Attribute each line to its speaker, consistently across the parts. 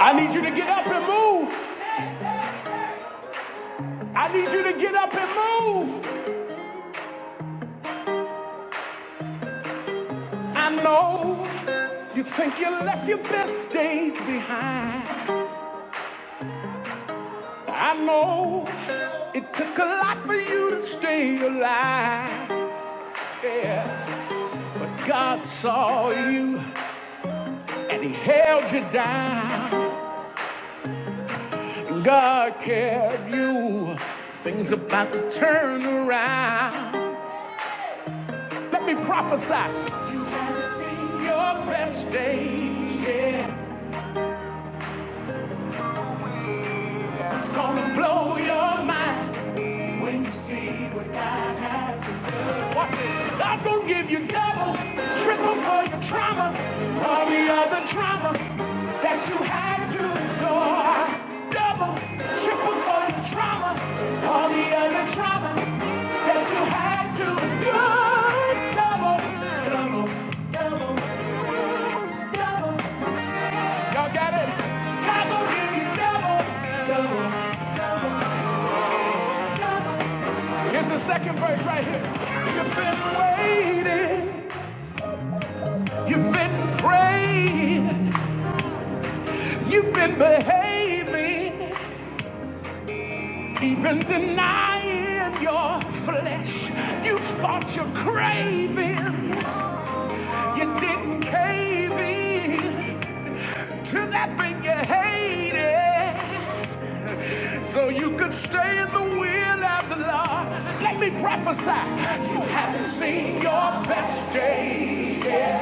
Speaker 1: I need you to get up and move. I need you to get up and move. I know you think you left your best days behind. I know it took a lot for you to stay alive. Yeah. But God saw you and He held you down. God cared you. Things about to turn around. Let me prophesy. Your best days. yeah. It's gonna blow your mind when you see what God has to do. Watch it. God's gonna give you double, triple for your trauma, all the other trauma that you had to endure. Double, triple for your trauma, all the other trauma that you had to endure. Double, double, double, double. Y'all got it? God's gonna give you double, double. It's the second verse right here. You've been waiting, you've been praying, you've been behaving, even denying your flesh. You fought your cravings, you didn't cave in to that thing you hated, so you could stay in the will of the Lord. Let me prophesy, you haven't seen your best days yet.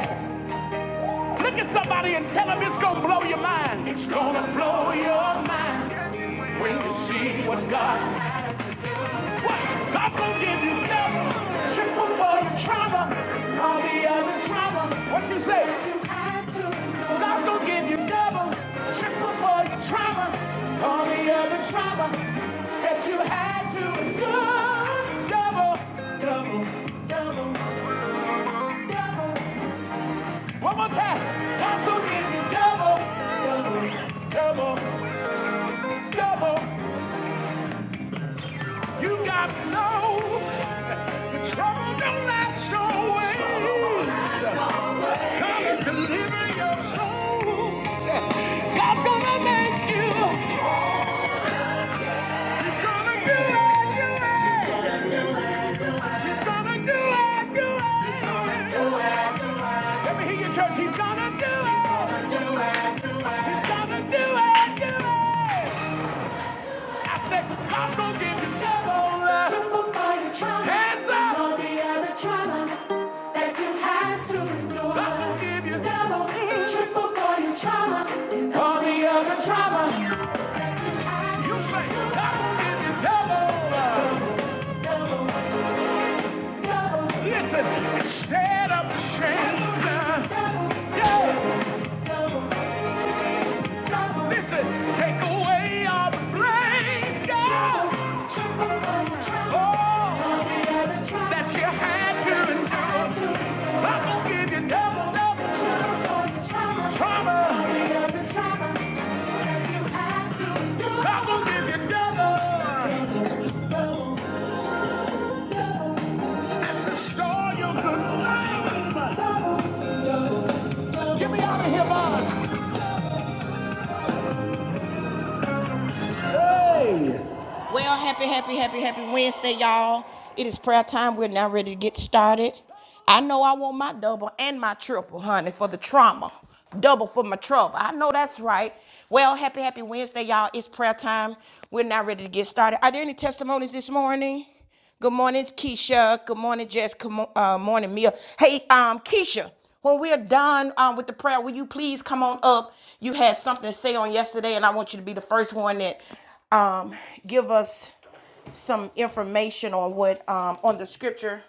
Speaker 1: Look at somebody and tell them it's gonna blow your mind. It's gonna blow your mind when you see what God has to do. What? God's gonna give you double, triple for your trauma, all the other trauma. What you say? God's gonna give you double, triple for your trauma, all the other trauma that you had to endure. Double, double, double, double. One more time. That's who give you double, double, double, double. You got to know the trouble don't last always. God is delivering your soul. God's gonna make you. He's gonna do it, do it. He's gonna do it, do it. He's gonna do it. do do it. it, He's gonna do it. Let me hear your church. He's gonna do it, He's gonna do it. do it. He's gonna do it, do it. I said, I'm gonna get the Chevrolet. Triple fire trauma. Hands up. And all the other trauma that you had to endure. I'm gonna give you. Double, triple for your trauma. And all the other trauma. You say, I'm gonna get the Chevrolet. Double, Listen, instead of the Chandler, double, yeah, double, Listen, take away all the blame, God. Oh, that you had to endure. I'm gonna give you double, double trauma. I'm gonna give you double and destroy your good name. Get me out of here, Bob. Hey! Well, happy, happy, happy, happy Wednesday, y'all. It is prayer time. We're now ready to get started. I know I want my double and my triple, honey, for the trauma. Double for my trouble. I know that's right. Well, happy, happy Wednesday, y'all. It's prayer time. We're now ready to get started. Are there any testimonies this morning? Good morning, Keisha. Good morning, Jess. Good mo- uh, morning, Mia. Hey, um, Keisha, when we're done um, with the prayer, will you please come on up? You had something to say on yesterday, and I want you to be the first one that um, give us some information on what um, on the scripture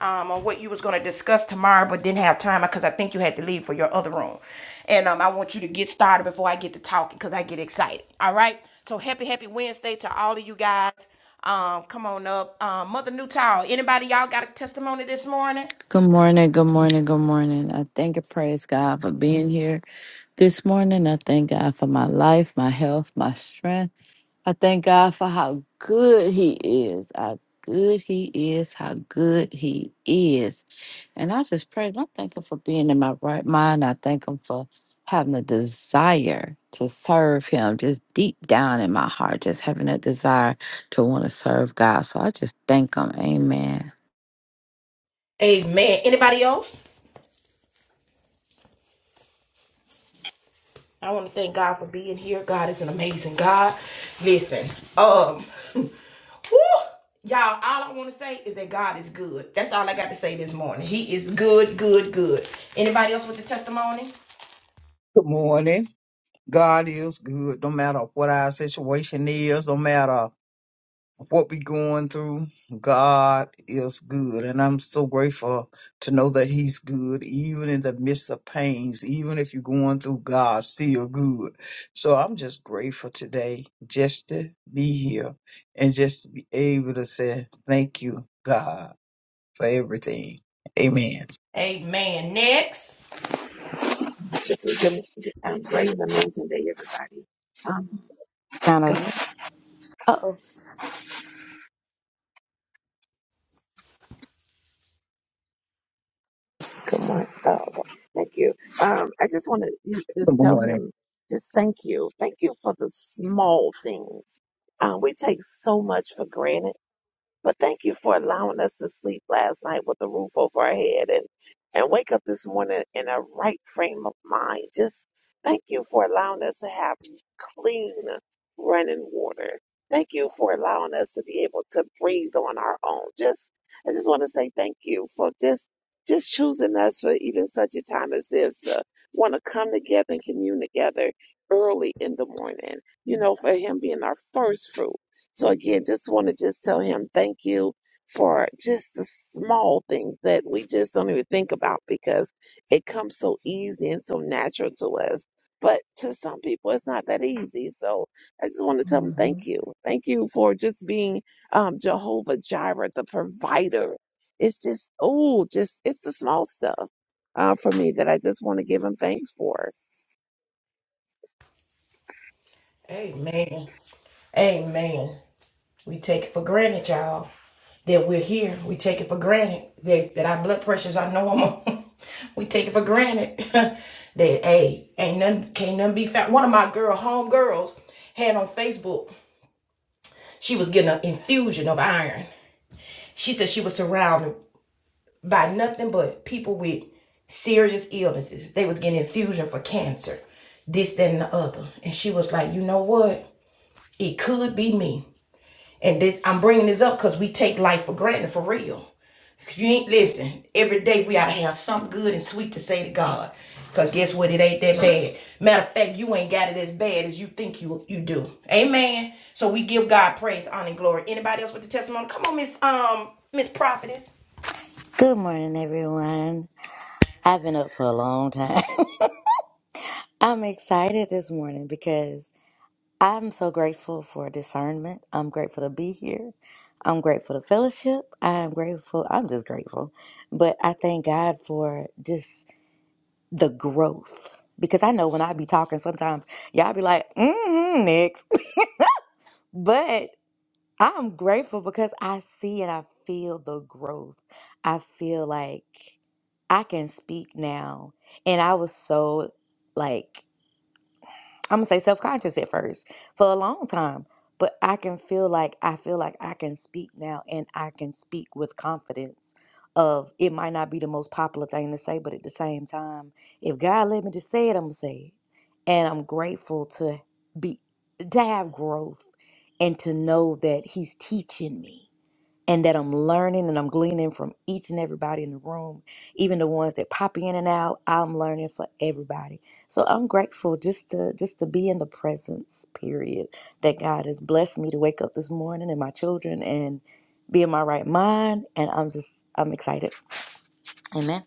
Speaker 1: um, on what you was going to discuss tomorrow, but didn't have time because I think you had to leave for your other room. And um, I want you to get started before I get to talking because I get excited. All right. So happy, happy Wednesday to all of you guys. Um, come on up, um, Mother Newtown. Anybody y'all got a testimony this morning?
Speaker 2: Good morning, good morning, good morning. I thank and praise God for being here this morning. I thank God for my life, my health, my strength. I thank God for how good He is, how good He is, how good He is. And I just praise, I thank Him for being in my right mind. I thank Him for having a desire to serve Him just deep down in my heart, just having a desire to want to serve God. So I just thank Him. Amen.
Speaker 1: Amen. Anybody else? I want to thank God for being here. God is an amazing God. Listen, um, woo, y'all, all I want to say is that God is good. That's all I got to say this morning. He is good, good, good. Anybody else with the testimony?
Speaker 3: Good morning. God is good, no matter what our situation is, no matter what we're going through, God is good. And I'm so grateful to know that He's good, even in the midst of pains, even if you're going through God, still good. So I'm just grateful today just to be here and just to be able to say, Thank you, God, for everything. Amen.
Speaker 1: Amen. Next.
Speaker 4: Just a good, um, great and amazing day, everybody. Um,
Speaker 5: kind of.
Speaker 4: God,
Speaker 5: Oh,
Speaker 4: good morning. Oh, okay. thank you. Um, I just want to
Speaker 3: Good
Speaker 4: just tell
Speaker 3: morning.
Speaker 4: him, just thank you. Thank you for the small things. Um, we take so much for granted But thank you for allowing us to sleep last night with a roof over our head and, and wake up this morning in a right frame of mind. Just thank you for allowing us to have clean running water. Thank you for allowing us to be able to breathe on our own. Just, I just want to say thank you for just, just choosing us for even such a time as this to want to come together and commune together early in the morning. You know, for him being our first fruit so again, just want to just tell him thank you for just the small things that we just don't even think about because it comes so easy and so natural to us. But to some people, it's not that easy. So I just want to tell them thank you. Thank you for just being um, Jehovah Jireh, the provider. It's just, oh, just, it's the small stuff uh, for me that I just want to give him thanks for.
Speaker 1: Amen. Amen. We take it for granted, y'all, that we're here. We take it for granted that, that our blood pressures are normal. we take it for granted that hey, ain't nothing can't nothing be found. One of my girl home girls had on Facebook she was getting an infusion of iron. She said she was surrounded by nothing but people with serious illnesses. They was getting infusion for cancer, this, that, and the other. And she was like, you know what? It could be me. And this, I'm bringing this up because we take life for granted for real. You ain't listen. Every day we ought to have something good and sweet to say to God. Cause guess what? It ain't that bad. Matter of fact, you ain't got it as bad as you think you you do. Amen. So we give God praise, honor, and glory. Anybody else with the testimony? Come on, Miss Um Miss Prophetess.
Speaker 5: good morning, everyone. I've been up for a long time. I'm excited this morning because I'm so grateful for discernment. I'm grateful to be here. I'm grateful to fellowship. I'm grateful. I'm just grateful. But I thank God for just the growth because I know when I be talking, sometimes y'all be like, mm next. But I'm grateful because I see and I feel the growth. I feel like I can speak now. And I was so like I'm gonna say self conscious at first for a long time. But I can feel like I feel like I can speak now and I can speak with confidence of it might not be the most popular thing to say, but at the same time, if God led me to say it, I'm gonna say it. And I'm grateful to be to have growth and to know that He's teaching me and that I'm learning and I'm gleaning from each and everybody in the room, even the ones that pop in and out. I'm learning for everybody. So I'm grateful just to just to be in the presence period that God has blessed me to wake up this morning and my children and be in my right mind and I'm just I'm excited. Amen.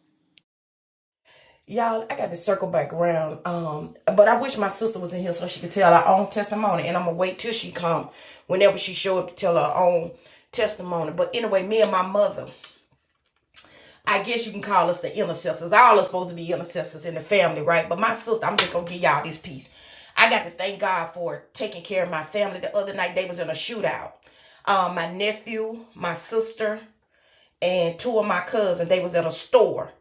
Speaker 1: Y'all, I got to circle back around. Um, but I wish my sister was in here so she could tell her own testimony. And I'm gonna wait till she come whenever she show up to tell her own testimony. But anyway, me and my mother I guess you can call us the intercessors. All are supposed to be intercessors in the family, right? But my sister, I'm just gonna give y'all this piece. I got to thank God for taking care of my family. The other night they was in a shootout. Um, my nephew, my sister, and two of my cousins, they was at a store.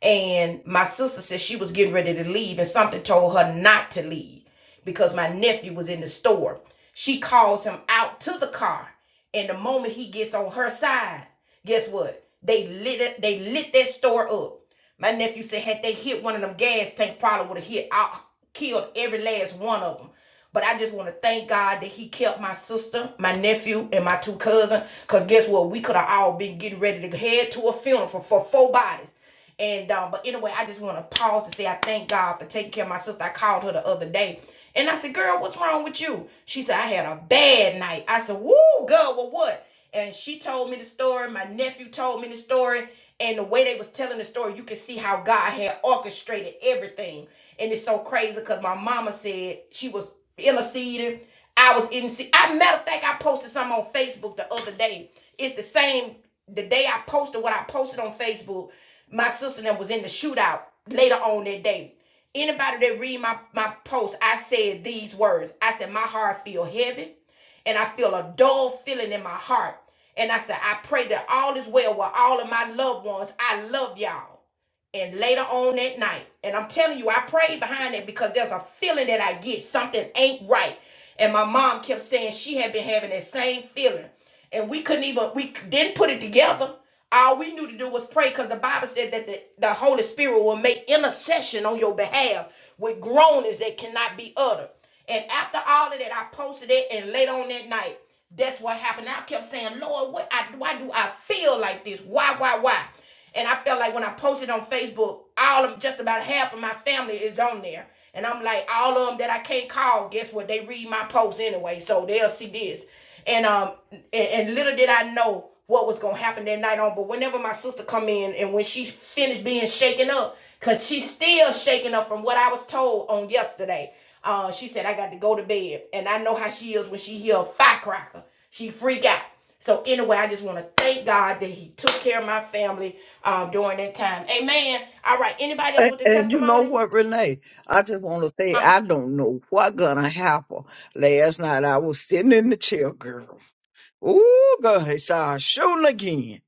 Speaker 1: And my sister said she was getting ready to leave, and something told her not to leave because my nephew was in the store. She calls him out to the car, and the moment he gets on her side, guess what? They lit it, they lit that store up. My nephew said had they hit one of them gas tank, probably would have hit out, killed every last one of them. But I just want to thank God that He kept my sister, my nephew, and my two cousins. Cause guess what? We could have all been getting ready to head to a funeral for, for four bodies. And um, but anyway, I just want to pause to say I thank God for taking care of my sister. I called her the other day. And I said, girl, what's wrong with you? She said, I had a bad night. I said, woo, girl, well, what? And she told me the story. My nephew told me the story and the way they was telling the story, you could see how God had orchestrated everything. And it's so crazy because my mama said she was interceding. I was in. I matter of fact, I posted something on Facebook the other day. It's the same. The day I posted what I posted on Facebook, my sister that was in the shootout later on that day. Anybody that read my my post, I said these words. I said my heart feel heavy, and I feel a dull feeling in my heart. And I said, I pray that all is well with all of my loved ones. I love y'all and later on that night. And I'm telling you, I prayed behind it because there's a feeling that I get something ain't right. And my mom kept saying she had been having that same feeling. And we couldn't even, we didn't put it together. All we knew to do was pray because the Bible said that the, the Holy Spirit will make intercession on your behalf with groanings that cannot be uttered. And after all of that, I posted it, and later on that night, that's what happened. I kept saying, Lord, what I, why do I feel like this? Why, why, why? And I felt like when I posted on Facebook, all of just about half of my family is on there. And I'm like, all of them that I can't call, guess what? They read my post anyway, so they'll see this. And um, and, and little did I know what was gonna happen that night on. But whenever my sister come in and when she finished being shaken up, cause she's still shaken up from what I was told on yesterday. Uh, she said I got to go to bed, and I know how she is when she hear a firecracker. She freak out. So anyway, I just want to thank God that He took care of my family um, during that time. Amen. All right. Anybody else
Speaker 3: And,
Speaker 1: with the
Speaker 3: and you know
Speaker 1: testimony?
Speaker 3: what, Renee? I just want to say
Speaker 1: Uh
Speaker 3: I don't know what gonna happen. Last night I was sitting in the chair, girl. Ooh, God, it's our shooting again.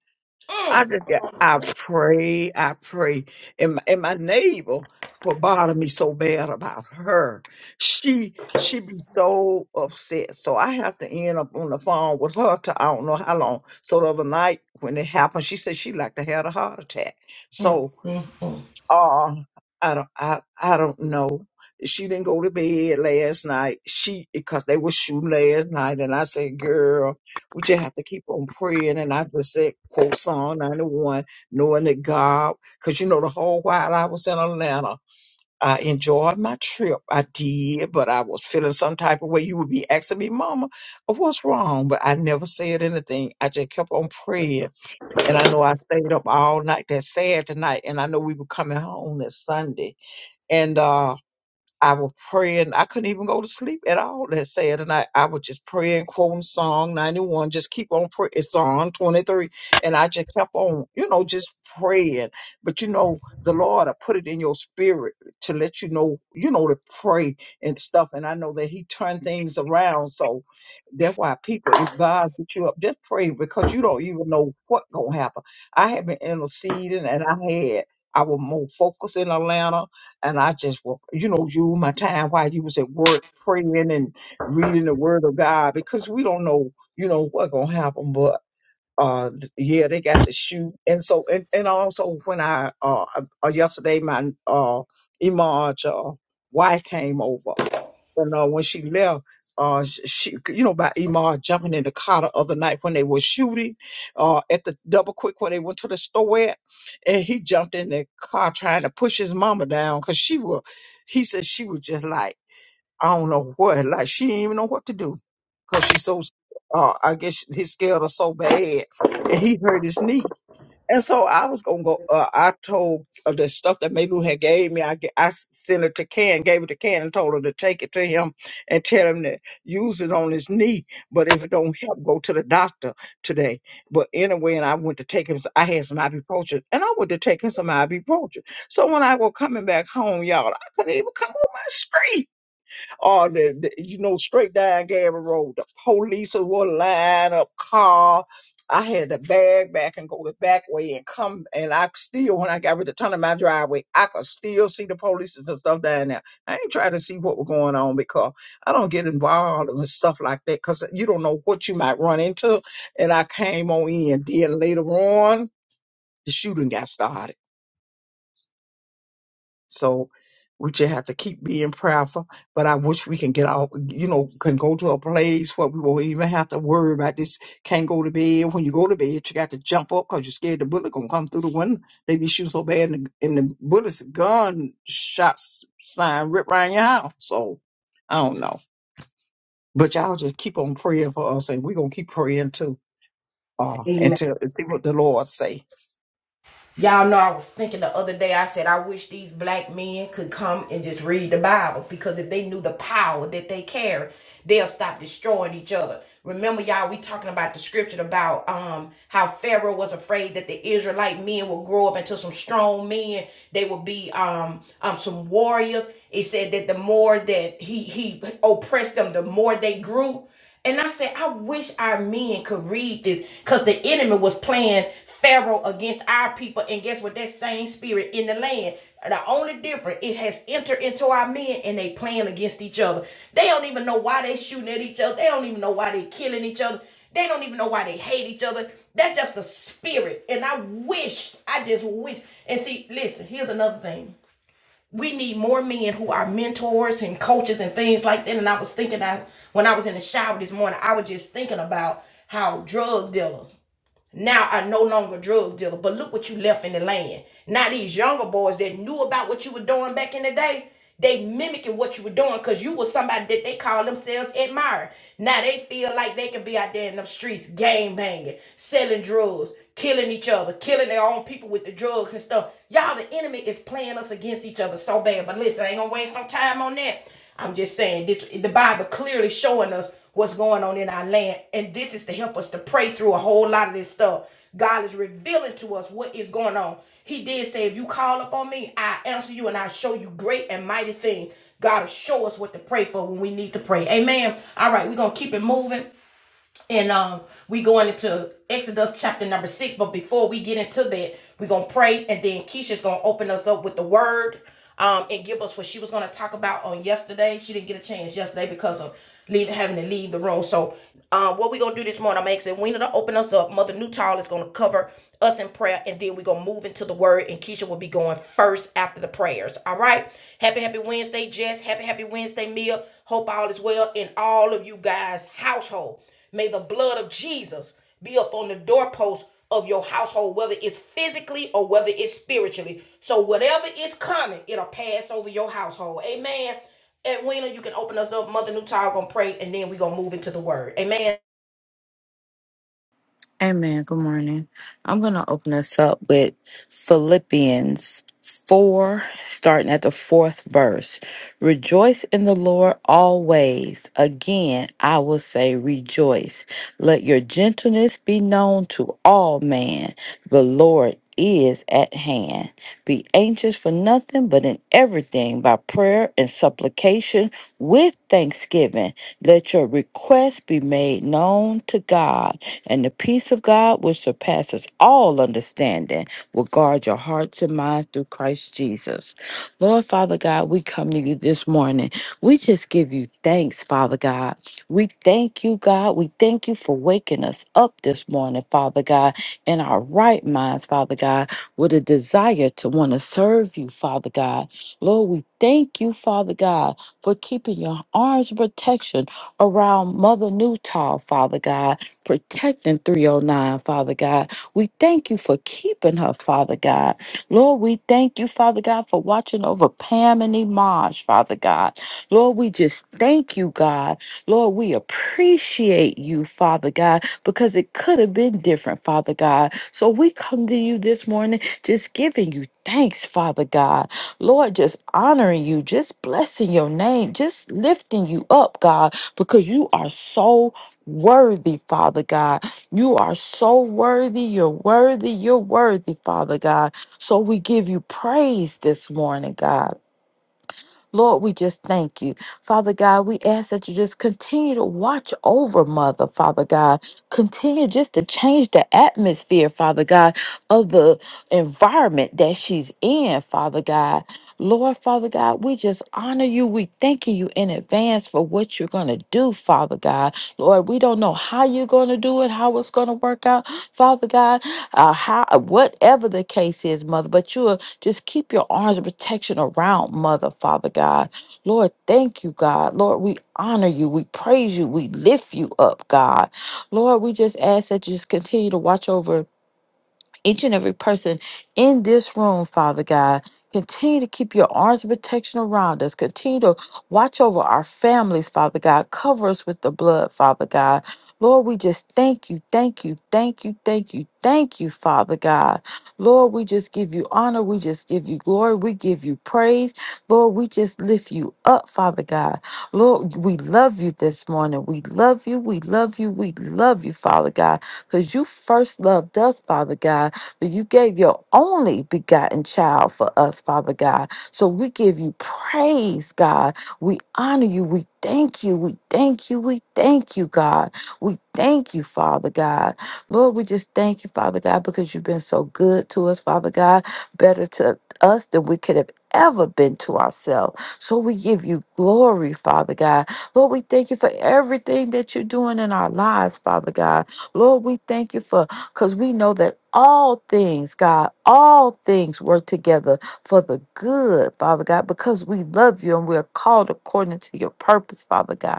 Speaker 3: I just got, I pray, I pray, and my, and my neighbor what bothered me so bad about her. She she be so upset, so I have to end up on the phone with her to I don't know how long. So the other night when it happened, she said she like to have a heart attack. So uh I don't I, I don't know. She didn't go to bed last night. She because they were shooting last night and I said, Girl, we just have to keep on praying and I just said quote Psalm ninety one, knowing that God because you know the whole while I was in Atlanta, I enjoyed my trip. I did, but I was feeling some type of way. You would be asking me, Mama, what's wrong? But I never said anything. I just kept on praying and I know I stayed up all night that Saturday night, and I know we were coming home that Sunday. And uh, I would pray and I couldn't even go to sleep at all that Saturday night. I would just pray and quote Psalm 91, just keep on praying. It's on 23. And I just kept on, you know, just praying. But you know, the Lord, I put it in your spirit to let you know, you know, to pray and stuff. And I know that He turned things around. So that's why people, if God put you up, just pray because you don't even know what gonna happen. I have been interceding and I had I was more focused in Atlanta and I just, wa- you know, you my time while you was at work praying and reading the Word of God because we don't know, you know, what gonna happen. But uh, yeah, they got to shoot, and so and, and also when I uh, uh yesterday my uh Imaj uh wife came over and uh, when she left, uh, sh- she, you know, by Emar jumping in the car the other night when they were shooting, uh, at the double quick where they went to the store at, and he jumped in the car trying to push his mama down because she was, he said she was just like, I don't know what, like she didn't even know what to do because she's so, uh, I guess his scared her so bad, and he hurt his knee and so I was gonna go. Uh, I told of the stuff that Maylou had gave me. I g- I sent it to Ken, gave it to Ken, and told her to take it to him and tell him to use it on his knee. But if it don't help, go to the doctor today. But anyway, and I went to take him. s- I had some ibuprofen, and I went to take him some ibuprofen. So when I was coming back home, y'all, I couldn't even come on my street or the, the- you know straight down Gary Road. The police would line up car. I had to bag back and go the back way and come and I still when I got rid of turn of my driveway, I could still see the police and stuff down there. I ain't trying to see what was going on because I don't get involved in stuff like that because you don't know what you might run into. And I came on in. Then later on, the shooting got started so we just have to keep being prayerful. But I wish we can get out, you know, can go to a place where we won't even have to worry about this. Can't go to bed. When you go to bed, you got to jump up because you're scared the bullet gonna come through the window. They be shooting so bad, and the, and the bullets, gun shots, flying rip around your house. So I don't know. But y'all just keep on praying for us, and we gonna keep praying too. Uh,
Speaker 1: huh.
Speaker 3: until and see what the Lord say.
Speaker 1: Y'all know I was thinking the other day, I said, I wish these black men could come and just read the Bible because if they knew the power that they carry, they'll stop destroying each other. Remember, y'all, we talking about the scripture about um how Pharaoh was afraid that the Israelite men would grow up into some strong men. They would be um um some warriors. It said that the more that he he oppressed them, the more they grew. And I said, I wish our men could read this because the enemy was playing Pharaoh against our people. And guess what? That same spirit in the land. The only difference, it has entered into our men and they playing against each other. They don't even know why they shooting at each other. They don't even know why they killing each other. They don't even know why they hate each other. That's just the spirit. And I wish, I just wish. And see, listen, here's another thing we need more men who are mentors and coaches and things like that. And I was thinking that when I was in the shower this morning, I was just thinking about how drug dealers now are no longer drug dealer. But look what you left in the land. Now these younger boys that knew about what you were doing back in the day, they mimicking what you were doing because you was somebody that they call themselves admirer. Now they feel like they can be out there in the streets, gang banging, selling drugs killing each other, killing their own people with the drugs and stuff. Y'all, the enemy is playing us against each other so bad. But listen, I ain't gonna waste no time on that. I'm just saying this the Bible clearly showing us what's going on in our land. And this is to help us to pray through a whole lot of this stuff. God is revealing to us what is going on. He did say, if you call upon me, I answer you and I show you great and mighty things. God will show us what to pray for when we need to pray. Amen. All right, we're gonna keep it moving. And um, we going into Exodus chapter number six. But before we get into that, we're gonna pray, and then Keisha's gonna open us up with the word, um, and give us what she was gonna talk about on yesterday. She didn't get a chance yesterday because of leaving, having to leave the room. So, uh, what we gonna do this morning? I'm asking Wena to open us up. Mother Newtall is gonna cover us in prayer, and then we're gonna move into the word. And Keisha will be going first after the prayers. All right. Happy, happy Wednesday, Jess. Happy, happy Wednesday, Mia. Hope all is well in all of you guys' household. May the blood of Jesus be up on the doorpost of your household, whether it's physically or whether it's spiritually. So whatever is coming, it'll pass over your household. Amen. Edwina, you can open us up. Mother Newtile gonna pray, and then we gonna move into the word. Amen.
Speaker 2: Amen. Good morning. I'm going to open us up with Philippians 4, starting at the fourth verse. Rejoice in the Lord always. Again, I will say rejoice. Let your gentleness be known to all men. The Lord is at hand. Be anxious for nothing, but in everything by prayer and supplication with thanksgiving. Let your requests be made known to God and the peace of God, which surpasses all understanding, will guard your hearts and minds through Christ Jesus. Lord Father God, we come to you this morning. We just give you thanks, Father God. We thank you, God. We thank you for waking us up this morning, Father God, in our right minds, Father God, with a desire to want to serve you, Father God. Lord, we thank you, Father God, for keeping your arms of protection around Mother Newtall, Father God protecting 309, Father God. We thank you for keeping her, Father God. Lord, we thank you, Father God, for watching over Pam and Imaj, Father God. Lord, we just thank you, God. Lord, we appreciate you, Father God, because it could have been different, Father God. So we come to you this morning just giving you thanks, Father God. Lord, just honoring you, just blessing your name, just lifting you up, God, because you are so worthy, Father God. You are so worthy. You're worthy. You're worthy, Father God. So we give you praise this morning, God. Lord, we just thank you. Father God, we ask that you just continue to watch over Mother, Father God. Continue just to change the atmosphere, Father God, of the environment that she's in, Father God. Lord, Father God, we just honor you. We thanking you in advance for what you're going to do, Father God. Lord, we don't know how you're going to do it, how it's going to work out, Father God, uh, how, whatever the case is, Mother, but you are just keep your arms of protection around Mother, Father God. Lord, thank you, God. Lord, we honor you. We praise you. We lift you up, God. Lord, we just ask that you just continue to watch over each and every person in this room, Father God. Continue to keep your arms of protection around us. Continue to watch over our families, Father God. Cover us with the blood, Father God. Lord, we just thank you, thank you, thank you, thank you, thank you, Father God. Lord, we just give you honor. We just give you glory. We give you praise. Lord, we just lift you up, Father God. Lord, we love you this morning. We love you. We love you. We love you, Father God, because you first loved us, Father God. You gave your only begotten child for us, Father God. So we give you praise, God. We honor you. We thank you. We thank you. We thank you, God. We thank you, Father God. Lord, we just thank you, Father God, because you've been so good to us, Father God, better to us than we could have ever been to ourselves. So we give you glory, Father God. Lord, we thank you for everything that you're doing in our lives, Father God. Lord, we thank you for because we know that all things, God, all things work together for the good, Father God, because we love you and we are called according to your purpose, Father God.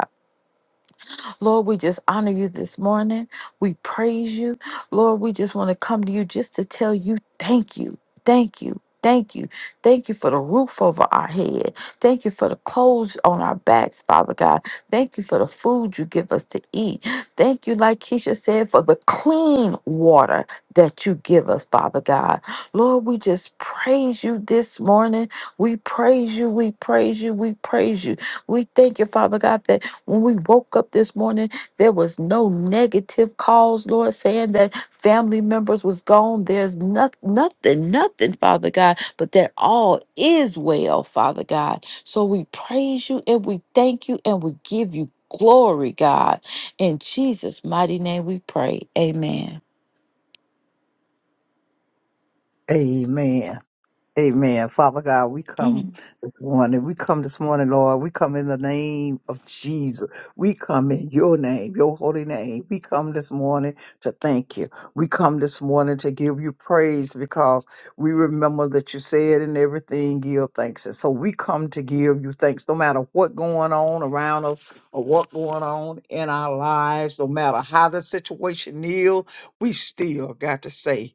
Speaker 2: Lord, we just honor you this morning. We praise you. Lord, we just want to come to you just to tell you thank you. Thank you. Thank you. Thank you for the roof over our head. Thank you for the clothes on our backs, Father God. Thank you for the food you give us to eat. Thank you, like Keisha said, for the clean water that you give us, Father God. Lord, we just praise you this morning. We praise you. We praise you. We praise you. We thank you, Father God, that when we woke up this morning, there was no negative calls, Lord, saying that family members was gone. There's nothing, nothing, nothing, Father God, but that all is well, Father God. So we praise you and we thank you and we give you glory, God. In Jesus' mighty name we pray. Amen.
Speaker 3: Amen. Amen. Father God, we come
Speaker 2: Mm.
Speaker 3: this morning. We come this morning, Lord. We come in the name of Jesus. We come in your name, your holy name. We come this morning to thank you. We come this morning to give you praise because we remember that you said in everything, give thanks. And so we come to give you thanks no matter what going on around us or what going on in our lives, no matter how the situation is, we still got to say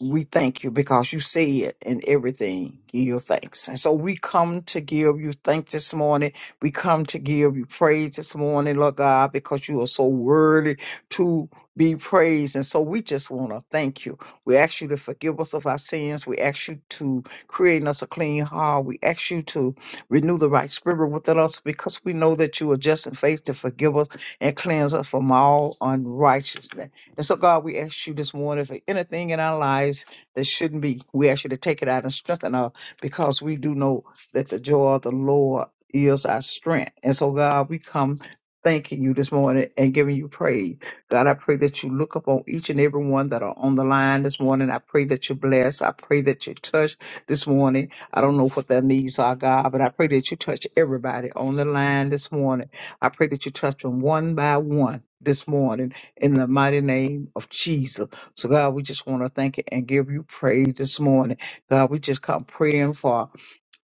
Speaker 3: we thank you because you say it in everything. Give your thanks. And so we come to give you thanks this morning. We come to give you praise this morning, Lord God, because you are so worthy to be praised. And so we just want to thank you. We ask you to forgive us of our sins. We ask you to create in us a clean heart. We ask you to renew the right spirit within us because we know that you are just in faith to forgive us and cleanse us from all unrighteousness. And so, God, we ask you this morning for anything in our lives that shouldn't be. We ask you to take it out and strengthen us because we do know that the joy of the Lord is our strength. And so, God, we come thanking you this morning and giving you praise. God, I pray that you look upon each and every one that are on the line this morning. I pray that you bless. I pray that you touch this morning. I don't know what their needs are, God, but I pray that you touch everybody on the line this morning. I pray that you touch them one by one this morning in the mighty name of Jesus. So, God, we just want to thank you and give you praise this morning. God, we just come praying for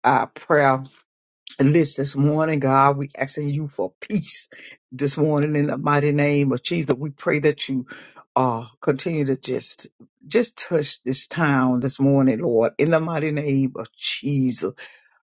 Speaker 3: our prayer list this morning. God, we asking you for peace this morning in the mighty name of Jesus. We pray that you uh, continue to just just touch this town this morning, Lord, in the mighty name of Jesus.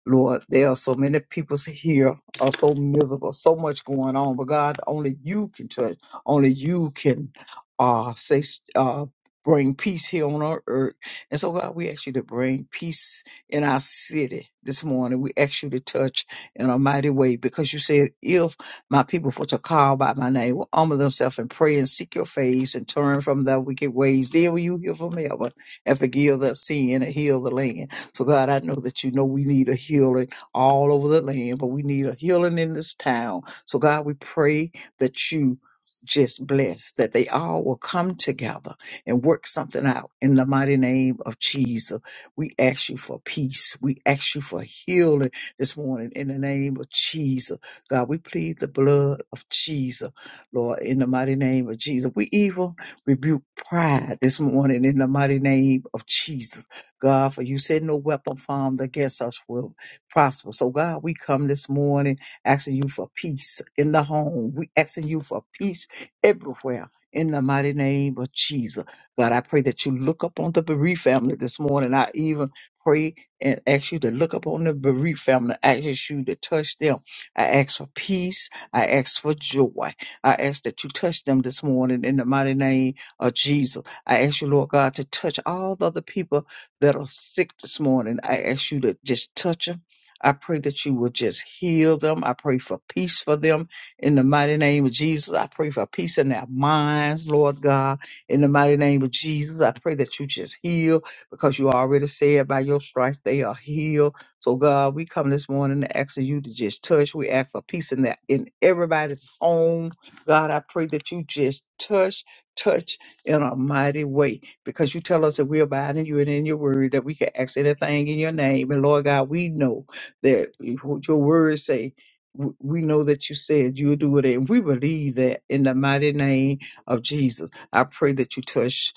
Speaker 3: Lord, there are so many people here are so miserable, so much going on. But God, only you can touch. Only you can uh, say uh, bring peace here on our earth. And so, God, we ask you to bring peace in our city this morning. We ask you to touch in a mighty way because you said, "If my people were to call by my name, will humble themselves and pray and seek your face and turn from their wicked ways, then will you hear from heaven and forgive their sin and heal the land." So, God, I know that you know we need a healing all over the land, but we need a healing in this town. So, God, we pray that you just bless that they all will come together and work something out in the mighty name of Jesus. We ask you for peace. We ask you for healing this morning in the name of Jesus. God, we plead the blood of Jesus, Lord, in the mighty name of Jesus. We even rebuke pride this morning in the mighty name of Jesus. God, for you said no weapon formed against us will prosper. So, God, we come this morning asking you for peace in the home. We asking you for peace everywhere. In the mighty name of Jesus. God, I pray that you look up on the bereaved family this morning. I even pray and ask you to look up on the bereaved family. I ask you to touch them. I ask for peace. I ask for joy. I ask that you touch them this morning in the mighty name of Jesus. I ask you, Lord God, to touch all the other people that are sick this morning. I ask you to just touch them. I pray that you will just heal them. I pray for peace for them in the mighty name of Jesus. I pray for peace in their minds, Lord God, in the mighty name of Jesus. I pray that you just heal because you already said by your stripes they are healed. So God, we come this morning asking you to just touch. We ask for peace in that in everybody's home. God, I pray that you just touch, touch in a mighty way because you tell us that we abide in you and in your word that we can ask anything in your name. And Lord God, we know that what your words say. w- We know that you said you'll do it, and we believe that in the mighty name of Jesus. I pray that you touch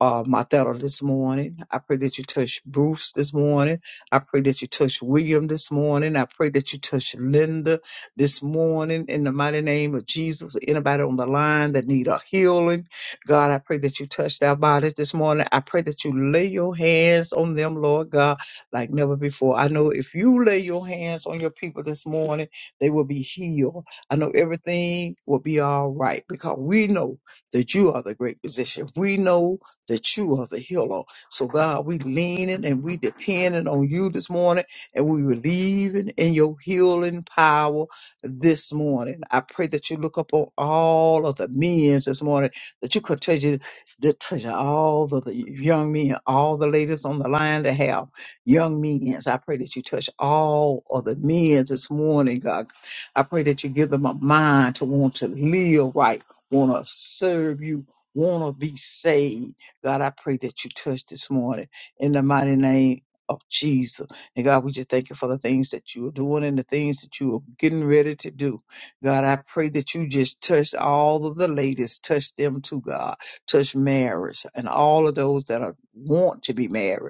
Speaker 3: uh, Martha this morning. I pray that you touch Bruce this morning. I pray that you touch William this morning. I pray that you touch Linda this morning in the mighty name of Jesus. Anybody on the line that need a healing, God, I pray that you touch their bodies this morning. I pray that you lay your hands on them, Lord God, like never before. I know if you lay your hands on your people this morning, they will be healed. I know everything will be all right because we know that you are the great physician. We know that you are the healer. So, God, we leaning and we depending on you this morning and we believing in your healing power this morning. I pray that you look up on all of the men this morning that you could touch, continue that touch all the, the young men, all the ladies on the line that have young men. I pray that you touch all of the men this morning, God. I pray that you give them a mind to want to live right, want to serve you, want to be saved. God, I pray that you touch this morning in the mighty name of Jesus. And God, we just thank you for the things that you are doing and the things that you are getting ready to do. God, I pray that you just touch all of the ladies, touch them too, God. Touch marriage and all of those that are, want to be married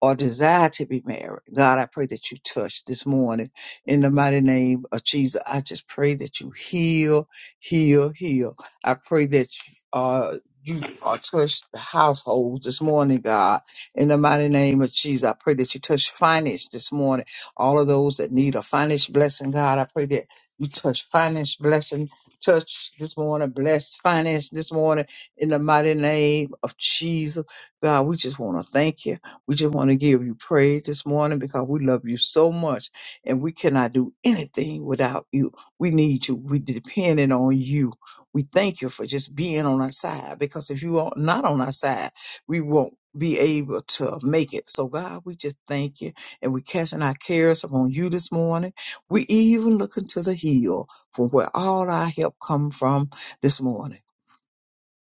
Speaker 3: or desire to be married. God, I pray that you touch this morning in the mighty name of Jesus. I just pray that you heal, heal, heal. I pray that you uh, you are touch the households this morning, God. In the mighty name of Jesus, I pray that you touch finance this morning. All of those that need a finance blessing, God, I pray that you touch finance blessing. Touch this morning, bless finance this morning in the mighty name of Jesus. God, we just want to thank you. We just want to give you praise this morning because we love you so much and we cannot do anything without you. We need you. We depending on you. We thank you for just being on our side because if you are not on our side, we won't be able to make it. So God, we just thank you and we are casting our cares upon you this morning. We even looking to the hill from where all our help come from this morning.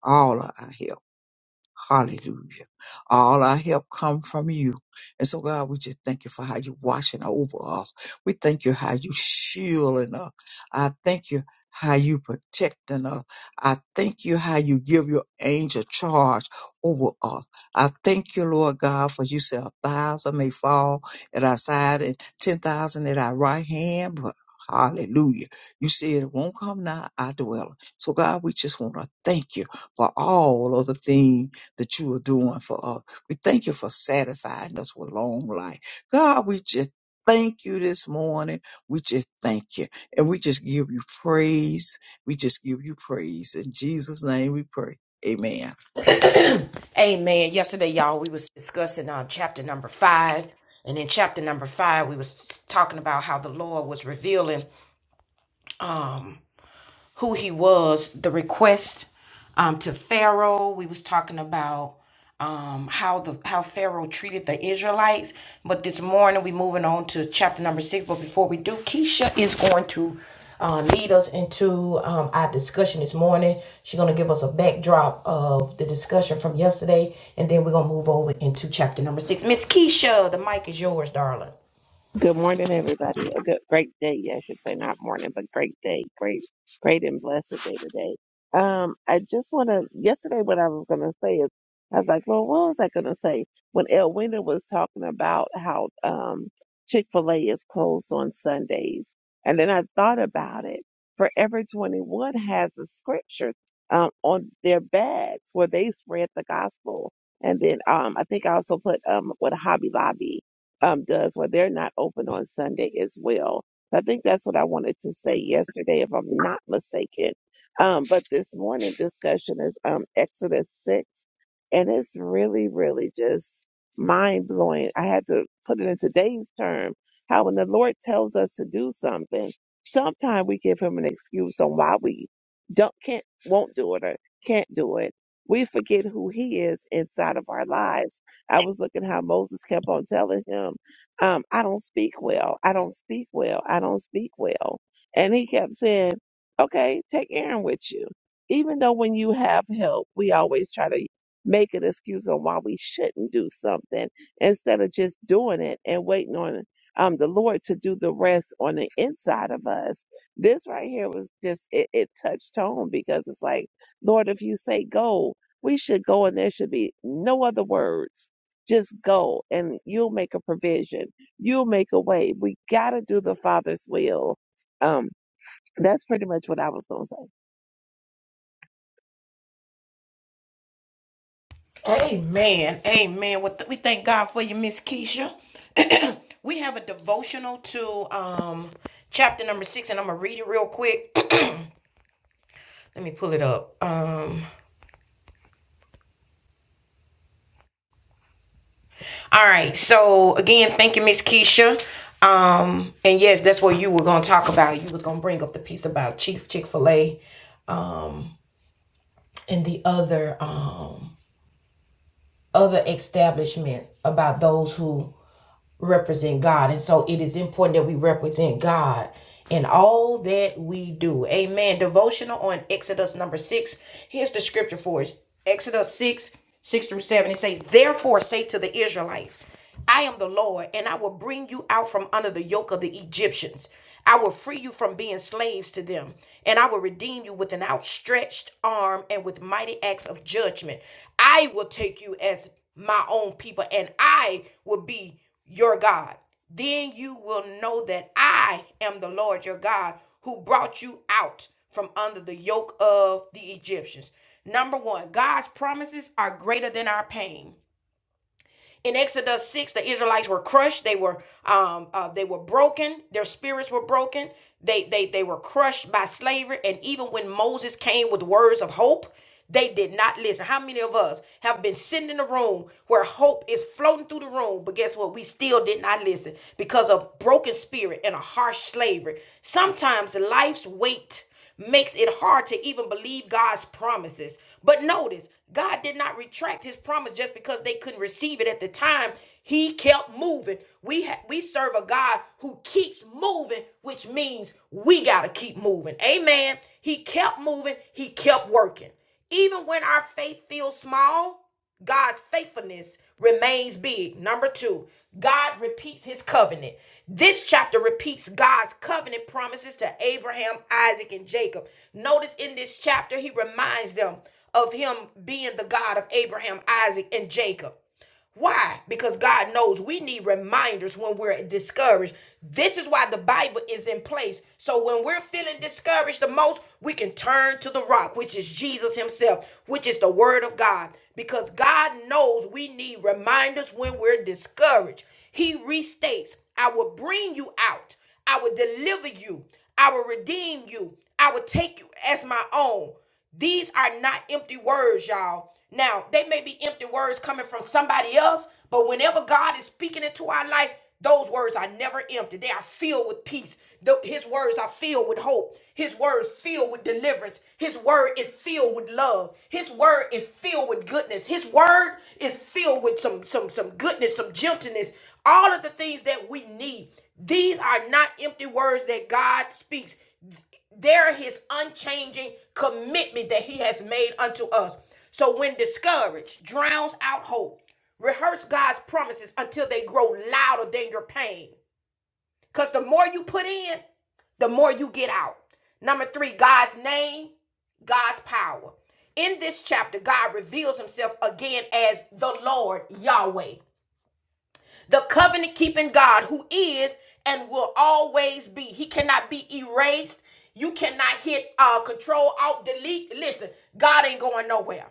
Speaker 3: All of our help. Hallelujah. All our help come from you. And so, God, we just thank you for how you're watching over us. We thank you how you shielding us. I thank you how you protecting us. I thank you how you give your angel charge over us. I thank you, Lord God, for you said a thousand may fall at our side and ten thousand at our right hand, but Hallelujah. You said it won't come now, I dwell. So God, we just want to thank you for all of the things that you are doing for us. We thank you for satisfying us with long life. God, we just thank you this morning. We just thank you. And we just give you praise. We just give you praise. In Jesus' name we pray. Amen.
Speaker 1: Amen. Yesterday, y'all, we was discussing um chapter number five, and in chapter number five, we was talking about how the Lord was revealing. who he was, the request um, to Pharaoh. We was talking about um, how the how Pharaoh treated the Israelites. But this morning we moving on to chapter number six. But before we do, Keisha is going to uh, lead us into um, our discussion this morning. She's going to give us a backdrop of the discussion from yesterday, and then we're going to move over into chapter number six. Miss Keisha, the mic is yours, darling.
Speaker 4: Good morning, everybody. A good, great day. Yeah, I should say not morning, but great day. Great, great and blessed day today. Um, I just want to, yesterday what I was going to say is, I was like, Lord, what was I going to say? When Elwina was talking about how, um, Chick-fil-A is closed on Sundays. And then I thought about it. Forever 21 has a scripture, um, on their bags where they spread the gospel. And then, um, I think I also put, um, with Hobby Lobby um, does where they're not open on Sunday as well. I think that's what I wanted to say yesterday, if I'm not mistaken. Um, but this morning discussion is um, Exodus 6, and it's really, really just mind blowing. I had to put it in today's term how when the Lord tells us to do something, sometimes we give him an excuse on why we don't can't won't do it or can't do it. We forget who he is inside of our lives I was looking how Moses kept on telling him, um, I don't speak well. I don't speak well. I don't speak well. And he kept saying, okay, take Aaron with you. Even though when you have help, we always try to make an excuse on why we shouldn't do something instead of just doing it and waiting on um, the Lord to do the rest on the inside of us. This right here was just, it, it touched home because it's like, Lord, if you say go, we should go and there should be no other words just go and you'll make a provision. You'll make a way. We got to do the Father's will. Um, that's pretty much what I was going to say.
Speaker 1: Amen. Amen. Well, th- we thank God for you, Miss Keisha. We have a devotional to um chapter number six, and I'm gonna read it real quick. Let me pull it up. Um, all right. So again, thank you, Miss Keisha. Um, and yes, that's what you were gonna talk about. You was gonna bring up the piece about Chief Chick Fil A and the other um other establishment about those who represent God. And so it is important that we represent God in all that we do. Amen. Devotional on Exodus number six. Here's the scripture for it Exodus 6, 6 through 7. It says, Therefore say to the Israelites, I am the Lord, and I will bring you out from under the yoke of the Egyptians. I will free you from being slaves to them, and I will redeem you with an outstretched arm and with mighty acts of judgment. I will take you as my own people, and I will be your God. Then you will know that I am the Lord your God who brought you out from under the yoke of the Egyptians. Number one, God's promises are greater than our pain. In Exodus 6, the Israelites were crushed. They were um uh, they were broken. Their spirits were broken. They they they were crushed by slavery. And even when Moses came with words of hope, they did not listen. How many of us have been sitting in a room where hope is floating through the room, but guess what? We still did not listen because of broken spirit and a harsh slavery. Sometimes life's weight makes it hard to even believe God's promises. But notice, God did not retract his promise just because they couldn't receive it at the time. He kept moving. We ha- we serve a God who keeps moving, which means we got to keep moving. Amen. He kept moving, he kept working. Even when our faith feels small, God's faithfulness remains big. Number two, God repeats his covenant. This chapter repeats God's covenant promises to Abraham, Isaac, and Jacob. Notice in this chapter, he reminds them of him being the God of Abraham, Isaac, and Jacob. Why? Because God knows we need reminders when we're discouraged. This is why the Bible is in place. So when we're feeling discouraged the most, we can turn to the rock, which is Jesus Himself, which is the Word of God. Because God knows we need reminders when we're discouraged. He restates, I will bring you out, I will deliver you, I will redeem you, I will take you as my own. These are not empty words, y'all. Now, they may be empty words coming from somebody else, but whenever God is speaking into our life, those words are never empty. They are filled with peace. Th- His words are filled with hope. His words filled with deliverance. His word is filled with love. His word is filled with goodness. His word is filled with some some some goodness, some gentleness, all of the things that we need. These are not empty words that God speaks. There his unchanging commitment that he has made unto us. So when discouraged, drowns out hope. Rehearse God's promises until they grow louder than your pain. Because the more you put in, the more you get out. Number three, God's name, God's power. In this chapter, God reveals himself again as the Lord Yahweh the covenant keeping God who is and will always be. He cannot be erased. You cannot hit uh, control, alt, delete. Listen, God ain't going nowhere.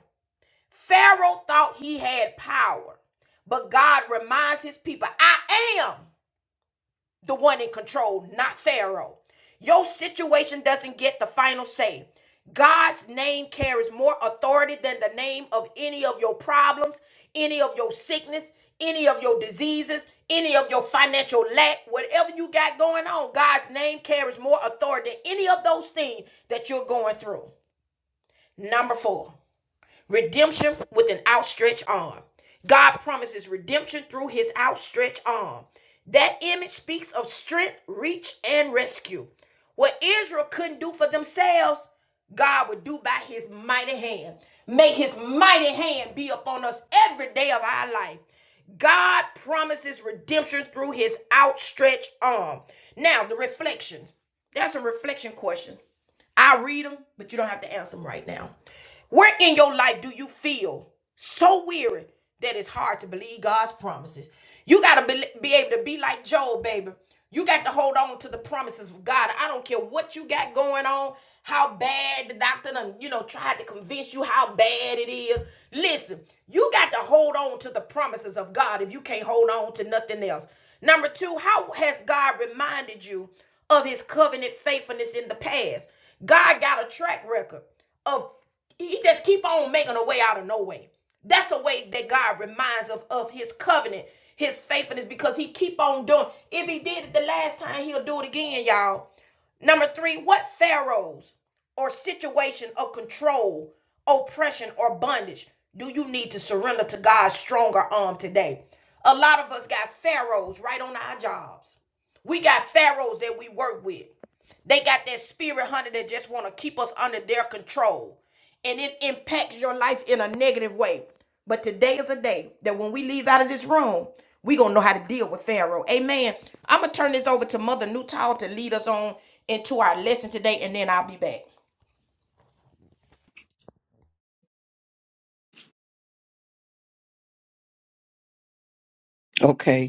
Speaker 1: Pharaoh thought he had power, but God reminds his people, I am the one in control, not Pharaoh. Your situation doesn't get the final say. God's name carries more authority than the name of any of your problems, any of your sickness, any of your diseases, any of your financial lack, whatever you got going on. God's name carries more authority than any of those things that you're going through. Number four redemption with an outstretched arm. God promises redemption through his outstretched arm. That image speaks of strength, reach, and rescue. What Israel couldn't do for themselves, God would do by his mighty hand. May his mighty hand be upon us every day of our life. God promises redemption through his outstretched arm. Now, the reflections. There's some reflection questions. I'll read them, but you don't have to answer them right now. Where in your life do you feel so weary that it's hard to believe God's promises? You got to be, be able to be like Job, baby. You got to hold on to the promises of God. I don't care what you got going on, how bad the doctor done, you know, tried to convince you how bad it is. Listen, you got to hold on to the promises of God if you can't hold on to nothing else. Number two, how has God reminded you of his covenant faithfulness in the past? God got a track record of he just keep on making a way out of no way. That's a way that God reminds us of his covenant, his faithfulness, because he keep on doing. If he did it the last time, he'll do it again, y'all. Number three, what pharaohs or situation of control, oppression, or bondage do you need to surrender to God's stronger arm today? A lot of us got pharaohs right on our jobs. We got pharaohs that we work with. They got that spirit hunter that just want to keep us under their control. And it impacts your life in a negative way. But today is a day that when we leave out of this room, we going to know how to deal with Pharaoh. Amen. I'm going to turn this over to Mother Newtall to lead us on into our lesson today, and then I'll be back.
Speaker 3: Okay.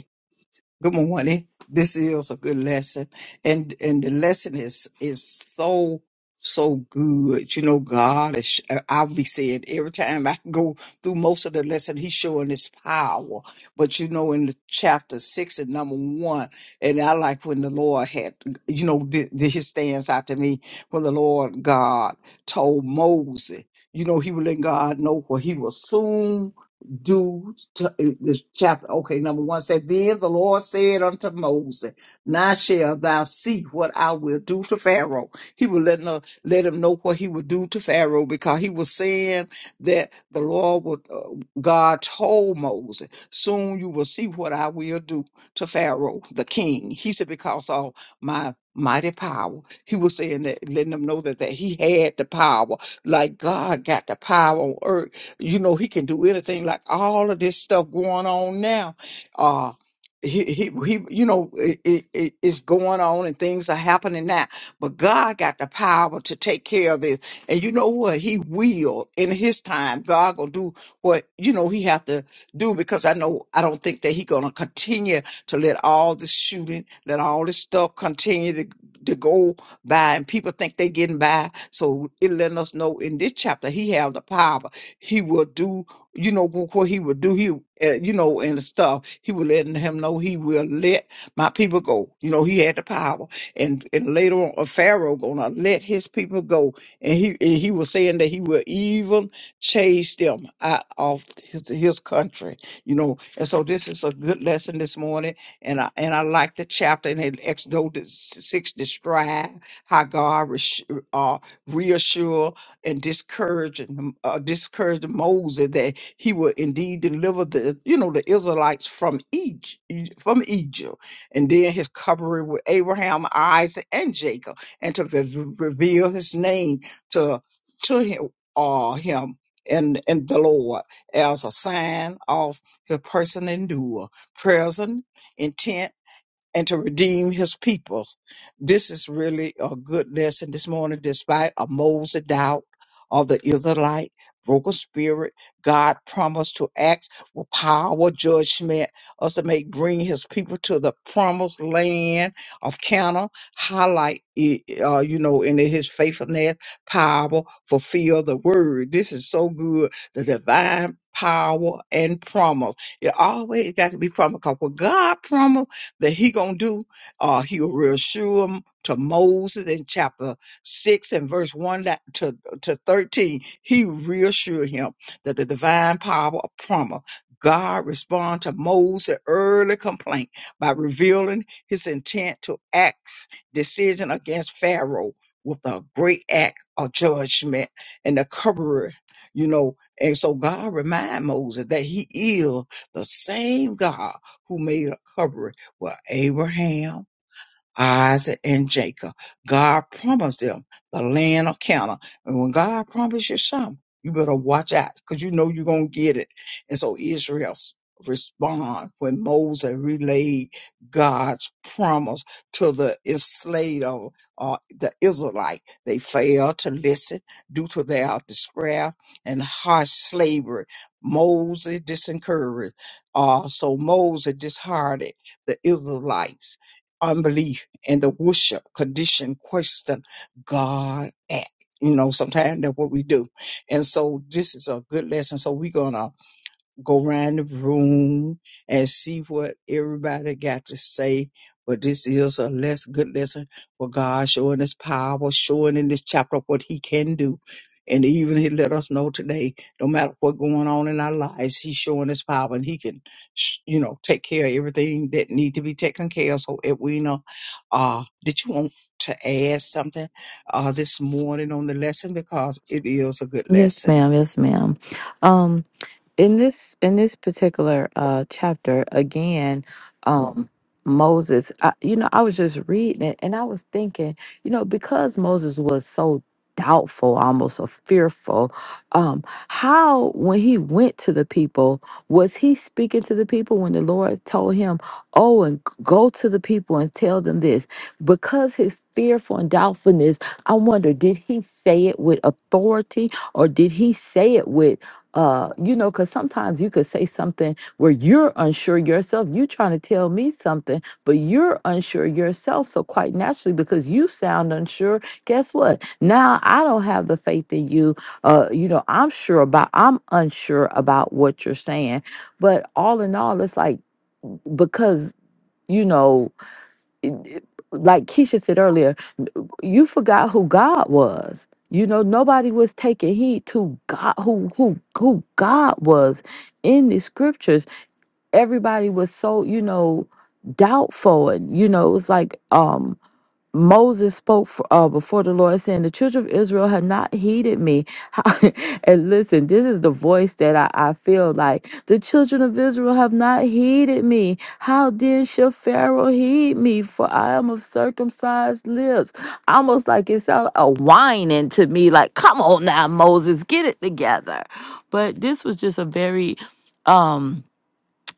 Speaker 3: Good morning. This is a good lesson. And and the lesson is is so so good. You know, God is I'll be saying every time I go through most of the lesson, he's showing his power. But you know, in the chapter six and number one, and I like when the Lord had you know, did his stands out to me when the Lord God told Moses, you know, he would let God know what he will soon do t- uh, this chapter, okay, number one said, Then the Lord said unto Moses, Now shall thou see what I will do to Pharaoh. He will let, no, let him know what he will do to Pharaoh because he was saying that the Lord would, uh, God told Moses, Soon you will see what I will do to Pharaoh, the king. He said, Because of my mighty power. He was saying that, letting them know that, that he had the power, like God got the power on earth you know, he can do anything like all of this stuff going on now. Uh, he, he, he, you know, it, it, it- it's going on and things are happening now. But God got the power to take care of this. And you know what? He will in his time. God gonna do what, you know, he have to do because I know, I don't think that he gonna continue to let all this shooting, let all this stuff continue to, to go by and people think they getting by. So it letting us know in this chapter, he have the power he will do, you know, wh- what he will do, he, uh, you know, and stuff. He will letting him know he will let my people go. You know, he had the power. And, and later on, a Pharaoh gonna let his people go. And he, and he was saying that he will even chase them out of his, his country, you know. And so this is a good lesson this morning. And I, and I like the chapter in Exodus 6 describe how God res- uh, reassure and discouraging uh, discouraged Moses that he would indeed deliver the you know the Israelites from Egypt from Egypt and then his covering with Abraham, Isaac, and Jacob and to re- reveal his name to to him uh, him and and the Lord as a sign of his person and doer, present intent and to redeem his people. This is really a good lesson this morning, despite a Moses doubt of the Israelite, broken spirit. God promised to act with power, judgment, us to make bring his people to the promised land of Canaan, highlight it, uh, you know, in his faithfulness, power, fulfill the word. This is so good. The divine power and promise. It always got to be promised because what God promised that he gonna do. Uh, he will reassure him to Moses in chapter six and verse one that, to to thirteen. He reassured him that the divine power of promise. God respond to Moses' early complaint by revealing his intent to axe decision against Pharaoh with a great act of judgment and the covering, you know. And so God remind Moses that he is the same God who made a covering with Abraham Isaac and Jacob. God promised them the land of Canaan. And when God promised you something, you better watch out because you know you're going to get it. And so Israel s- respond when Moses relayed God's promise to the enslaved of uh, the Israelite. They failed to listen due to their despair and harsh slavery. Moses disencouraged. Uh, so Moses disheartened the Israelites' unbelief and the worship condition question God at. You know, sometimes that's what we do. And so this is a good lesson. So we're gonna go around the room and see what everybody got to say. But this is a less good lesson for God showing his power, showing in this chapter what he can do. And even he let us know today, no matter what going on in our lives, he's showing his power and he can, sh- you know, take care of everything that need to be taken care of. So Edwina, uh, did you want to add something, uh, this morning on the lesson? Because it is a good
Speaker 2: Yes,
Speaker 3: lesson.
Speaker 2: ma'am. Yes, ma'am. in this in this particular uh chapter again um moses I, you know i was just reading it and i was thinking you know because moses was so doubtful almost or fearful um how when he went to the people was he speaking to the people when the lord told him oh and g- go to the people and tell them this because his fearful and doubtfulness i wonder did he say it with authority or did he say it with uh you know because sometimes you could say something where you're unsure yourself you trying to tell me something but you're unsure yourself so quite naturally because you sound unsure guess what now i don't have the faith in you uh you know i'm sure about i'm unsure about what you're saying but all in all it's like because you know it- it- like keisha said earlier you forgot who God was. You know, nobody was taking heed to God who who who God was in the scriptures. Everybody was so, you know, doubtful and you know, it was like um Moses spoke for, uh, before the Lord, saying, The children of Israel have not heeded me. and listen, this is the voice that I, I feel like the children of Israel have not heeded me. How then shall Pharaoh heed me? For I am of circumcised lips. Almost like it sounds a whining to me, like, Come on now, Moses, get it together. But this was just a very, um,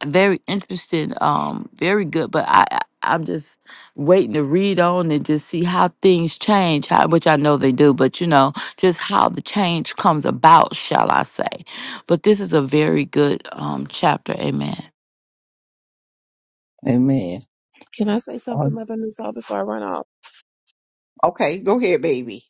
Speaker 2: very interesting um very good but i I- i'm just waiting to read on and just see how things change how, which i know they do but you know just how the change comes about shall i say but this is a very good um chapter amen
Speaker 3: Amen.
Speaker 4: Can I say something,
Speaker 3: Um,
Speaker 4: Mother Newtall, before I run off?
Speaker 3: Okay, go ahead, baby.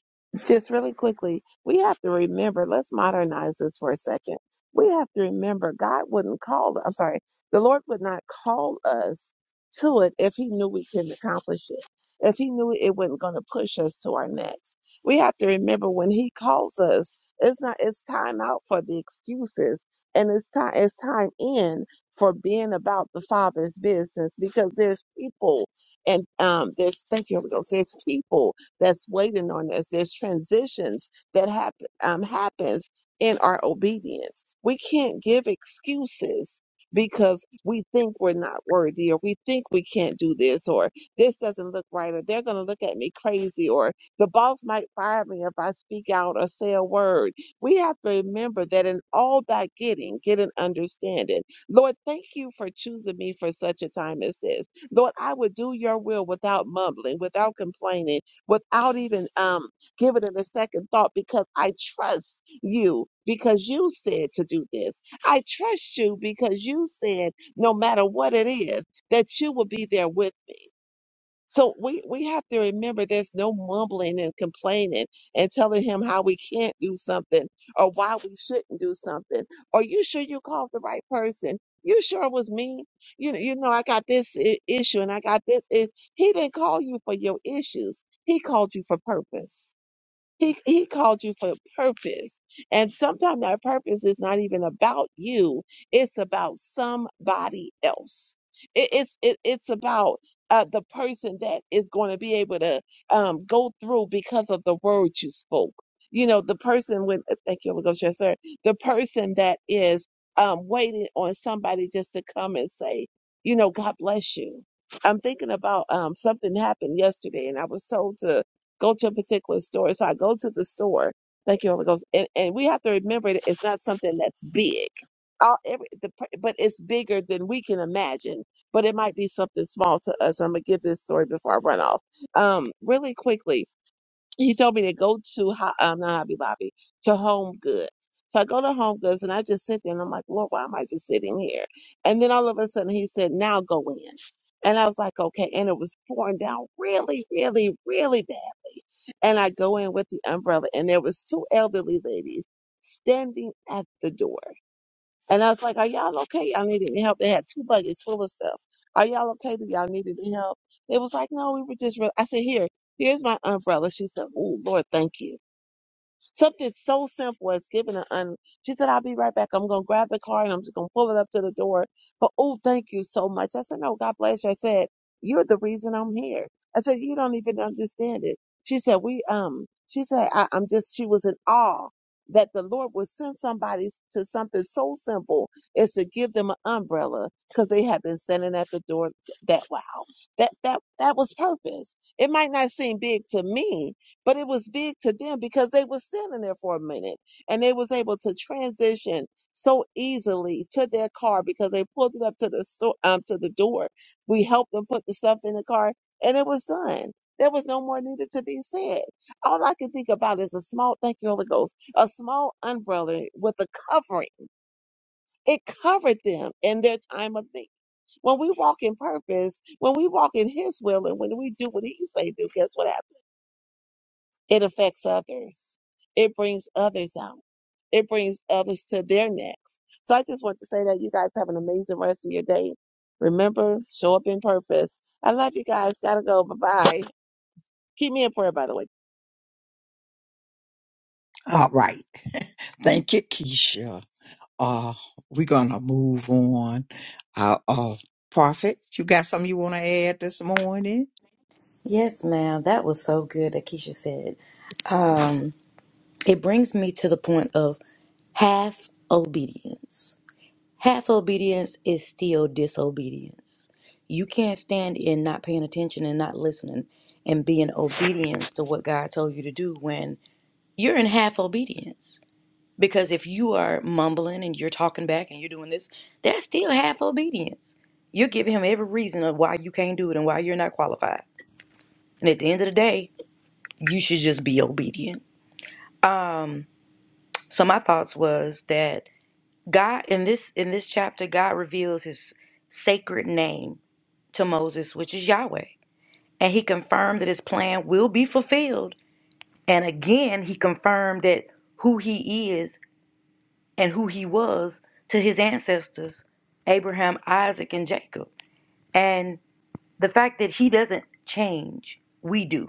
Speaker 4: just really quickly, we have to remember, let's modernize this for a second. We have to remember God wouldn't call, I'm sorry, the Lord would not call us to it if he knew we couldn't accomplish it. If he knew it wasn't going to push us to our next. We have to remember when he calls us, it's not it's time out for the excuses and it's time it's time in for being about the Father's business because there's people and um there's thank you, Holy Ghost, there's people that's waiting on us. There's transitions that happen um, happens in our obedience. We can't give excuses because we think we're not worthy or we think we can't do this or this doesn't look right or they're going to look at me crazy or the boss might fire me if I speak out or say a word. We have to remember that in all that getting, get an understanding. Lord, thank you for choosing me for such a time as this. Lord, I would do your will without mumbling, without complaining, without even um, giving it a second thought because I trust you because you said to do this. I trust you because you said no matter what it is that you will be there with so we, we have to remember there's no mumbling and complaining and telling him how we can't do something or why we shouldn't do something. Are you sure you called the right person? You sure it was me? You know, you know, I got this I- issue and I got this. i- He didn't call you for your issues. He called you for purpose. He, he called you for a purpose. And sometimes that purpose is not even about you. It's about somebody else. It, it's, it, it's about uh, the person that is going to be able to um, go through because of the word you spoke. You know, the person with thank you, Holy Ghost, yes, sir. The person that is um, waiting on somebody just to come and say, you know, God bless you. I'm thinking about um, something happened yesterday and I was told to go to a particular store. So I go to the store. Thank you, Holy Ghost. And, and we have to remember that it's not something that's big. All, every, the, pr- but it's bigger than we can imagine. But it might be something small to us. I'm gonna give this story before I run off. Um, really quickly he told me to go to Ho- um, not Hobby Lobby to Home Goods. So I go to Home Goods and I just sit there and I'm like, Lord, why am I just sitting here? And then all of a sudden he said, Now go in. And I was like, okay. And it was pouring down really, really, really badly. And I go in with the umbrella and there was two elderly ladies standing at the door. And I was like, Are y'all okay? Y'all need any help? They had two buckets full of stuff. Are y'all okay? Do y'all need any help? They was like, No, we were just, re-. I said, Here, here's my umbrella. She said, Oh, Lord, thank you. Something so simple as giving an un. She said, I'll be right back. I'm going to grab the car and I'm just going to pull it up to the door. But, oh, thank you so much. I said, no, God bless you. I said, you're the reason I'm here. I said, you don't even understand it. She said, we, um, she said, I, I'm just, she was in awe that the Lord would send somebody to something so simple as to give them an umbrella because they had been standing at the door that, wow, that, that, that was purpose. It might not seem big to me, but it was big to them because they were standing there for a minute and they was able to transition so easily to their car because they pulled it up to the store um to the door we helped them put the stuff in the car and it was done there was no more needed to be said all i can think about is a small thank you holy ghost a small umbrella with a covering it covered them in their time of need when we walk in purpose when we walk in his will and when we do what he say do guess what happens it affects others. It brings others out. It brings others to their necks. So I just want to say that you guys have an amazing rest of your day. Remember, show up in purpose. I love you guys. Gotta go. Bye bye. Keep me in prayer, by the way.
Speaker 3: All right. Thank you, Keisha. Uh, we're gonna move on. Uh, uh, Prophet, you got something you want to add this morning?
Speaker 5: Yes, ma'am. That was so good that Keisha said. Um it brings me to the point of half obedience. Half obedience is still disobedience. You can't stand in not paying attention and not listening and being obedience to what God told you to do when you're in half obedience. Because if you are mumbling and you're talking back and you're doing this, that's still half obedience. You're giving him every reason of why you can't do it and why you're not qualified. And at the end of the day, you should just be obedient. Um, so my thoughts was that God in this in this chapter, God reveals his sacred name to Moses, which is Yahweh. And he confirmed that his plan will be fulfilled. And again, he confirmed that who he is and who he was to his ancestors, Abraham, Isaac, and Jacob. And the fact that he doesn't change, we do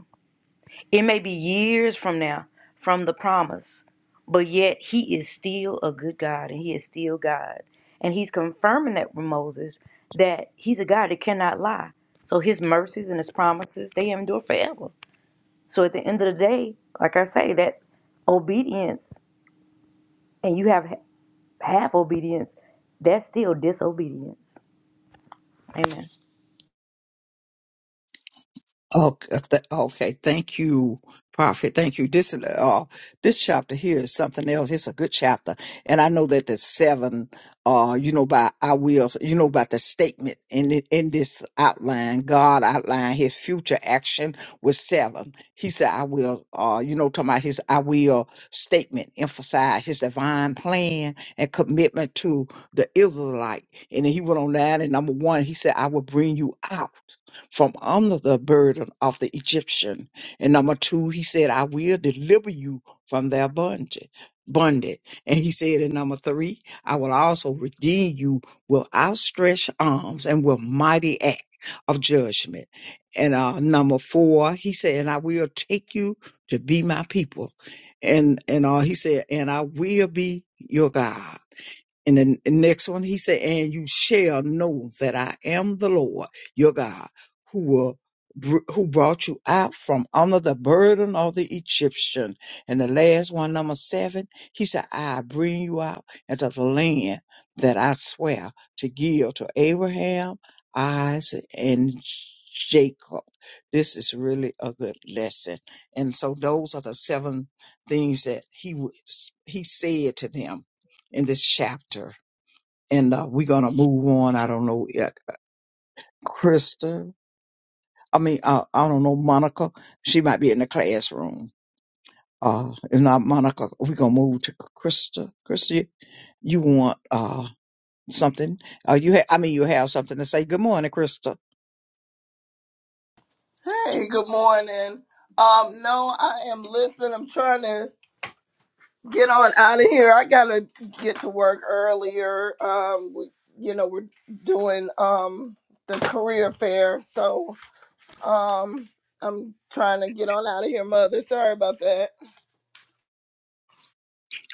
Speaker 5: It may be years from now from the promise, but yet he is still a good God and he is still God. And he's confirming that with Moses that he's a God that cannot lie. So his mercies and his promises, they endure forever. So at the end of the day, like I say, that obedience and you have half obedience, that's still disobedience. Amen.
Speaker 3: Okay, uh, th- okay. Thank you, Prophet. Thank you. This uh, this chapter here is something else. It's a good chapter, and I know that the seven, uh, you know, by I will, you know, about the statement in it, in this outline, God outlined His future action with seven. He said, "I will," uh, you know, talking about His "I will" statement, emphasize His divine plan and commitment to the Israelite, and then He went on that. And number one, He said, "I will bring you out." from under the burden of the Egyptian. And number two, he said, I will deliver you from their bondage. Bondage. And he said in number three, I will also redeem you with outstretched arms and with mighty act of judgment. And uh, number four, he said, and I will take you to be my people. And and uh, he said, and I will be your God. And then the next one, he said, and you shall know that I am the Lord, your God, who will br- who brought you out from under the burden of the Egyptian. And the last one, number seven, he said, I bring you out into the land that I swear to give to Abraham, Isaac, and Jacob. This is really a good lesson. And so those are the seven things that he, was- he said to them in this chapter and uh, we're gonna move on. I don't know, yeah, Krista. I mean, uh, I don't know Monica. She might be in the classroom. Uh, if not Monica, we're gonna move to Krista. Krista, you you want uh something? Uh, you ha- I mean, you have something to say. Good morning, Krista.
Speaker 6: Hey, good morning. Um, no, I am listening. I'm trying to get on out of here. I gotta get to work earlier. Um, we, you know, we're doing um the career fair, so um, I'm trying to get on out of here, mother. Sorry about that.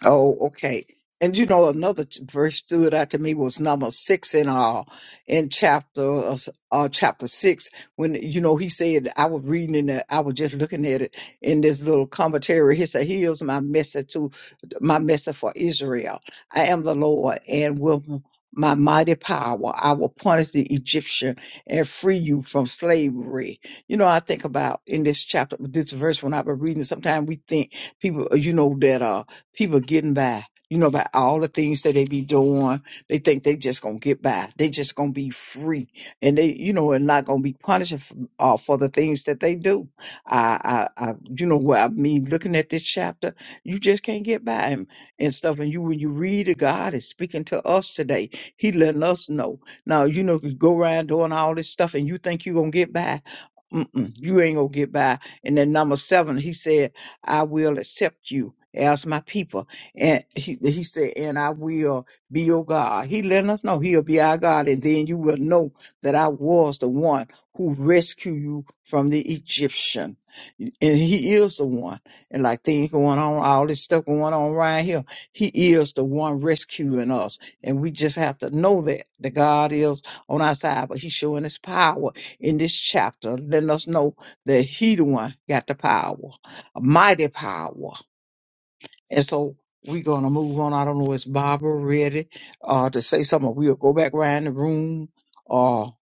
Speaker 3: Oh, okay. And you know, another t- verse stood out to me was number six in all in chapter uh, s- uh, chapter six when you know he said I was reading in the I was just looking at it in this little commentary. He said, "Here's my message to my message for Israel. I am the Lord, and with my mighty power, I will punish the Egyptian and free you from slavery." You know, I think about in this chapter, this verse when I've been reading. Sometimes we think people, you know, that uh people getting by. You know, about all the things that they be doing. They think they just gonna get by. They just gonna be free. And they, you know, and not gonna be punished f- uh, for the things that they do. I, I, I, you know what I mean? Looking at this chapter, you just can't get by him and stuff. And you, when you read it, God is speaking to us today. He letting us know. Now, you know, you go around doing all this stuff and you think you gonna get by. Mm-mm, you ain't gonna get by. And then number seven, he said, I will accept you as my people. And he, he said, and I will be your God. He letting us know he'll be our God. And then you will know that I was the one who rescued you from the Egyptian. And he is the one. And like things going on, all this stuff going on right here. He is the one rescuing us. And we just have to know that, that God is on our side, but he's showing his power in this chapter, letting us know that he the one got the power mighty power. And so we're gonna move on. I don't know, is Barbara ready uh to say something? We'll go back around the room or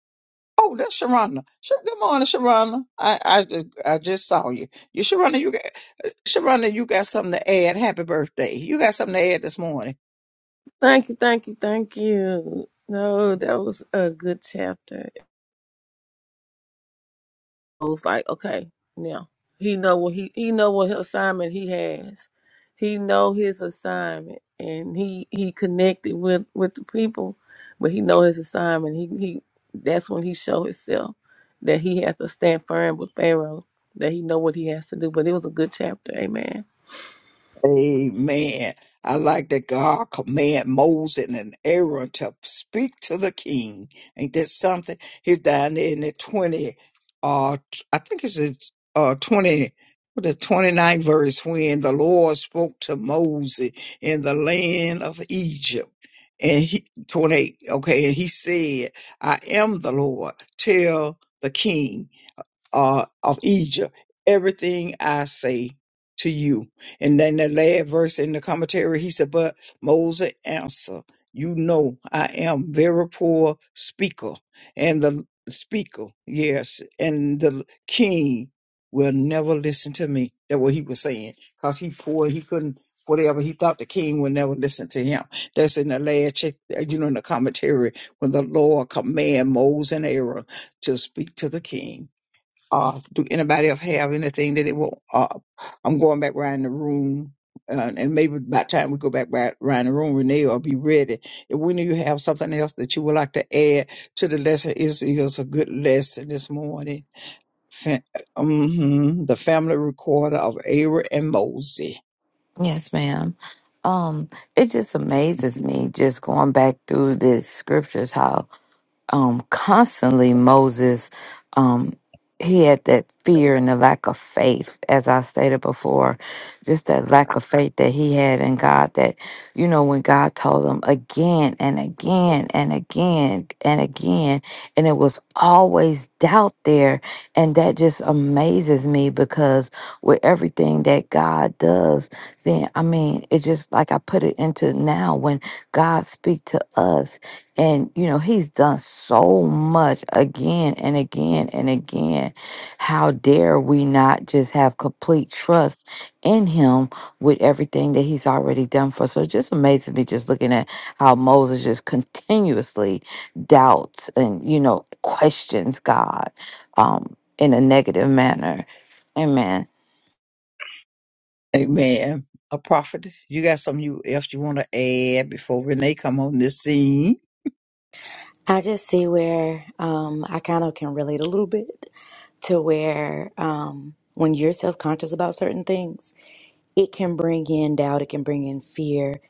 Speaker 3: oh that's Sharonda. Sh- Good morning, Sharonda. I, I I just saw you. You Sharonda, you got Sharonda, you got something to add. Happy birthday. You got something to add this morning.
Speaker 7: Thank you, thank you, thank you. No, that was a good chapter. It was like, okay, now he know what he he know what assignment he has. He know his assignment, and he he connected with with the people, but he know his assignment. He he that's when he show himself that he has to stand firm with Pharaoh. That he know what he has to do. But it was a good chapter. Amen.
Speaker 3: Amen. I like that God command Moses and Aaron to speak to the king. Ain't that something? He's down there in the 20, uh, t- I think it's the uh, 20, what the ninth verse when the Lord spoke to Moses in the land of Egypt. And he, 28, okay, and he said, I am the Lord. Tell the king uh, of Egypt. Everything I say to you. And then the last verse in the commentary, he said, But Moses answered, You know, I am very poor speaker. And the speaker, yes, and the king will never listen to me. That's what he was saying. Because he poor, he couldn't, whatever, he thought the king would never listen to him. That's in the last, chap- you know, in the commentary, when the Lord command Moses and Aaron to speak to the king uh, do anybody else have anything that it will? Uh, I'm going back around the room, uh, and maybe by the time we go back right around the room, Renee will be ready. If when you have something else that you would like to add to the lesson, is is a good lesson this morning. Fa- mhm, the family recorder of Aaron and Mosey.
Speaker 2: yes ma'am um it just amazes me just going back through this scriptures how um, constantly Moses, um, he had that fear and the lack of faith, as I stated before, just that lack of faith that he had in God. That, you know, when God told him again and again and again and again, and it was always doubt there. And that just amazes me because with everything that God does, then, I mean, it's just like I put it into now when God speak to us and, you know, he's done so much again and again and again. How dare we not just have complete trust in him with everything that he's already done for us? So it just amazes me just looking at how Moses just continuously doubts and, you know, questions God um, in a negative manner. Amen.
Speaker 3: Amen. A prophet, you got something you else you want to add before Renee come on this scene?
Speaker 5: I just see where um, I kind of can relate a little bit to where um, when you're self conscious about certain things, it can bring in doubt, it can bring in fear.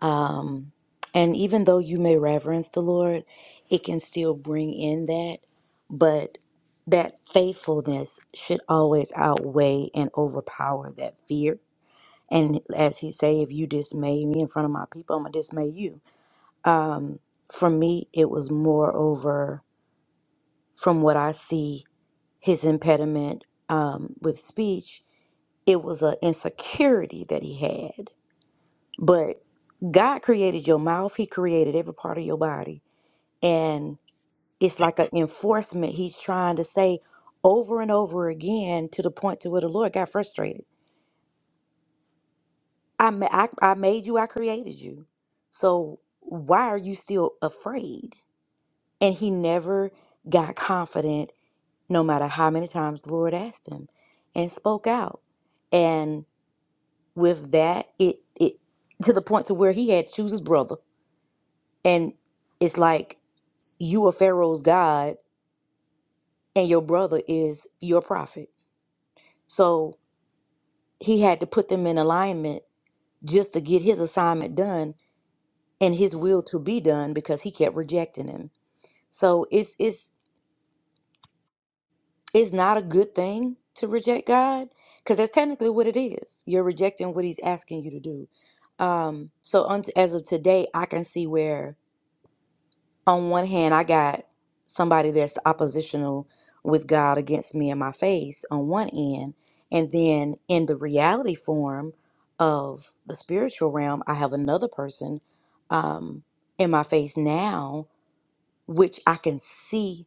Speaker 5: Um, and even though you may reverence the Lord, it can still bring in that. But that faithfulness should always outweigh and overpower that fear. And as he say, if you dismay me in front of my people, I'm gonna dismay you. Um, for me, it was more over from what I see his impediment um, with speech, it was an insecurity that he had. But God created your mouth, He created every part of your body. And it's like an enforcement He's trying to say over and over again to the point to where the Lord got frustrated. I, ma- I, I made you, I created you. So why are you still afraid? And he never got confident, no matter how many times the Lord asked him and spoke out. with that it it to the point to where he had to choose his brother and it's like you are pharaoh's god and your brother is your prophet so he had to put them in alignment just to get his assignment done and his will to be done because he kept rejecting him so it's it's it's not a good thing to reject god because that's technically what it is you're rejecting what he's asking you to do um so un- as of today i can see where on one hand, I got somebody that's oppositional with God against me in my face on one end. And then in the reality form of the spiritual realm, I have another person um, in my face now, which I can see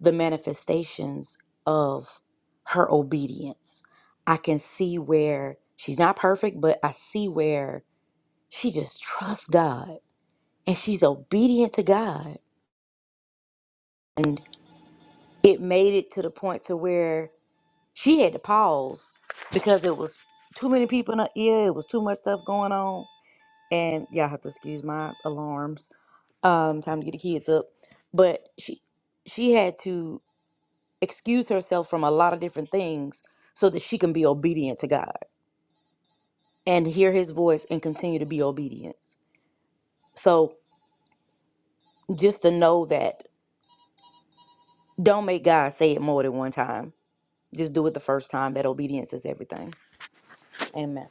Speaker 5: the manifestations of her obedience. I can see where she's not perfect, but I see where she just trusts God and she's obedient to God it made it to the point to where she had to pause because it was too many people in her ear. It was too much stuff going on, and y'all have to excuse my alarms. Um, time to get the kids up, but she she had to excuse herself from a lot of different things so that she can be obedient to God and hear His voice and continue to be obedient. So just to know that, don't make God say it more than one time. Just do it the first time. That obedience is everything. Amen.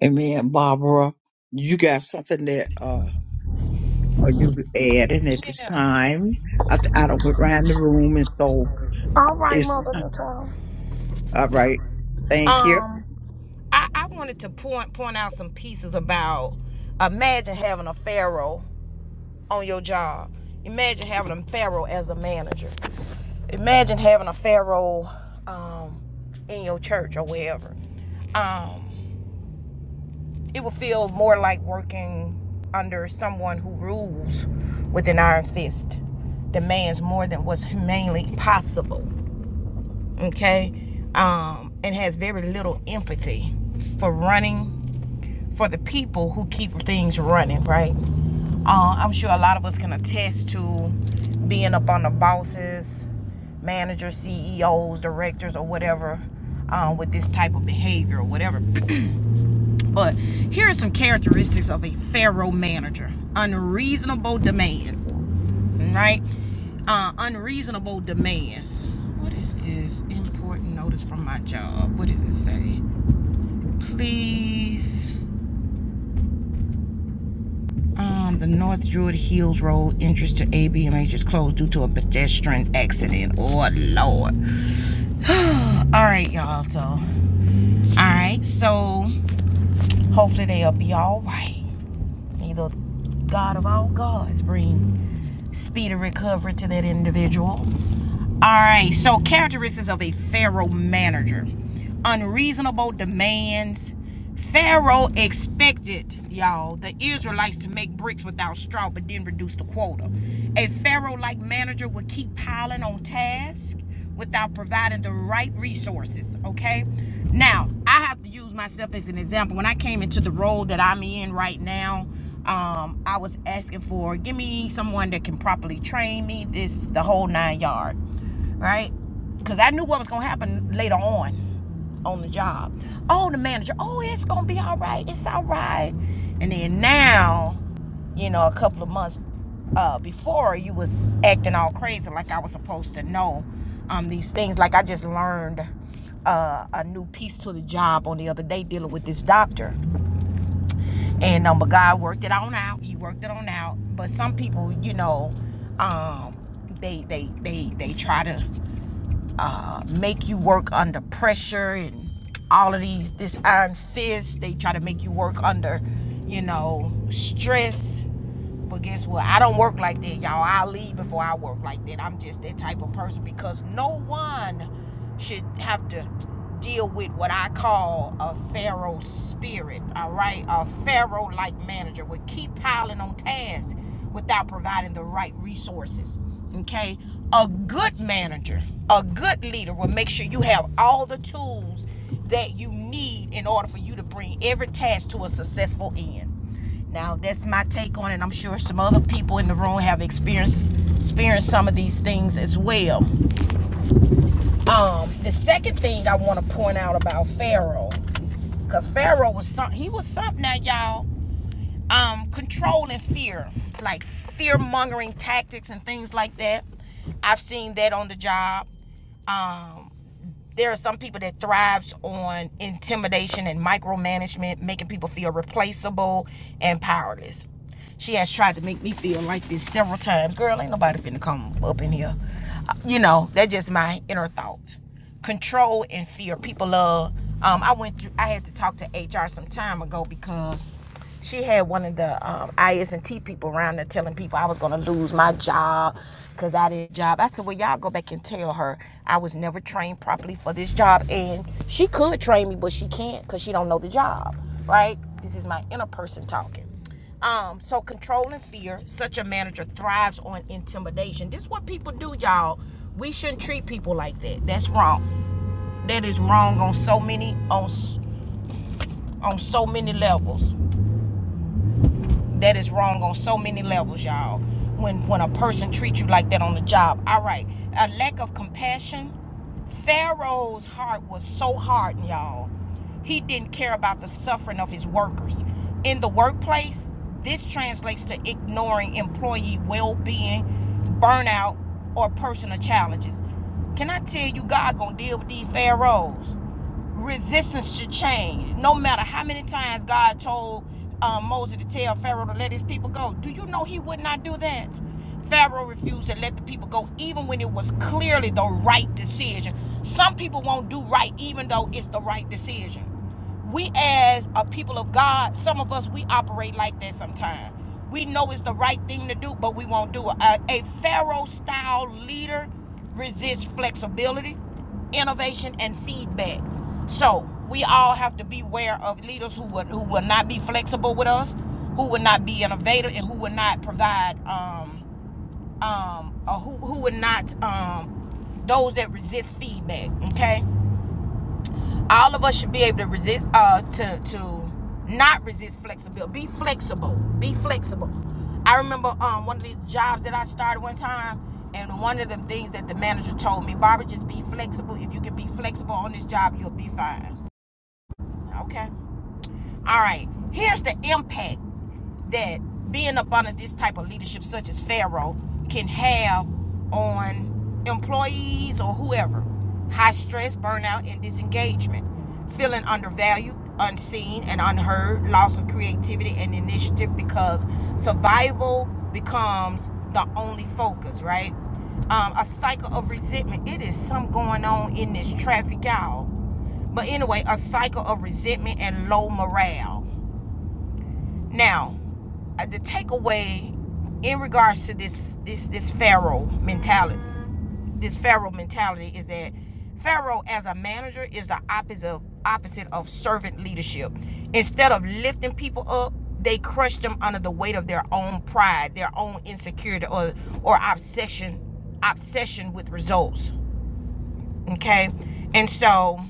Speaker 3: And man, Barbara, you got something that uh are you adding at this
Speaker 1: Yeah.
Speaker 3: time? I th- I don't went around the room and so
Speaker 1: All right,
Speaker 3: it's
Speaker 1: Mother Natal.
Speaker 3: all right. Thank you.
Speaker 1: Um, I, I wanted to point point out some pieces about imagine having a pharaoh on your job. Imagine having a pharaoh as a manager. imagine having a pharaoh um, in your church or wherever. Um, it would feel more like working under someone who rules with an iron fist, demands more than what's humanely possible, okay, um, and has very little empathy for running for the people who keep things running, right? Uh, I'm sure a lot of us can attest to being up on the bosses, managers, CEOs, directors, or whatever um, with this type of behavior or whatever. But here are some characteristics of a pharaoh manager unreasonable demand, right? Uh, unreasonable demands. What is this important notice from my job? What does it say? Please Um, the North Druid Hills Road entrance to ABMH is closed due to a pedestrian accident. Oh Lord. Alright, y'all. So alright, so hopefully they'll be alright. May the God of all gods bring speedy recovery to that individual. All right, so characteristics of a Pharaoh manager unreasonable demands. Pharaoh expected, y'all, the Israelites to make bricks without straw, but then reduce the quota. A Pharaoh like manager would keep piling on tasks without providing the right resources, okay? Now, I have to use myself as an example. When I came into the role that I'm in right now, um, I was asking for, give me someone that can properly train me, this, the whole nine yard right? Because I knew what was going to happen later on on the job. Oh, the manager, oh, it's going to be all right. It's all right. And then now, you know, a couple of months uh, before, you was acting all crazy like I was supposed to know um, these things. Like I just learned uh, a new piece to the job on the other day dealing with this doctor. And um, but God worked it on out. He worked it on out. But some people, you know, um, they they they they try to uh, make you work under pressure and all of these this iron fist they try to make you work under you know stress but guess what? I don't work like that, y'all. I leave before I work like that. I'm just that type of person because no one should have to deal with what I call a Pharaoh spirit, all right? A Pharaoh like manager would keep piling on tasks without providing the right resources, okay? A good manager, a good leader will make sure you have all the tools that you need in order for you to bring every task to a successful end. Now that's my take on it. I'm sure some other people in the room have experienced experienced some of these things as well. Um, the second thing I want to point out about Pharaoh, because Pharaoh was some, he was something that y'all um controlling fear, like fear mongering tactics and things like that. I've seen that on the job. Um, there are some people that thrives on intimidation and micromanagement, making people feel replaceable and powerless. She has tried to make me feel like this several times. Girl, ain't nobody finna come up in here. Uh, You know, that's just my inner thoughts. Control and fear. People love. Um, I went through. I had to talk to HR some time ago because she had one of the um, IS&T people around there telling people I was going to lose my job because I didn't job. I said, well, y'all go back and tell her I was never trained properly for this job. And she could train me, but she can't because she don't know the job, right? This is my inner person talking. Um, so controlling fear, manager thrives on intimidation. This is what people do, y'all. We shouldn't treat people like that. That's wrong. That is wrong on so many on on so many levels. That is wrong on so many levels, y'all. When when a person treats you like that on the job. All right. A lack of compassion. Pharaoh's heart was so hardened, y'all. He didn't care about the suffering of his workers. In the workplace, this translates to ignoring employee well-being, burnout, or personal challenges. Can I tell you God gonna deal with these pharaohs? resistance to change. No matter how many times God told um, Moses to tell Pharaoh to let his people go, do you know he would not do that? Pharaoh refused to let the people go, even when it was clearly the right decision. Some people won't do right, even though it's the right decision we as a people of God, some of us we operate like that sometimes. We know it's the right thing to do, but we won't do it. A, a Pharaoh style leader resists flexibility, innovation, and feedback. So we all have to beware of leaders who would who will not be flexible with us, who would not be innovative, and who would not provide um um or who who would not um those that resist feedback. Okay all of us should be able to resist uh to to not resist flexibility be flexible be flexible i remember um one of the jobs that i started one time and one of the things that the manager told me barbara just be flexible if you can be flexible on this job you'll be fine okay all right here's the impact that being up under this type of leadership, such as Pharaoh, can have on employees or whoever. High stress, burnout, and disengagement. Feeling undervalued, unseen, and unheard. Loss of creativity and initiative because survival becomes the only focus, right? Um, a cycle of resentment. It is some going on in this traffic, y'all. But anyway, a cycle of resentment and low morale. Now, uh, the takeaway in regards to this this this pharaoh mentality, this pharaoh mentality is that pharaoh as a manager is the opposite of, opposite of servant leadership. Instead of lifting people up, they crush them under the weight of their own pride, their own insecurity, or or obsession obsession with results. Okay, and so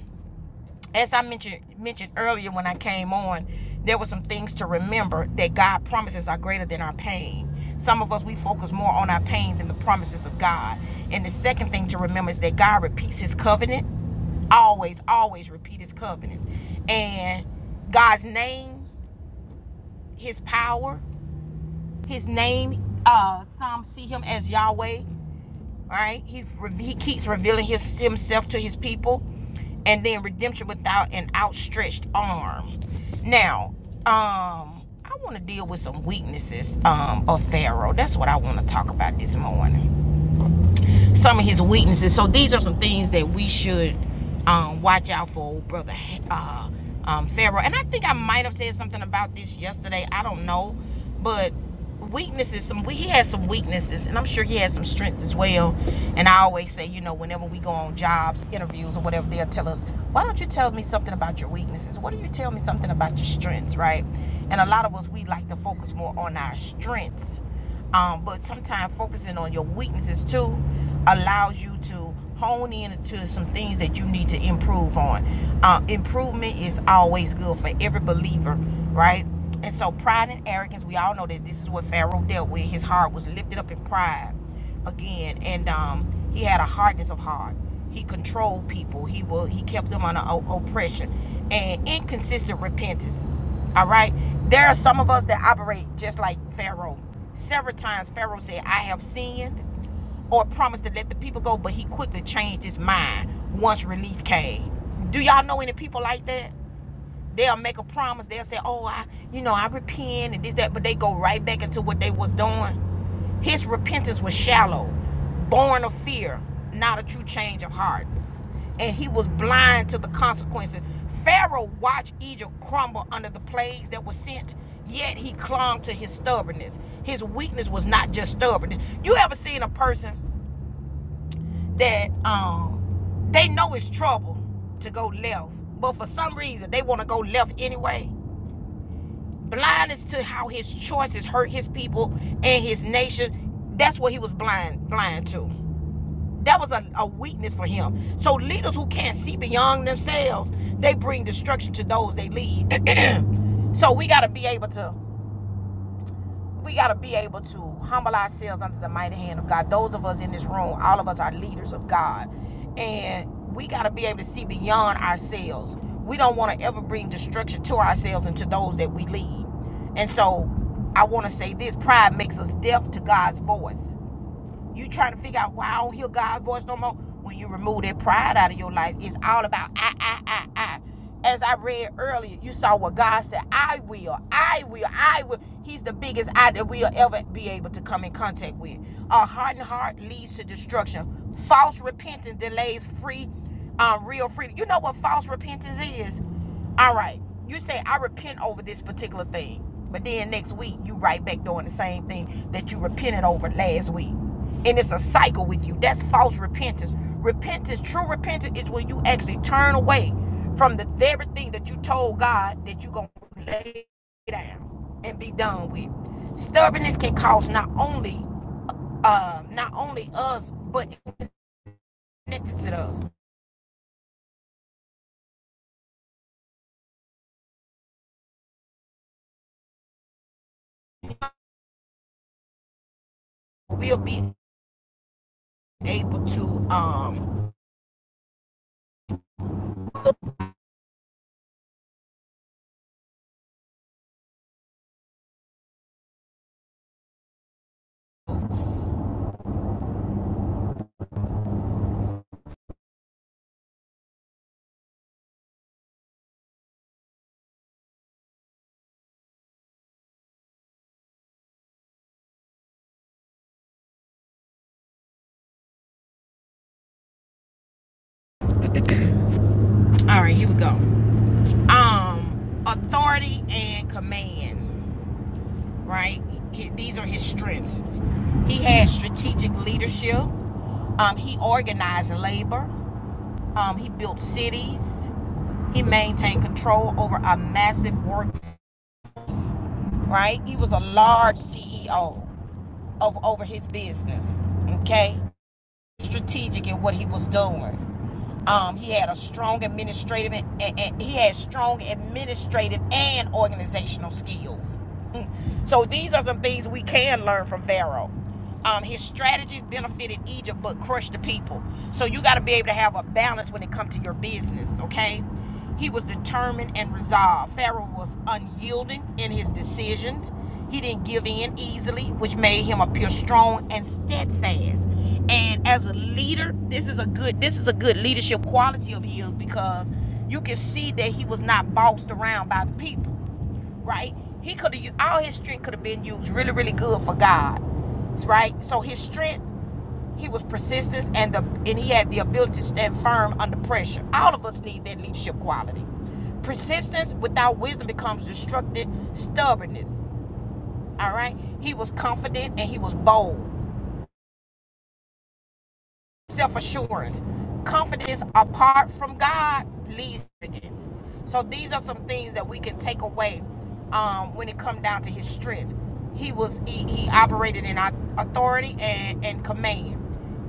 Speaker 1: as I mentioned mentioned earlier when I came on, there were some things to remember that God promises are greater than our pain. Some of us we focus more on our pain than the promises of God. And the second thing to remember is that God repeats his covenant. Always, always repeat his covenant. And God's name, his power, his name, uh, some see him as Yahweh. All right, he's he keeps revealing his himself to his people, and then redemption without an outstretched arm. Now, um, I want to deal with some weaknesses um of Pharaoh. That's what I want to talk about this morning some of his weaknesses. So these are some things that we should um, watch out for, old brother uh, um, Pharaoh. And I think I might have said something about this yesterday. I don't know, but weaknesses. Some he has some weaknesses, and I'm sure he has some strengths as well. And I always say, you know, whenever we go on jobs, interviews, or whatever, they'll tell us, "Why don't you tell me something about your weaknesses? Why do you tell me something about your strengths?" Right? And a lot of us we like to focus more on our strengths um, but sometimes focusing on your weaknesses too allows you to hone in to some things that you need to improve on. Uh, improvement is always good for every believer, right? And so pride and arrogance, we all know that this is what Pharaoh dealt with. His heart was lifted up in pride again, and um, he had a hardness of heart. He controlled people. He will. He kept them under oppression and inconsistent repentance. All right. There are some of us that operate just like Pharaoh. Several times Pharaoh said, "I have sinned." or promised to let the people go, but he quickly changed his mind once relief came. Do y'all know any people like that? they'll make a promise. They'll say, "Oh, I, you know, I repent and this that," but they go right back into what they was doing. His repentance was shallow, born of fear, not a true change of heart. And he was blind to the consequences. Pharaoh watched Egypt crumble under the plagues that were sent, yet he clung to his stubbornness. His weakness was not just stubbornness. You ever seen a person that um they know it's trouble to go left, but for some reason they want to go left anyway? blind as to how his choices hurt his people and his nation. That's what he was blind blind to. That was a, a weakness for him. So leaders who can't see beyond themselves, they bring destruction to those they lead. so we got to be able to we got to be able to humble ourselves under the mighty hand of God. Those of us in this room, all of us are leaders of God. And we got to be able to see beyond ourselves. We don't want to ever bring destruction to ourselves and to those that we lead. And so I want to say this pride makes us deaf to God's voice. You try to figure out why I don't hear God's voice no more. When you remove that pride out of your life, it's all about I, I, I, I. As I read earlier, you saw what God said. I will, I will, I will. He's the biggest I that we'll ever be able to come in contact with. A hardened heart leads to destruction. False repentance delays free, um, real freedom. You know what false repentance is? All right. You say I repent over this particular thing, but then next week you right back doing the same thing that you repented over last week, and it's a cycle with you. That's false repentance. Repentance, true repentance, is when you actually turn away from the very thing that you told God that you gonna lay down and be done with. Stubbornness can cause not only um, not only us, but connected to us. We'll be able to. Um, all right, here we go. um, authority and command, right? He- these are his strengths. He had strategic leadership. Um, he organized labor. Um, he built cities. He maintained control over a massive work, right? He was a large CEO of over his business, okay? Strategic in what he was doing. Um, he had a strong administrative and, and- he had strong administrative and organizational skills. So these are some things we can learn from Pharaoh. Um, his strategies benefited Egypt but crushed the people. So you got to be able to have a balance when it comes to your business, okay? He was determined and resolved. Pharaoh was unyielding in his decisions. He didn't give in easily, which made him appear strong and steadfast. And as a leader, this is a good this is a good leadership quality of his because you can see that he was not bossed around by the people right? He could have all his strength could have been used really, really good for God, right? So his strength, he was persistence, and the and he had the ability to stand firm under pressure. All of us need that leadership quality. Persistence without wisdom becomes destructive stubbornness. All right, he was confident and he was bold. self assurance. Confidence apart from God leads to arrogance. So these are some things that we can take away um, when it comes down to his strength. He was he, he operated in authority and, and command.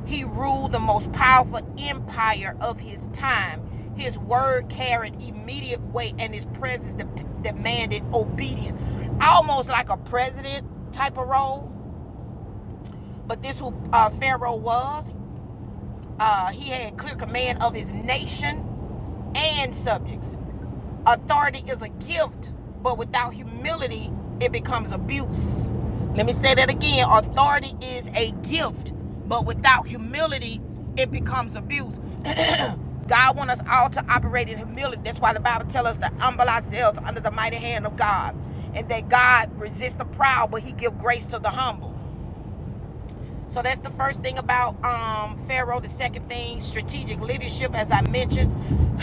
Speaker 1: He ruled the most powerful empire of his time. His word carried immediate weight, and his presence de- demanded obedience, almost like a president type of role. But this who uh, Pharaoh was. Uh, he had clear command of his nation and subjects. Authority is a gift, but without humility, it becomes abuse. Let me say that again. Authority is a gift, but without humility, it becomes abuse. God wants us all to operate in humility. That's why the Bible tells us to humble ourselves under the mighty hand of God. And that God resists the proud, but he gives grace to the humble. So that's the first thing about um, Pharaoh. The second thing, strategic leadership, as I mentioned.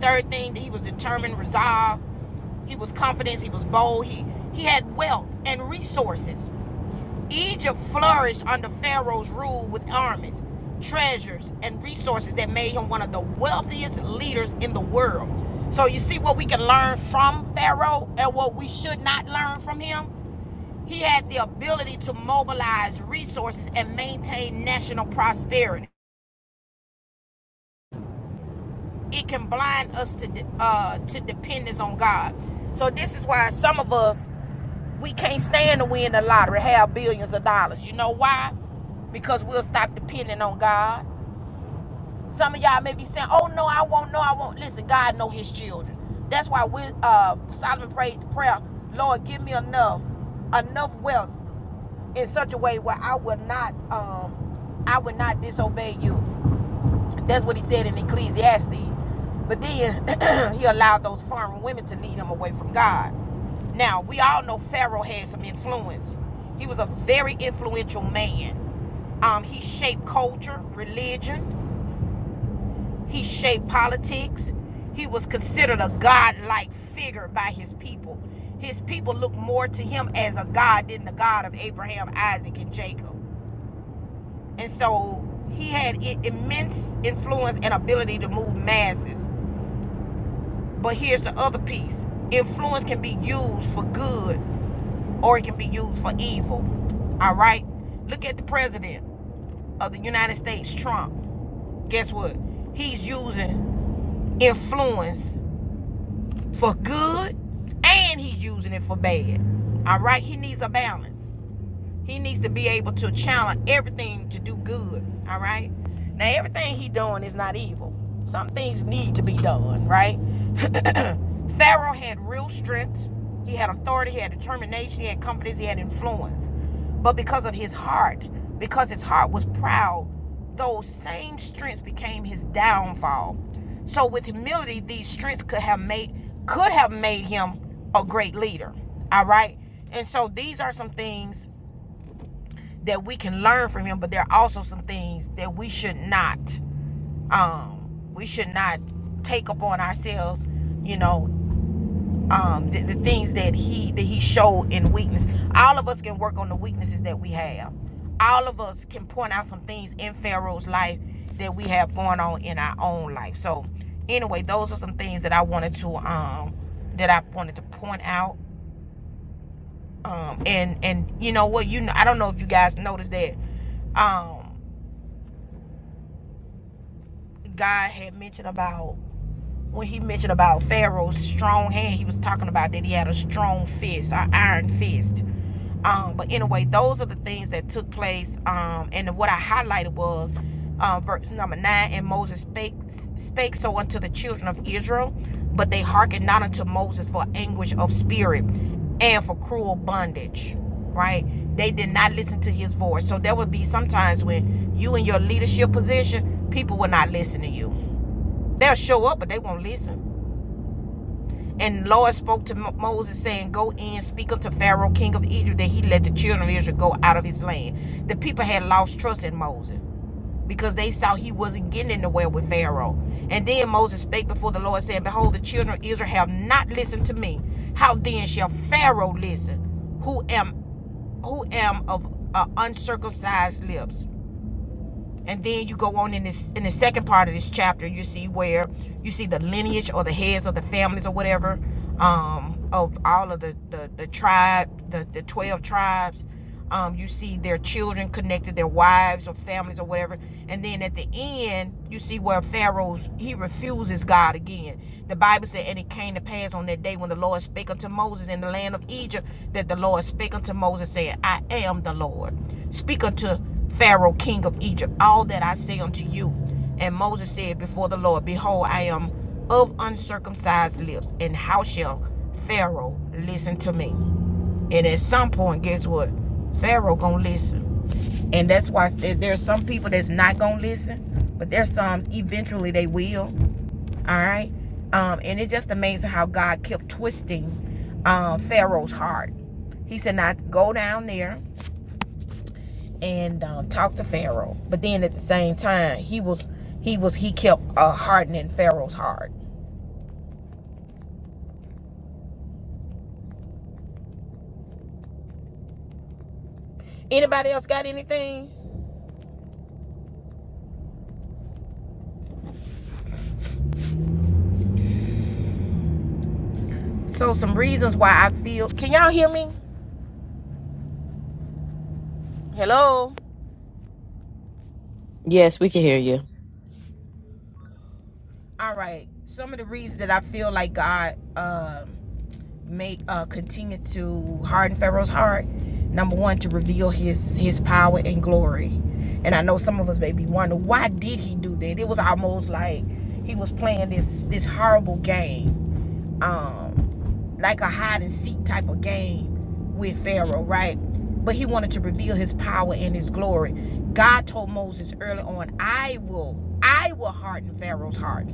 Speaker 1: Third thing, he was determined, resolved. He was confident. He was bold. He he had wealth and resources. Egypt flourished under Pharaoh's rule with armies, treasures, and resources that made him one of the wealthiest leaders in the world. So you see what we can learn from Pharaoh and what we should not learn from him. He had the ability to mobilize resources and maintain national prosperity. It can blind us to uh, to dependence on God. So this is why some of us we can't stand to win the lottery, have billions of dollars. You know why? Because we'll stop depending on God. Some of y'all may be saying, "Oh no, I won't. No, I won't." Listen, God know His children. That's why we uh, Solomon prayed the prayer, "Lord, give me enough, enough wealth in such a way where I will not um I would not disobey you. That's what he said in Ecclesiastes. But then he allowed those foreign women to lead him away from God. Now, we all know Pharaoh had some influence. He was a very influential man. Um, he shaped culture, religion, he shaped politics. He was considered a godlike figure by his people. His people looked more to him as a god than the God of Abraham, Isaac, and Jacob. And so he had immense influence and ability to move masses. But here's the other piece influence can be used for good or it can be used for evil. All right? Look at the president of the United States, Trump. Guess what? He's using influence for good and he's using it for bad. All right? He needs a balance. He needs to be able to challenge everything to do good. All right. Now everything he doing is not evil. Some things need to be done, right? Pharaoh had real strength. He had authority. He had determination. He had confidence. He had influence. But because of his heart, because his heart was proud, those same strengths became his downfall. So with humility, these strengths could have made could have made him a great leader. All right. And so these are some things that we can learn from him, but there are also some things that we should not um we should not take upon ourselves, you know, um the, the things that he that he showed in weakness. All of us can work on the weaknesses that we have. All of us can point out some things in Pharaoh's life that we have going on in our own life. So anyway, those are some things that I wanted to um that I wanted to point out. Um and and you know what you know I don't know if you guys noticed that um God had mentioned about when he mentioned about Pharaoh's strong hand, he was talking about that he had a strong fist, an iron fist. Um, but anyway, those are the things that took place. Um, and what I highlighted was um, verse number nine, and Moses spake, spake so unto the children of Israel, but they hearkened not unto Moses for anguish of spirit and for cruel bondage. Right? They did not listen to his voice. So there would be sometimes when you in your leadership position, people will not listen to you They'll show up, but they won't listen. And the Lord spoke to Moses, saying, Go in, speak unto Pharaoh, king of Egypt, that he let the children of Israel go out of his land. The people had lost trust in Moses because they saw he wasn't getting in the way with Pharaoh. And then Moses spake before the Lord, saying, Behold, the children of Israel have not listened to me. How then shall Pharaoh listen, who am who am of uh, uncircumcised lips? and then you go on in this in the second part of this chapter you see where you see the lineage or the heads of the families or whatever um of all of the the, the tribe the, the 12 tribes um you see their children connected their wives or families or whatever and then at the end you see where pharaoh's he refuses god again the bible said and it came to pass on that day when the lord spake unto moses in the land of egypt that the lord spake unto moses saying i am the lord speak unto Pharaoh, king of Egypt, all that I say unto you. And Moses said before the Lord, Behold, I am of uncircumcised lips, and how shall Pharaoh listen to me? And at some point, guess what? Pharaoh gonna listen. And that's why there's some people that's not gonna listen, but there's some eventually they will. All right. Um, and it's just amazing how God kept twisting uh, Pharaoh's heart. He said, Now go down there and um, talked to Pharaoh. But then at the same time, he was he was he kept uh, hardening Pharaoh's heart. Anybody else got anything? So some reasons why I feel. Can y'all hear me? Hello. All right. Some of the reasons that I feel like God um make uh, continue to harden Pharaoh's heart. Number one, to reveal His His power and glory. And I know some of us may be wondering why did He do that? It was almost like He was playing this this horrible game um, like a hide and seek type of game with Pharaoh, right? But he wanted to reveal his power and his glory. God told Moses early on, I will, I will harden Pharaoh's heart.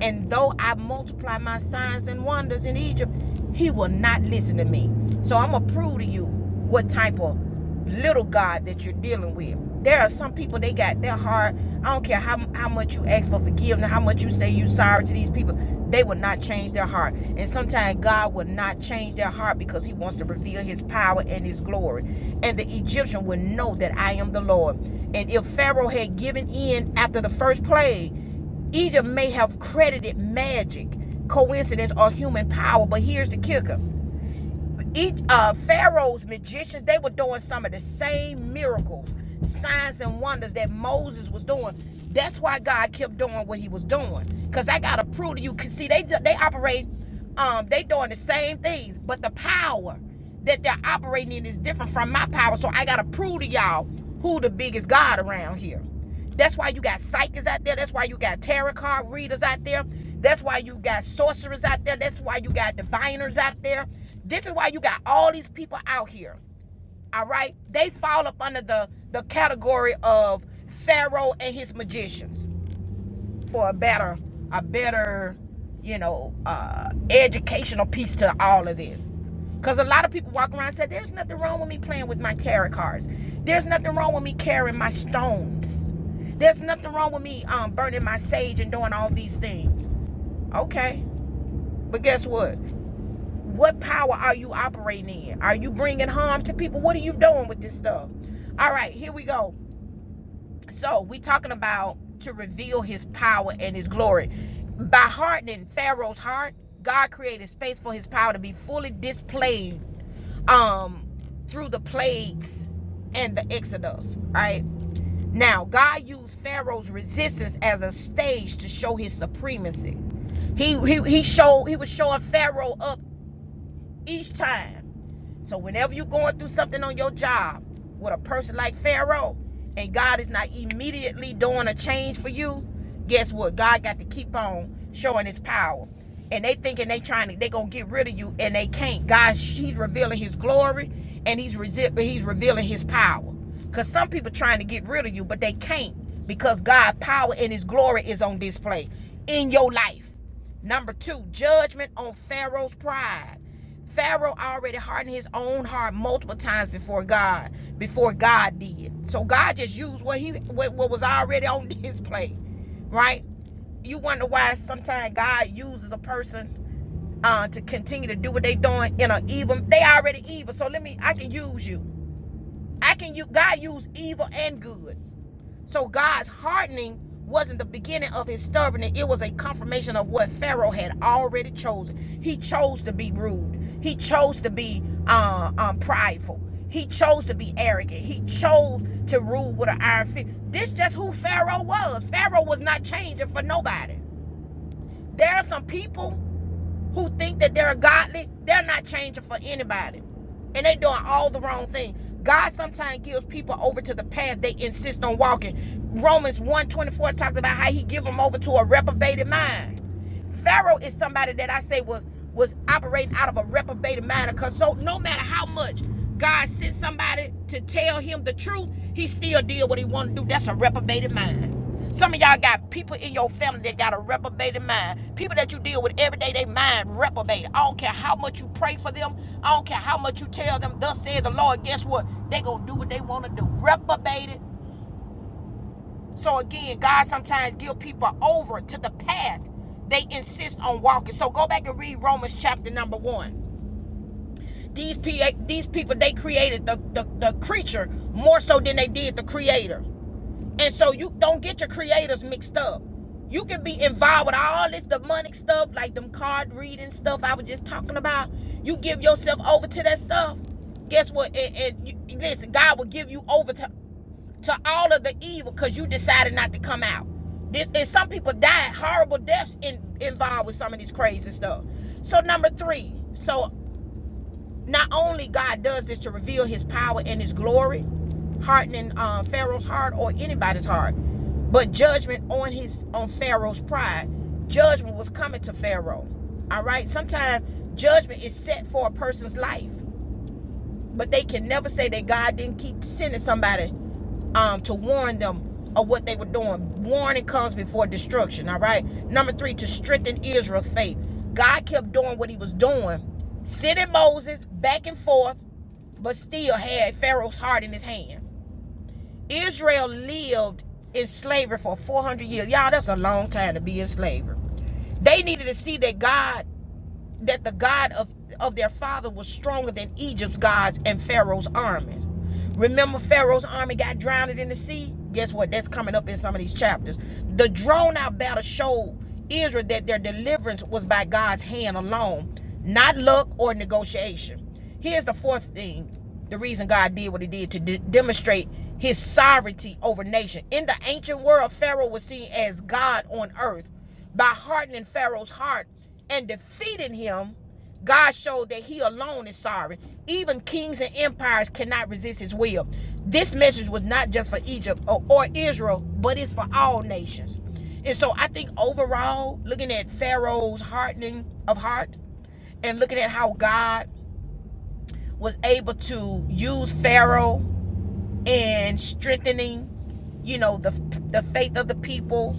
Speaker 1: And though I multiply my signs and wonders in Egypt, he will not listen to me. So I'm gonna prove to you what type of little God that you're dealing with. There are some people they got their heart. I don't care how how much you ask for forgiveness, how much you say you sorry to these people they will not change their heart. And sometimes God will not change their heart because he wants to reveal his power and his glory. And the Egyptian will know that I am the Lord. And if Pharaoh had given in after the first plague, Egypt may have credited magic, coincidence, or human power. But here's the kicker each uh, Pharaoh's magicians, they were doing some of the same miracles, signs and wonders that Moses was doing. That's why God kept doing what he was doing. Cause I gotta prove to you, cause see, they they operate, um, they doing the same things, but the power that they're operating in is different from my power. So I gotta prove to y'all who the biggest God around here. That's why you got psychics out there. That's why you got tarot card readers out there. That's why you got sorcerers out there. That's why you got diviners out there. This is why you got all these people out here. All right? They fall up under the, the category of Pharaoh and his magicians for a better a better you know uh educational piece to all of this because a lot of people walk around and say there's nothing wrong with me playing with my tarot cards there's nothing wrong with me carrying my stones there's nothing wrong with me um burning my sage and doing all these things okay but guess what what power are you operating in are you bringing harm to people what are you doing with this stuff all right here we go so we talking about to reveal his power and his glory. By hardening Pharaoh's heart, God created space for his power to be fully displayed um through the plagues and the Exodus, right? Now, God used Pharaoh's resistance as a stage to show his supremacy. He showed Pharaoh each time whenever you're going through something on your job with a person like Pharaoh, and God is not immediately doing a change for you, guess what? God got to keep on showing his power. And they thinking they trying to they gonna get rid of you, and they can't. God, he's revealing his glory, and he's resi- he's revealing his power trying to get rid of you, but they can't because God' power and his glory is on display in your life. Number two, judgment on Pharaoh's pride. Pharaoh already hardened his own heart multiple times before God, before God did. So God just used what he what, what was already on display, right? You wonder why sometimes God uses a person uh, to continue to do what they doing in an evil. They already evil, so let me. I can use you. I can you God used evil and good. So God's hardening wasn't the beginning of his stubbornness. It was a confirmation of what Pharaoh had already chosen. He chose to be rude. He chose to be uh, um, prideful. He chose to be arrogant. He chose to rule with an iron fist. This is just who Pharaoh was. Pharaoh was not changing for nobody. There are some people who think that they're godly, they're not changing for anybody. And they doing all the wrong thing. God sometimes gives people over to the path they insist on walking. Romans 124 talks about how he give them over to a reprobated mind. Pharaoh is somebody that I say was was operating out of a reprobated mind because so no matter how much God sent somebody to tell him the truth, he still did what he wanted to do. That's a reprobated mind. Some of y'all got people in your family that got a reprobated mind. People that you deal with every day, they mind reprobated. I don't care how much you pray for them. I don't care how much you tell them, thus says the Lord, guess what? They gonna do what they wanna do. Reprobated. So again, God sometimes give people over to the path they insist on walking. So go back and read Romans chapter number one. These P- these people they created the, the, the creature more so than they did the creator. And so you don't get your creators mixed up. You can be involved with all this demonic stuff, like them card reading stuff I was just talking about. You give yourself over to that stuff. Guess what? And, and you, listen, God will give you over to, to all of the evil because you decided not to come out. This, and some people died horrible deaths in, involved with some of this crazy stuff. So number three. So not only God does this to reveal his power and his glory, hardening um, Pharaoh's heart or anybody's heart, but judgment on his on Pharaoh's pride. Judgment was coming to Pharaoh. All right. Sometimes judgment is set for a person's life. But they can never say that God didn't keep sending somebody um, to warn them of what they were doing. Warning comes before destruction, all right? Number three, to strengthen Israel's faith. God kept doing what he was doing, sending Moses back and forth, but still had Pharaoh's heart in his hand. Israel lived in slavery for 400 years. Y'all, that's a long time to be in slavery. They needed to see that God that the God of, of their father was stronger than Egypt's gods and Pharaoh's armies. Remember, Pharaoh's army got drowned in the sea? Guess what? That's coming up in some of these chapters. The drawn out battle showed Israel that their deliverance was by God's hand alone, not luck or negotiation. Here's the fourth thing the reason God did what he did to de- demonstrate his sovereignty over nation. In the ancient world, Pharaoh was seen as God on earth by hardening Pharaoh's heart and defeating him, God showed that he alone is sovereign. Even kings and empires cannot resist his will. This message was not just for Egypt or, or Israel, but it's for all nations. And so I think overall, looking at Pharaoh's hardening of heart and looking at how God was able to use Pharaoh in strengthening, you know, the the faith of the people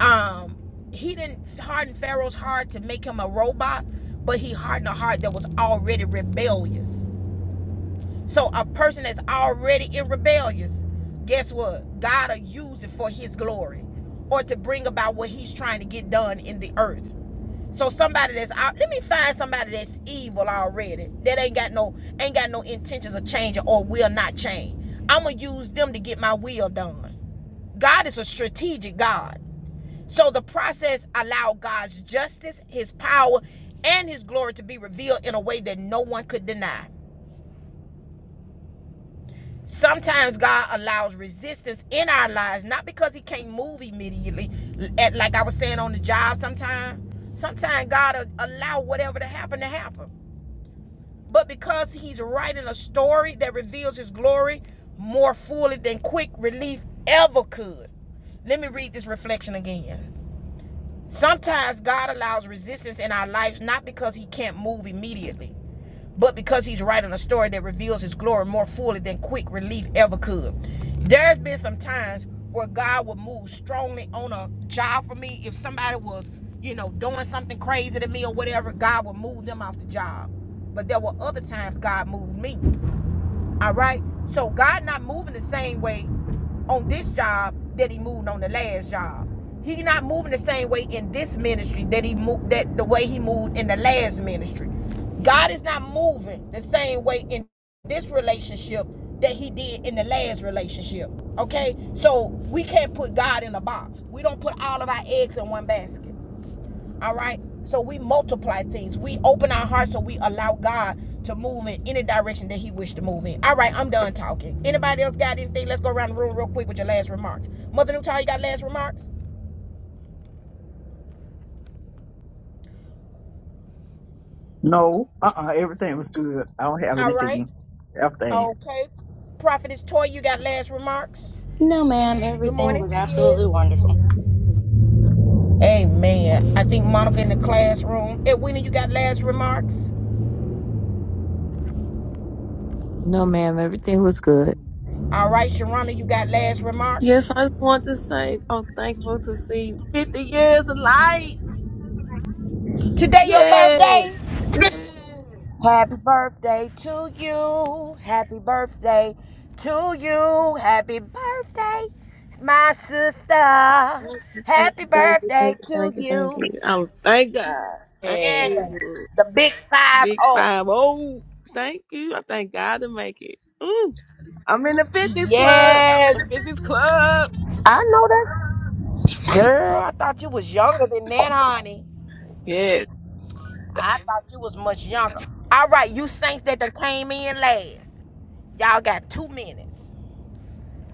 Speaker 1: um he didn't harden pharaoh's heart to make him a robot but he hardened a heart that was already rebellious so a person that's already in rebellious guess what god will use it for his glory or to bring about what he's trying to get done in the earth so somebody that's out let me find somebody that's evil already that ain't got no ain't got no intentions of changing or will not change i'm gonna use them to get my will done God is a strategic God. So the process allowed God's justice, his power, and his glory to be revealed in a way that no one could deny. Sometimes God allows resistance in our lives, not because he can't move immediately at like but he's writing a story that reveals his glory more fully than quick relief ever could. Let me read this reflection again. Sometimes God allows resistance in our lives not because he can't move immediately, but because he's writing a story that reveals his glory more fully than quick relief ever could. There's been some times where God would move strongly on a job for me. If somebody was, you know, doing something crazy to me or whatever, God would move them off the job. But there were other times God moved me. All right. So God not moving the same way on this job that he moved on the last job. He not moving the same way in this ministry that he moved that the way he moved in the last ministry. God is not moving the same way in this relationship that he did in the last relationship. Okay? So we can't put God in a box. We don't put all of our eggs in one basket. All right? So we multiply things. We open our hearts to direction that he okay. I didn't that's remarks. Mother Newtall, you got remarks?
Speaker 3: No, uh, uh everything was good. I don't have
Speaker 1: All right.
Speaker 3: anything else to add.
Speaker 1: Okay, Prophetess Toy, you got last remarks?
Speaker 5: No, ma'am.
Speaker 1: Good
Speaker 5: Everything
Speaker 1: morning,
Speaker 5: was
Speaker 1: Tiz.
Speaker 5: absolutely wonderful.
Speaker 1: Amen. I think Monica in the classroom. Edwina, you got last remarks?
Speaker 2: No, ma'am, everything was good.
Speaker 1: All right, Sharana, you got last remarks?
Speaker 7: Yes, I just want to say, I'm thankful to see 50 years of light.
Speaker 1: Today your
Speaker 7: yes.
Speaker 1: birthday? Happy birthday to you. Happy birthday to you. Happy birthday, my sister.
Speaker 7: Thank you, thank
Speaker 1: Happy
Speaker 7: you, thank you,
Speaker 1: birthday
Speaker 7: thank you,
Speaker 1: to
Speaker 7: thank you, thank
Speaker 1: you.
Speaker 7: you. Oh, thank God. Thank
Speaker 5: Hey.
Speaker 1: Yes.
Speaker 7: you.
Speaker 1: The big five
Speaker 7: Big
Speaker 1: oh.
Speaker 7: five. Oh, thank you. I thank God to make it. Ooh, I'm in the 50s club.
Speaker 1: Yes.
Speaker 7: The 50s club.
Speaker 1: I know that's Girl, I thought you was younger than that, honey.
Speaker 7: Yes.
Speaker 1: I thought you was much younger. All right, you saints that done came in last. Y'all got two minutes.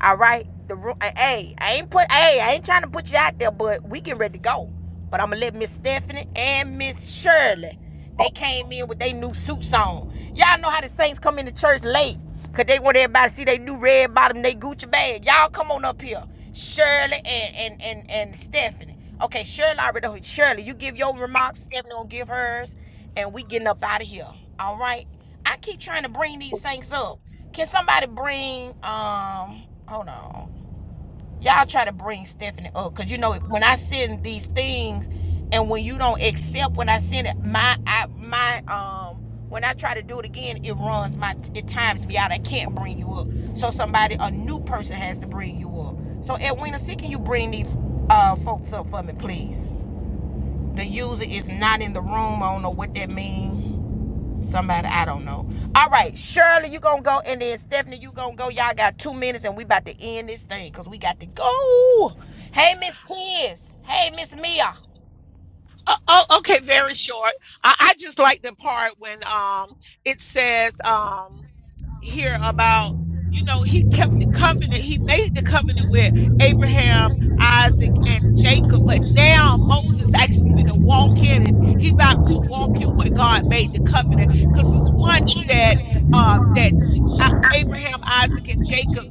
Speaker 1: All right, the room. Hey, I ain't put. Hey, I ain't trying to put you out there, but we getting ready to go. But I'm gonna let Miss Stephanie and Miss Shirley. They came in with their new suits on. Y'all know how the saints come into church late, cause they want everybody to see they new red bottom, they Gucci bag. Y'all come on up here, Shirley and and and and Stephanie. Okay, Shirley already. Shirley, you give your remarks. Stephanie gonna give hers, and we getting up out of here. All right. I keep trying to bring these things up. Can somebody bring um hold on. Y'all try to bring Stephanie up because you know when I send these things and when you don't accept when I send it, my I my um when I try to do it again, it runs my it times me out. I can't bring you up. So somebody a new person has to bring you up. So Edwina, see can you bring these uh folks up for me, please? The user is not in the room. I don't know what that means. Somebody, I don't know. All right, Shirley, you gonna go, and then Stephanie, you gonna go. Y'all got two minutes, and we about to end this thing because we got to go. Hey, Miss Tiz. Hey, Miss Mia.
Speaker 8: Oh, oh, okay, very short. I, I just like the part when um it says um here about you know he kept the covenant. He made the covenant with Abraham, Isaac, and Jacob. But now Moses actually fit to walk in it. He about to walk in what God made the covenant because it's once that um that J- I- Abraham, Isaac, and Jacob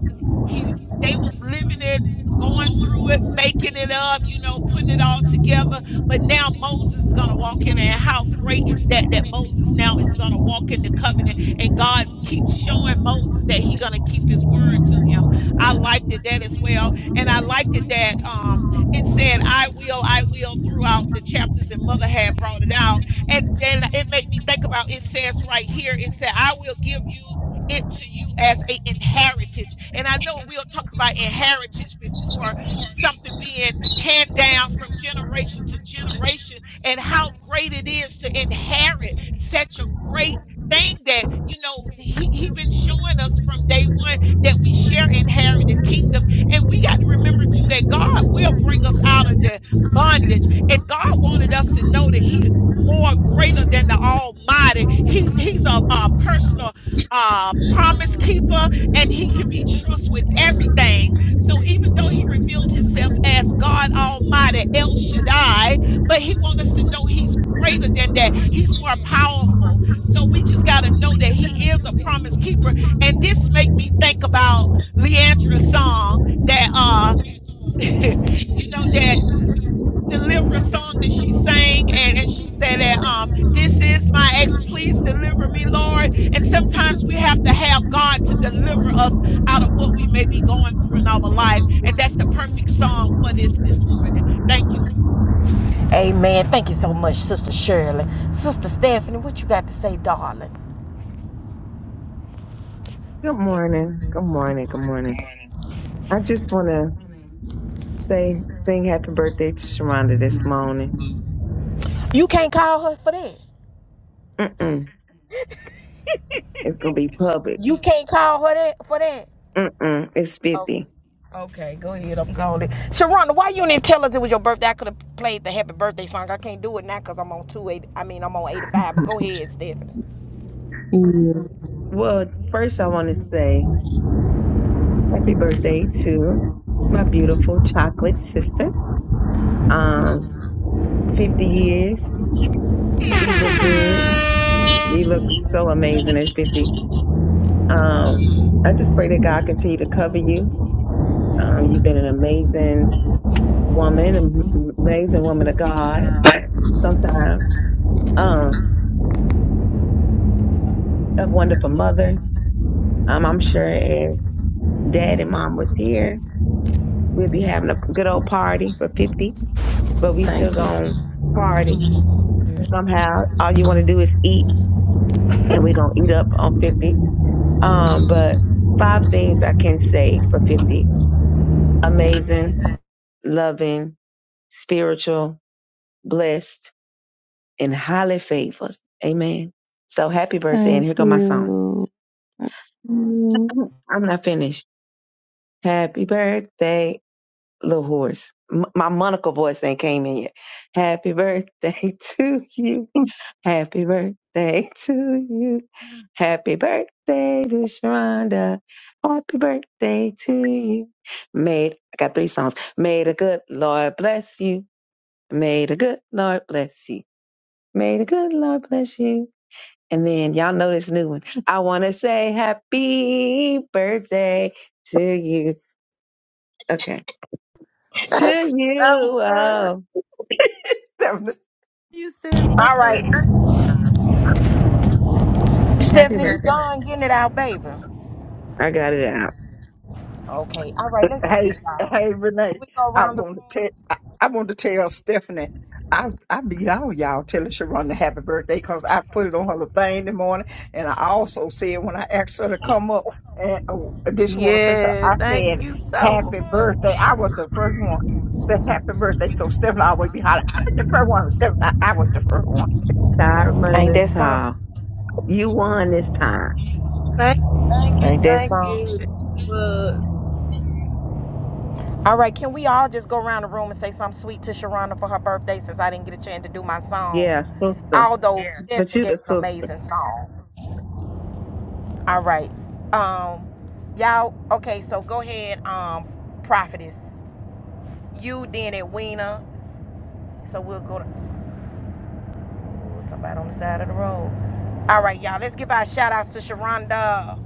Speaker 8: he they was living it, going through it, making it up, you know, putting it all together but now Moses is going to walk in, and how great is that? That Moses now is going to walk in the
Speaker 1: Thank
Speaker 8: covenant,
Speaker 1: you.
Speaker 8: and God keeps showing Moses that He's going to keep His word to him. I liked it that as well, and I liked it that um, it said, "I will, I will" throughout the chapters, and Mother had brought it out, and then it made me think about it says right here, it said, "I will give you." It to you as a inheritance, and I know we'll talk about inheritance before, something being hand down from generation to generation and how great it is to inherit such a great thing that you know
Speaker 1: Thank
Speaker 8: he, he been showing us from day one that we share inherited kingdom and we got to remember too that god will bring us out of the bondage and god wanted us to know that he more greater than the almighty he's he's a, a personal uh promise keeper and he can be
Speaker 1: you.
Speaker 8: trusted with everything so even though he revealed himself as God Almighty, El Shaddai, but he wants us to know he's greater than that. He's more powerful. So we just got to know that he is a promise keeper. And this make me think about Leandra's song that uh you know that
Speaker 1: Thank you.
Speaker 8: deliver a song that she sang and, and she said that um this is my ex please deliver me lord and sometimes we have to have god to deliver us out of what we may be going through in our life and that's the perfect song for this this morning thank you
Speaker 1: My Sister Shirley. Sister Stephanie, what you got to say?
Speaker 9: Good morning. Good morning. Good morning. I just want to say, sing happy birthday to Sharonda this morning. Mm-mm. It's going to be public.
Speaker 1: You can't call her that for that?
Speaker 9: Mm-mm. It's 50.
Speaker 1: Okay, go ahead. I'm calling Sharonda, why you didn't tell us it was your birthday? I could have played the happy birthday song. I can't do it now because I'm on two eight. I mean, I'm on 85. But go ahead, Stephanie.
Speaker 7: Mm,
Speaker 9: Well, first, I want to say happy birthday to my beautiful chocolate sister. Um, 50 years. You look good. You look so amazing at 50. Um, I just pray that God continue to cover you. Um, you've been an amazing woman, am- amazing woman of God sometime. Um, a wonderful mother. Um, I'm sure if dad and mom was here, we'd be having a good old party for 50, but we still
Speaker 7: Thank you.
Speaker 9: gonna party
Speaker 7: Thank you.
Speaker 9: somehow. All you want to do is eat and we gonna eat up on 50. Um, but five things I can say for 50. Amazing, loving, spiritual, blessed, and highly favored. Amen. So happy birthday. And
Speaker 7: Thank
Speaker 9: here go my song.
Speaker 7: you.
Speaker 9: I'm I'm not finished. Happy birthday little horse. M- my Monica voice ain't came in yet. Happy birthday to you. Happy birthday to you. Happy birthday to Sharonda. Happy birthday to you. Made I got three songs. May the good Lord bless you. May the good Lord bless you. May the good Lord bless you. And then y'all know this new one. I want to say happy birthday to you. Okay. To
Speaker 7: Thank you so
Speaker 9: you.
Speaker 7: much.
Speaker 9: oh.
Speaker 7: You said
Speaker 1: All right,
Speaker 7: so.
Speaker 9: Happy
Speaker 1: Stephanie, you
Speaker 9: birthday.
Speaker 1: done getting it out, baby.
Speaker 9: I got it out.
Speaker 1: Okay, all right, let's do
Speaker 3: Hey,
Speaker 1: this, y'all.
Speaker 3: hey,
Speaker 1: Can
Speaker 3: Renee.
Speaker 1: we go
Speaker 3: I
Speaker 1: around the
Speaker 3: want
Speaker 1: room?
Speaker 3: to tell. I, I want to tell Stephanie. I I beat all y'all telling Sharon the happy birthday because I put it on her little thing in the morning, and I also said when I asked her to come up, and oh, did she want to say something?
Speaker 7: Yeah,
Speaker 3: I
Speaker 7: thank
Speaker 3: said
Speaker 7: you so
Speaker 3: happy birthday. I was the first one. Said happy birthday. So Stephanie always be hollering. i the first one. Stephanie, I, I was the first one.
Speaker 9: Tired of running the towel. You won this time.
Speaker 7: much. Thank you, thank you, thank you. Well,
Speaker 1: all right. Can we all just go around the room and say something sweet to Cher for her birthday since I didn't get a chance to do my song?
Speaker 9: Yeah, sister.
Speaker 1: Although yeah.
Speaker 9: But
Speaker 1: Stephanie
Speaker 9: you
Speaker 1: gave
Speaker 9: the
Speaker 1: an
Speaker 9: sister.
Speaker 1: amazing song. All right. Um, y'all. Okay, so go ahead. Um, prophetess, you then at Weena. So we'll go to ooh, somebody on the side of the road. All right, y'all. Let's give our shout outs to Sharonda.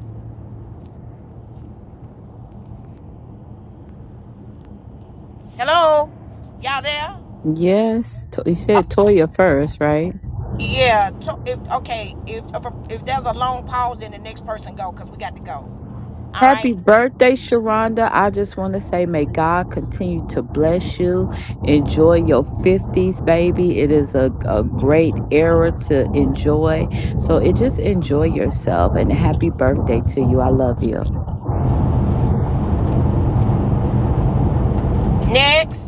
Speaker 1: Hello, y'all there?
Speaker 2: Yes, to- you
Speaker 1: Uh,
Speaker 2: said Toya first, right?
Speaker 1: yeah. To, if, okay. If if, if there's a long pause, then the next person go, cause we got to go. All right.
Speaker 2: Happy birthday, Sharonda. I just want to say, may God continue to bless you. Enjoy your 50s, baby. It is a, a great era to enjoy. So it just enjoy yourself and happy birthday to you. I love you.
Speaker 1: Next.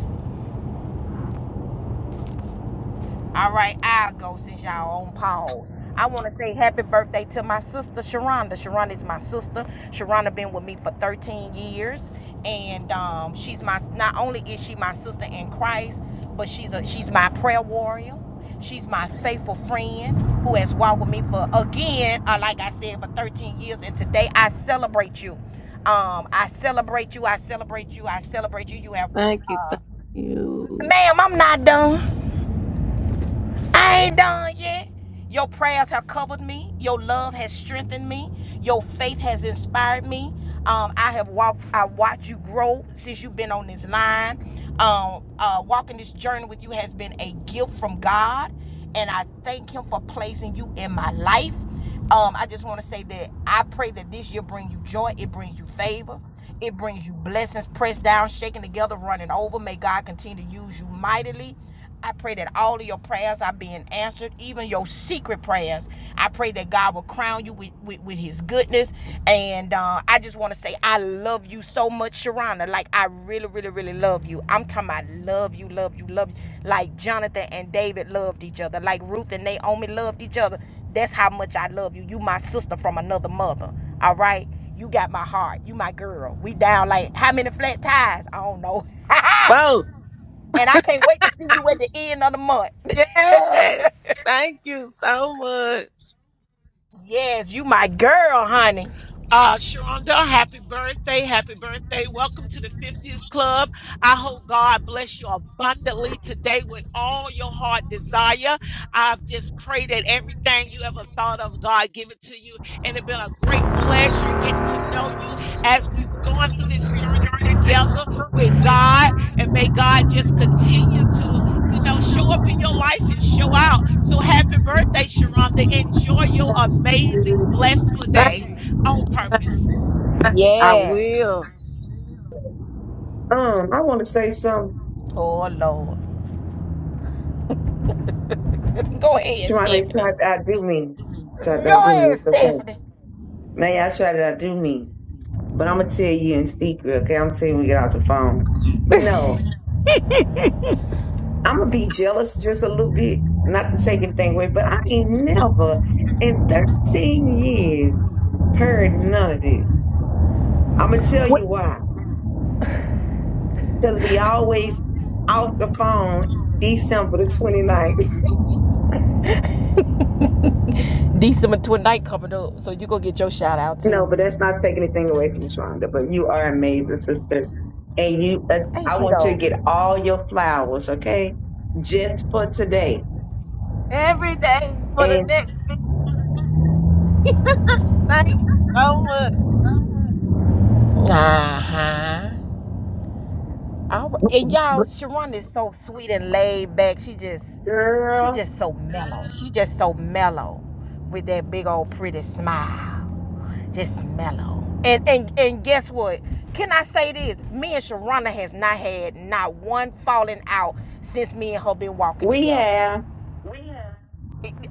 Speaker 1: All right, I'll go since y'all on pause. I want to say happy birthday to my sister Sharonda. Sharonda is my sister. Sharonda been with me for 13 years, and um, she's my. Not only is she my sister in Christ, but she's a she's my prayer warrior. She's my faithful friend who has walked with me for again, uh, like I said, for 13 years. And today I celebrate you. Um, I celebrate you. I celebrate you. I celebrate you. You have,
Speaker 7: thank you, thank you.
Speaker 1: ma'am. I'm not done. I ain't done yet. Your prayers have covered me. Your love has strengthened me. Your faith has inspired me. Um, I have walked. I watched you grow since you've been on this line. Um, uh, walking this journey with you has been a gift from God, and I thank Him for placing you in my life. Um, I just want to say that I pray that this year bring you joy. It brings you favor. It brings you blessings, pressed down, shaken together, running over. May God continue to use you mightily. I pray that all of your prayers are being answered, even your secret prayers. I pray that God will crown you with, with, with his goodness. And uh, I just want to say, I love you so much, Sharana. Like, I really, really, really love you. I'm talking about love you, love you, love you. Like Jonathan and David loved each other. Like Ruth and Naomi loved each other. That's how much I love you. You my sister from another mother. All right. You got my heart. You my girl. We down like how many flat tires? I don't know.
Speaker 7: Bro,
Speaker 1: and I can't wait to see you at the end of the month.
Speaker 7: yes. Thank you so much.
Speaker 1: yes, you my girl, honey.
Speaker 8: Uh, Sharonda, happy birthday. Happy birthday. Welcome to the 50th Club. I hope God bless you abundantly today with all your heart desire. I just pray that everything you ever thought of, God give it to you. And it's been a great pleasure getting to know you as we've gone
Speaker 1: Thank
Speaker 8: through this journey together with God. And may God just continue to, you know, show up in your life and show out. So happy birthday, Sharonda. Enjoy your
Speaker 7: Thank
Speaker 8: amazing,
Speaker 7: you.
Speaker 8: blessful
Speaker 7: Thank
Speaker 8: day on
Speaker 7: you.
Speaker 8: purpose.
Speaker 7: I will.
Speaker 9: Um, I want to say something. Shemane tried I do me. Tried to do me. It's okay. Now y'all tried I do me? But I'm going to tell you in secret, okay? I'm going to tell you when we get off the phone. But no, I'm going to be jealous just a little bit. Not to take anything away, but I ain't never in 13 years heard none of this. I'm going to tell you why. because we always off the phone December the 29th.
Speaker 1: you.
Speaker 9: No, but that's not taking anything away from Shonda. But you are amazing, sister. And you, uh, I want you to get all your flowers, okay? Just for today.
Speaker 7: Every day for the
Speaker 9: And
Speaker 7: next. Thank you so much.
Speaker 1: All right. And y'all, Sharon is so sweet and laid back. She just, she
Speaker 9: girl,
Speaker 1: just so mellow. She just so mellow with that big old pretty smile. Just mellow. And and and guess what? Can I say this? Me and Sharonda has not had not one falling out since me and her been walking
Speaker 9: we
Speaker 1: together.
Speaker 9: have,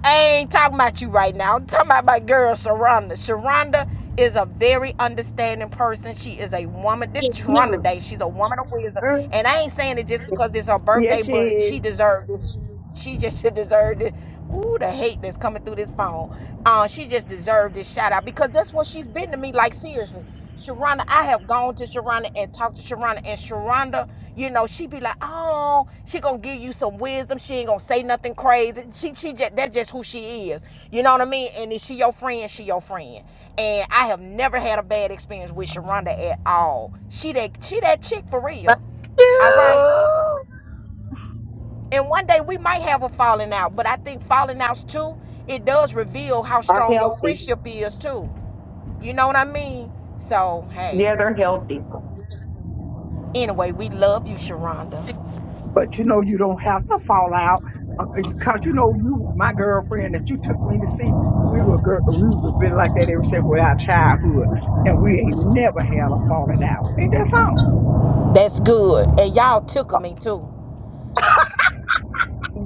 Speaker 1: I ain't talking about you right now. I'm talking about my girl Sharonda. Sharonda is a very understanding person. She is a woman. This
Speaker 9: yes,
Speaker 1: Sharonda Day, she's a woman of wisdom. And I ain't saying it just because it's her birthday,
Speaker 9: she
Speaker 1: but
Speaker 9: is,
Speaker 1: she deserved this. She just deserved it. Ooh, the hate that's coming through this phone. Uh, she just deserved this shout out because that's what she's been to me. Like seriously, Sharonda, I have gone to Sharonda and talked to Sharonda, and Sharonda, you know, she be like, oh, she gonna give you some wisdom. She ain't gonna say nothing crazy. She, she just that's just who she is. You know what I mean? And if she your friend, she your friend. And I have never had a bad experience with Sharonda at all. She that she that chick for
Speaker 7: Thank
Speaker 1: real. All right.
Speaker 7: you.
Speaker 1: And one day we might have a falling out, but I think falling outs too, it does reveal how
Speaker 9: are
Speaker 1: strong your
Speaker 9: healthy.
Speaker 1: friendship is too. You know what I mean? So hey.
Speaker 9: Yeah, they're healthy.
Speaker 1: Anyway, we love you, Sharonda.
Speaker 3: But you know, you don't have to fall out because you know you, my girlfriend that you took me to see. We were girl, we were been like that ever since our childhood, and we ain't never had a falling out. Ain't that something?
Speaker 1: That's good. And y'all tickle me too.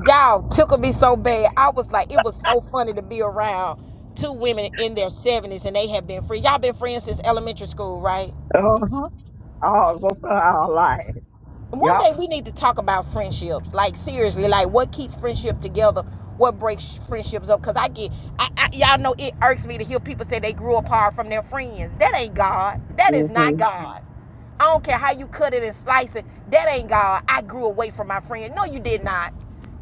Speaker 1: Y'all tickle me so bad. I was like, it was so funny to be around two women in their 70s and they have been free. Y'all been friends since elementary school, right?
Speaker 3: Uh huh. All of us are our life.
Speaker 1: one
Speaker 3: Yup.
Speaker 1: day we need to talk about friendships like seriously like what keeps friendship together what breaks friendships up because i get I, I y'all know it irks me to hear people say they grew apart from their friends that ain't god that is not
Speaker 9: hmm
Speaker 1: god i don't care how you cut it and slice it that ain't god i grew away from my friend no you did not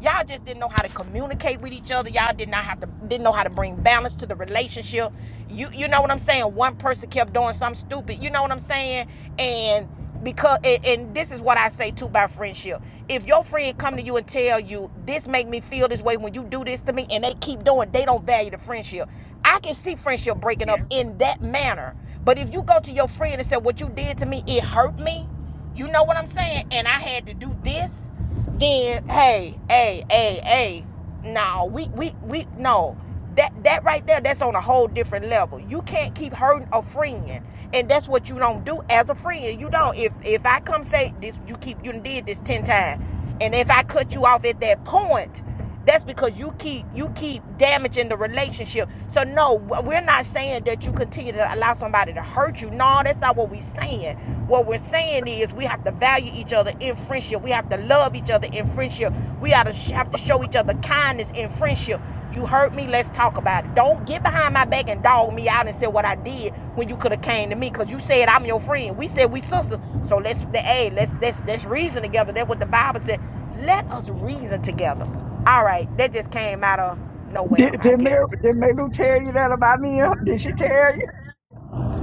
Speaker 1: Y'all just didn't know how to communicate with each other. Y'all did not have to didn't know how to bring balance to the relationship. You you know what I'm saying? One person kept doing something stupid. You know what I'm saying? And because and, and this is what I say too about friendship. If your friend come to you and tell you this make me feel this way when you do this to me, and they keep doing, they don't value the friendship. I can see friendship breaking up in that manner. But if you go to your friend and say what you did to me, it hurt me. You know what I'm saying? And I had to do this then hey, hey, hey, hey, no, we we we no. That that right there, that's on a whole different level. You can't keep hurting a friend. And that's what you don't do as a friend. You don't. If if I come say this you keep you done did this ten times. And if I cut you off at that point, that's because you keep you keep damaging the relationship. So no, we're not saying that you continue to allow somebody to hurt you. No, that's not what we're saying. What we're saying is we have to value each other in friendship. We have to love each other in friendship. We ought to have to show each other kindness in friendship. You hurt me, let's talk about it. Don't get behind my back and dog me out and say what I did when you could have came to me because you said I'm your friend. We said we sisters. So let's hey, let's let's let's reason together. That's what the Bible said. Let us reason together. All right, that just came out of nowhere,
Speaker 3: Did
Speaker 1: I
Speaker 3: did
Speaker 1: guess.
Speaker 3: Mary, did Malu tell you that about me? huh? Did she tell you?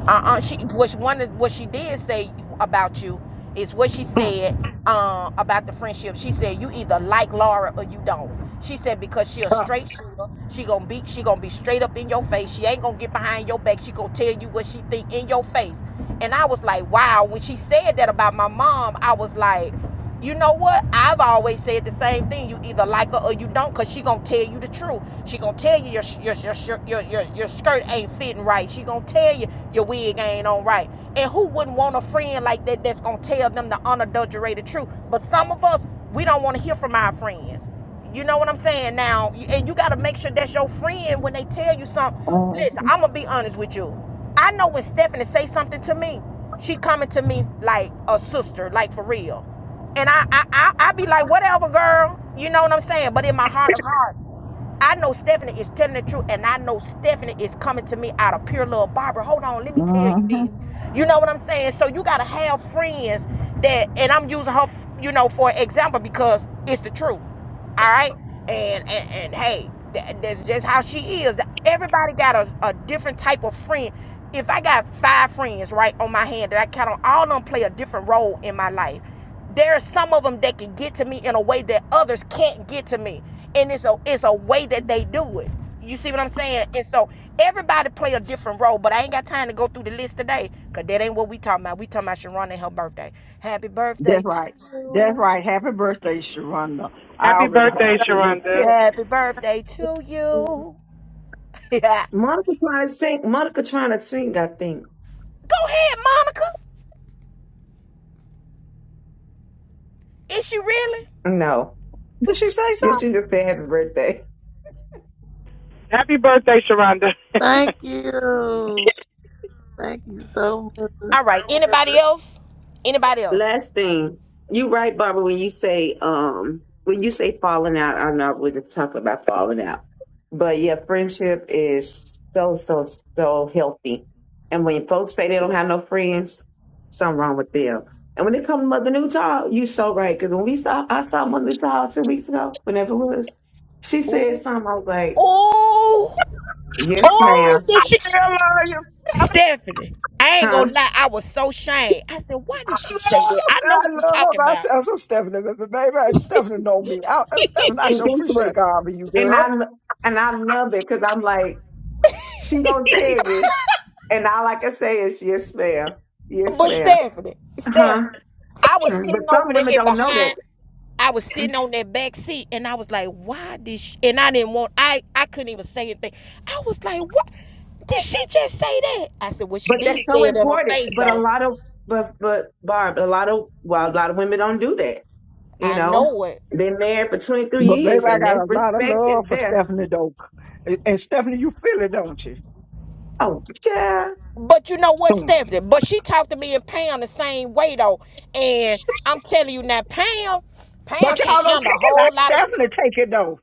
Speaker 1: uh-uh she was one of what she did say about you is what she said uh, about the friendship she said you either like laura or you don't she said because she a
Speaker 3: Huh.
Speaker 1: straight shooter she gonna be she gonna be straight up in your face she ain't gonna get behind your back she gonna tell you what she think in your face and i was like wow when she said that about my mom i was like you know what? I've always said the same thing. You either like her or you don't, cause she gonna tell you the truth. She gonna tell you your your your your your, your skirt ain't fitting right. She gonna tell you your wig ain't on right. And who wouldn't want a friend like that that's gonna tell them the unadulterated truth? But some of us, we don't want to hear from our friends. You know what I'm saying? Now, and you gotta make sure that's your friend when they tell you something.
Speaker 3: Mhm.
Speaker 1: Listen, I'm gonna be honest with you. I know when Stephanie say something to me, she coming to me like a sister, like for real. And I, I, I, I be like, whatever, girl. You know what I'm saying? But in my heart of hearts, I know Stephanie is telling the truth, and I know Stephanie is coming to me out of pure love. Barbara, hold on, let me tell you
Speaker 3: Mm-hmm.
Speaker 1: this. You know what I'm saying? So you gotta have friends that, and I'm using her, you know, for example because it's the truth all right and and, and hey th- that's just how she is everybody got a, a different type of friend if i got five friends right on my hand that i count on all of them play a different role in my life there are some of them that can get to me in a way that others can't get to me and it's a it's a way that they do it you see what i'm saying and so everybody play a different role but i ain't got time to go through the list today because that ain't what we talking about we talking about sharon and her birthday happy birthday
Speaker 3: That's
Speaker 1: to
Speaker 3: right. That's
Speaker 1: you
Speaker 3: right. Happy birthday, Sharonda. I
Speaker 10: Happy
Speaker 3: already had
Speaker 10: birthday,
Speaker 3: sent you a little
Speaker 10: Sharonda.
Speaker 3: text.
Speaker 1: Happy birthday
Speaker 7: Thank
Speaker 1: to
Speaker 7: you.
Speaker 1: you. Yeah.
Speaker 9: Monica trying to sing. Monica trying to sing, I think.
Speaker 1: Go ahead, Monica. Is she really?
Speaker 9: No.
Speaker 3: Did she say
Speaker 9: Yes,
Speaker 3: something?
Speaker 9: she just said happy birthday.
Speaker 10: Happy birthday, Sharonda.
Speaker 7: Thank you. Thank you so much.
Speaker 1: All right. Anybody else? Anybody else?
Speaker 9: Last thing, you right, Barbara, when you say um when you say falling out, I'm not going to talk about falling out. But yeah, friendship is so, so, so healthy. And when folks say they don't have no friends, something wrong with them. And when it comes to Mother Newtall, you so right. Because when we saw, I saw Mother Newtall two weeks ago, whenever it was, she said
Speaker 1: Ooh,
Speaker 9: something. I was like,
Speaker 1: Oh,
Speaker 9: yes,
Speaker 3: Mommy,
Speaker 1: oh,
Speaker 9: ma'am.
Speaker 1: did she?
Speaker 3: I love you.
Speaker 1: Stephanie, I ain't
Speaker 9: Huh?
Speaker 1: gonna lie. I was so ashamed. I said, why did she say that? I know
Speaker 3: I
Speaker 1: what you're
Speaker 3: love
Speaker 1: talking about.
Speaker 3: myself. So Stephanie, but but baby, Stephanie know me. I, uh, Stephanie, I
Speaker 9: And
Speaker 3: sure
Speaker 9: guess
Speaker 3: appreciate
Speaker 9: what?
Speaker 3: God for you,
Speaker 9: And
Speaker 3: girl.
Speaker 9: I, lo- and I love it because I'm like, she gonna tell you. And all I can say is, yes, ma'am. Yes,
Speaker 1: but
Speaker 9: ma'am.
Speaker 1: Stephanie,
Speaker 9: Uh-huh.
Speaker 1: Stephanie, I was
Speaker 9: But
Speaker 1: sitting over
Speaker 9: some
Speaker 1: there
Speaker 9: women
Speaker 1: in
Speaker 9: don't know
Speaker 1: behind.
Speaker 9: that.
Speaker 1: I was sitting on that back seat and I was like, why did she? And I didn't want, I, I couldn't even say anything. I was like, what? Did she just say that? I said, well, she
Speaker 9: But that's
Speaker 1: did
Speaker 9: so
Speaker 1: say it in her
Speaker 9: important.
Speaker 1: face,
Speaker 9: But a
Speaker 1: though.
Speaker 9: lot of, but, but, Barb, a lot of, well, a lot of women don't do that. You
Speaker 1: I
Speaker 9: know,
Speaker 1: know it.
Speaker 9: been married for 23
Speaker 3: But baby,
Speaker 9: years
Speaker 3: I
Speaker 9: and
Speaker 3: got
Speaker 9: that's
Speaker 3: a lot of
Speaker 9: respect is
Speaker 3: love for
Speaker 9: there.
Speaker 3: Stephanie Doak. And and Stephanie, you feel it, don't you?
Speaker 9: Oh, yeah.
Speaker 1: But you know what,
Speaker 3: Mm.
Speaker 1: Stephanie? But she talked to me and Pam the same way, though. And I'm telling you now, Pam, Pam
Speaker 3: But
Speaker 1: can't
Speaker 3: y'all don't
Speaker 1: handle a
Speaker 3: take it
Speaker 1: whole
Speaker 3: like
Speaker 1: lot of
Speaker 3: Stephanie take it though.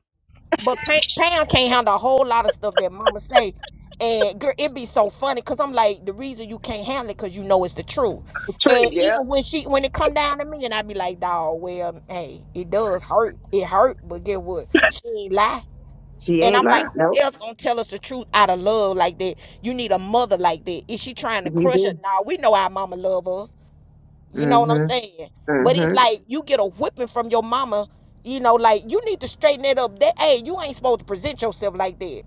Speaker 1: But Pam, Pam can't handle a whole lot of stuff that Mama say, and girl, it be so funny because I'm like, the reason you can't handle it because you know it's the truth.
Speaker 9: True.
Speaker 1: And
Speaker 9: Yeah.
Speaker 1: even when she when it come down to me, and I be like, dog, well, hey, it does hurt, it hurt, but get what? She ain't lie.
Speaker 9: She
Speaker 1: And
Speaker 9: ain't
Speaker 1: I'm like,
Speaker 9: lying.
Speaker 1: who
Speaker 9: Nope.
Speaker 1: else gonna tell us the truth out of love like that? You need a mother like that. Is she trying to
Speaker 9: You
Speaker 1: crush it?
Speaker 9: do.
Speaker 1: Nah, we know our mama love us. You know what I'm
Speaker 9: Mm-hmm.
Speaker 1: saying? But it's
Speaker 9: Mm-hmm.
Speaker 1: like you get a whipping from your mama. You know, like you need to straighten it up. That hey, you ain't supposed to present yourself like that.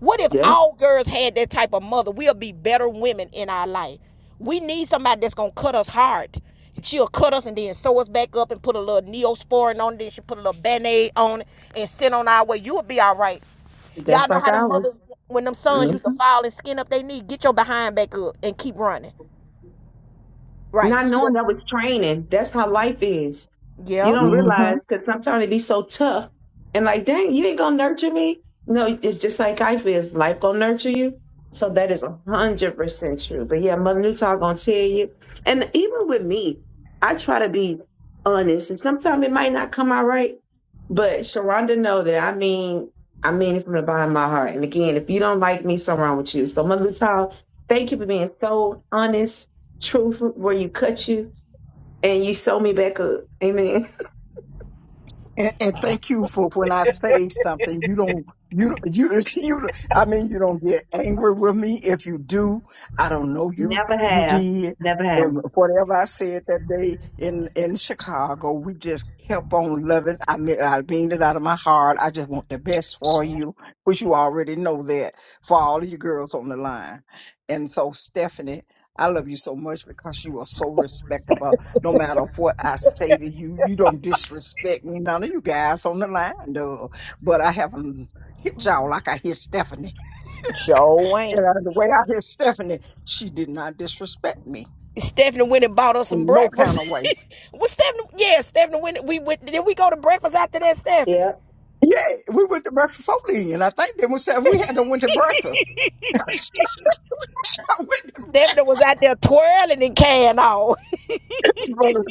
Speaker 1: What if
Speaker 9: Yeah.
Speaker 1: all girls had that type of mother? We'll be better women in our life. We need somebody that's gonna cut us hard. She'll cut us and then sew us back up and put a little neosporin on it. Then she put a little band-aid on it and send on our way. You'll be all right. Y'all
Speaker 9: That's
Speaker 1: know
Speaker 9: like
Speaker 1: how the
Speaker 9: ours.
Speaker 1: mothers when them sons used to
Speaker 9: Mm-hmm.
Speaker 1: fall and skin up their knee. Get your behind back up and keep running. Right.
Speaker 9: Not
Speaker 1: See that?
Speaker 9: knowing that was training. That's how life is. You
Speaker 1: Yep.
Speaker 9: don't
Speaker 3: hmm
Speaker 9: realize because sometimes it be so tough and like, dang, you ain't gonna nurture me. No, it's just like life is. Life gonna nurture you. So that is a hundred percent true. But yeah, Mother Newtall gonna tell you. And even with me, I try to be honest, and sometimes it might not come out right. But Sharonda know that I mean, I mean it from the bottom of my heart. And again, if you don't like me, something wrong with you. So Mother Newtall, thank you for being so honest, truthful, where you cut you and you sew me back up. Amen.
Speaker 3: And, and thank you for when I say something, you don't, you, you, you, I mean, you don't get angry with me. If you do, I don't know you,
Speaker 9: Never
Speaker 3: you
Speaker 9: have.
Speaker 3: did.
Speaker 9: Never have.
Speaker 3: And whatever I said that day in, in Chicago, we just kept on loving. I mean, I mean it out of my heart. I just want the best for you, which you already know that for all of you girls on the line. And so, Stephanie, I love you so much because you are so respectable no matter what I say to you, you don't disrespect me. None of you guys on the line, though. But I haven't hit y'all like I hit Stephanie.
Speaker 1: Sure, ain't.
Speaker 3: And uh, the way I hit Stephanie, she did not disrespect me
Speaker 1: Stephanie went and bought us some
Speaker 3: in no
Speaker 1: breakfast.
Speaker 3: kind of way.
Speaker 1: was Stephanie? Yeah, Stephanie went. We went. Did we go to breakfast after that, Stephanie?
Speaker 9: Yep.
Speaker 3: Yeah, we went to breakfast foley, and I think then we said we had to went to breakfast. I went to
Speaker 1: Stephanie was out there twirling and can all.
Speaker 3: breakfast,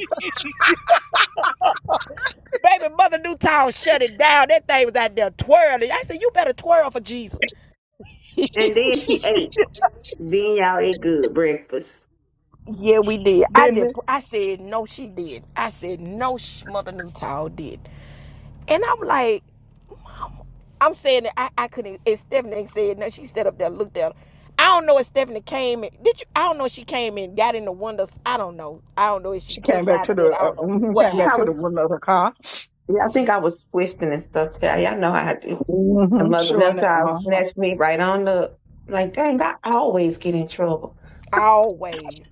Speaker 1: Baby, Mother Newtown shut it down. That thing was out there twirling. I said, "You better twirl for Jesus."
Speaker 9: And then she ate. Then y'all ate good breakfast.
Speaker 1: Yeah, we did. I
Speaker 3: didn't
Speaker 1: just,
Speaker 3: we?
Speaker 1: I said, no, she did. I said, no, Mother Newtown did. And I'm like, I'm saying that I, I couldn't. And Stephanie ain't said nothing. She stood up there, looked at her. I don't know if Stephanie came in. Did you? I don't know if she came in, got in the windows. I don't know. I don't know if she
Speaker 3: She
Speaker 1: killed
Speaker 3: came back
Speaker 1: side
Speaker 3: to
Speaker 1: of
Speaker 3: the
Speaker 1: it. I don't
Speaker 3: uh,
Speaker 1: know
Speaker 3: mhm,
Speaker 9: I
Speaker 1: what
Speaker 3: came
Speaker 9: think
Speaker 3: back
Speaker 9: I
Speaker 1: happened.
Speaker 3: to
Speaker 9: was
Speaker 3: the window of the car,
Speaker 9: yeah, I
Speaker 1: 'Cause She
Speaker 9: think I was twisting and stuff. Yeah, y'all know how I do. And
Speaker 3: mm-hmm,
Speaker 9: mother
Speaker 3: showing
Speaker 9: another
Speaker 3: that.
Speaker 9: child
Speaker 3: Uh-huh.
Speaker 9: snatched me right on up. Like, dang, I always get in trouble.
Speaker 1: always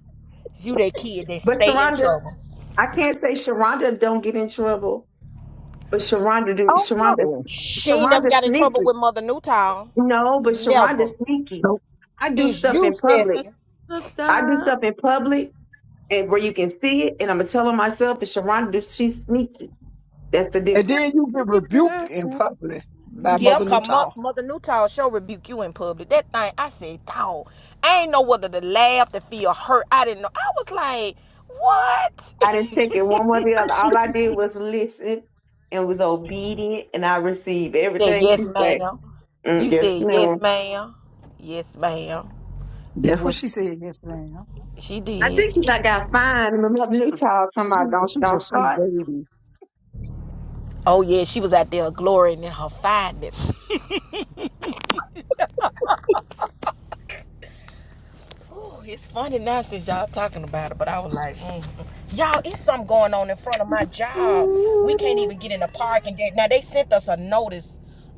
Speaker 1: you that kid that
Speaker 9: But
Speaker 1: stay in
Speaker 9: Sharonda,
Speaker 1: trouble.
Speaker 9: I can't say Sharonda don't get in trouble, but Sharonda do
Speaker 3: Oh
Speaker 9: Sharonda
Speaker 3: no,
Speaker 1: She ain't never
Speaker 9: Sharonda
Speaker 1: got in trouble
Speaker 9: sneaky.
Speaker 1: with Mother Newtown.
Speaker 9: No, but Sharonda
Speaker 1: Never.
Speaker 9: sneaky.
Speaker 3: nope.
Speaker 9: I do
Speaker 1: It's
Speaker 9: stuff
Speaker 1: you,
Speaker 9: in public.
Speaker 7: Thank
Speaker 1: Stephanie.
Speaker 7: you,
Speaker 9: I do
Speaker 7: sister.
Speaker 9: stuff in public and where you can see it. And I'm gonna tell her myself, and Sharonda, she's sneaky. That's the
Speaker 3: And
Speaker 9: difference.
Speaker 3: then you get
Speaker 7: Happy
Speaker 3: rebuked
Speaker 7: birthday.
Speaker 3: in
Speaker 7: to
Speaker 3: public by
Speaker 7: You
Speaker 1: Yep,
Speaker 3: Mother
Speaker 1: cause Mo-
Speaker 3: Newtall.
Speaker 1: Mother Newtown sure rebuke you in public. That thing, I said, dog. I ain't know whether to laugh, to feel hurt. I didn't know. I was like, what?
Speaker 9: I didn't take it one way or the other. All I did was listen and was obedient, and I received
Speaker 1: Said
Speaker 9: everything she
Speaker 1: yes,
Speaker 9: said.
Speaker 1: ma'am. You
Speaker 9: Mm, yes,
Speaker 1: said
Speaker 9: ma'am.
Speaker 1: yes, ma'am. Yes, ma'am. Is
Speaker 3: That's what
Speaker 1: what
Speaker 3: she said. Yes, ma'am.
Speaker 1: she
Speaker 9: I
Speaker 1: did.
Speaker 9: think she I got fined. And my mother new
Speaker 3: She,
Speaker 9: child talking
Speaker 3: she,
Speaker 9: about don't
Speaker 3: she's
Speaker 9: don't
Speaker 3: a sweet
Speaker 9: start,
Speaker 3: baby.
Speaker 1: Oh yeah, she was out there glorying in her fineness. Ooh, it's funny now since y'all talking about it, but I was like, mm. y'all, it's something going on in front of my job. We can't even get in the parking. lot. Now they sent us a notice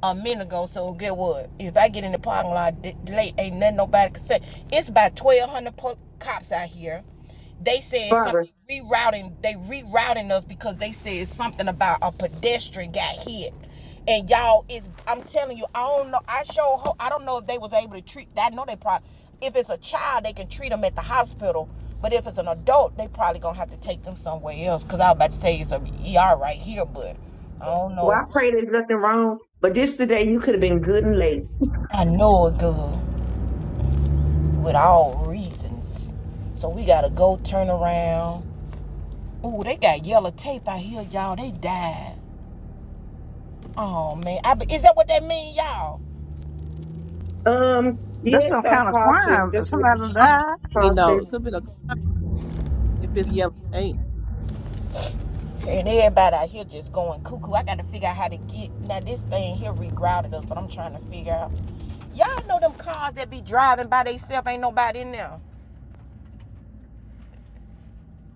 Speaker 1: a minute ago, so get what? If I get in the parking lot late, ain't nothing nobody can say. It's about twelve hundred cops out here They said
Speaker 9: Barbara.
Speaker 1: something rerouting. They rerouting us because they said something about a pedestrian got hit. And y'all, is I'm telling you, I don't know. I show. I don't know if they was able to treat. I know they probably. If it's a child, they can treat them at the hospital. But if it's an adult, they probably gonna have to take them somewhere else. Cause I was about to say it's a ER right here, but I don't
Speaker 9: Well,
Speaker 1: know.
Speaker 9: I pray there's nothing wrong, but this today you could have been good and late.
Speaker 1: I know it good with all reasons. So we gotta go turn around. Ooh, they got yellow tape out here, y'all. They died. Oh man, I be, is that what that mean, y'all?
Speaker 9: Um,
Speaker 3: That's
Speaker 9: yes,
Speaker 3: some
Speaker 9: a
Speaker 3: kind of
Speaker 9: caution,
Speaker 3: crime.
Speaker 9: just
Speaker 3: Somebody died.
Speaker 7: You know,
Speaker 9: caution.
Speaker 7: it could be if it's yellow paint.
Speaker 1: And everybody out here just going cuckoo. I got to figure out how to get now. This thing here rerouted us, but I'm trying to figure out. Y'all know them cars that be driving by themselves, ain't nobody in there.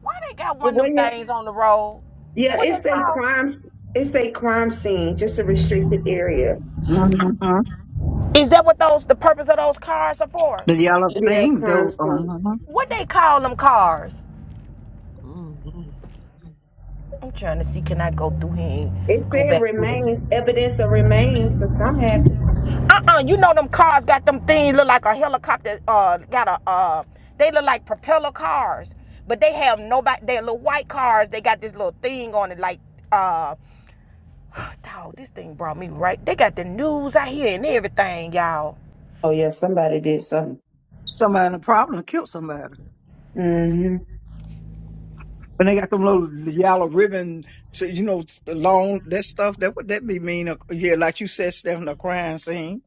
Speaker 1: Why they got
Speaker 9: Yeah,
Speaker 1: one
Speaker 9: well,
Speaker 1: of them
Speaker 9: yeah,
Speaker 1: things on the road?
Speaker 9: yeah,
Speaker 1: What they
Speaker 9: it's a
Speaker 1: call?
Speaker 9: crime. It's a crime scene, just a restricted area
Speaker 3: Mm-hmm.
Speaker 1: Is that what those the purpose of those cars are for?
Speaker 3: The yellow
Speaker 9: Yeah,
Speaker 3: thing,
Speaker 9: crime
Speaker 3: though.
Speaker 9: scene.
Speaker 3: Uh-huh.
Speaker 1: What they call them cars?
Speaker 7: hmm
Speaker 1: I'm trying to see. Can I go through here?
Speaker 9: It
Speaker 1: and Go
Speaker 9: said
Speaker 1: back through this.
Speaker 9: remains, evidence of remains, so something happened.
Speaker 1: Uh-uh, you know them cars got them things look like a helicopter. Uh, got a uh, they look like propeller cars, but they have nobody. They're little white cars. They got this little thing on it, like uh, dog. This thing brought me right. They got the news out here and everything, y'all.
Speaker 9: Oh yeah, somebody did something.
Speaker 3: Somebody in a problem killed somebody.
Speaker 9: hmm
Speaker 3: When they got them little yellow ribbon, so, you know, the long that stuff. That would that be mean? uh, Yeah, like you said, Stephen, a crime scene.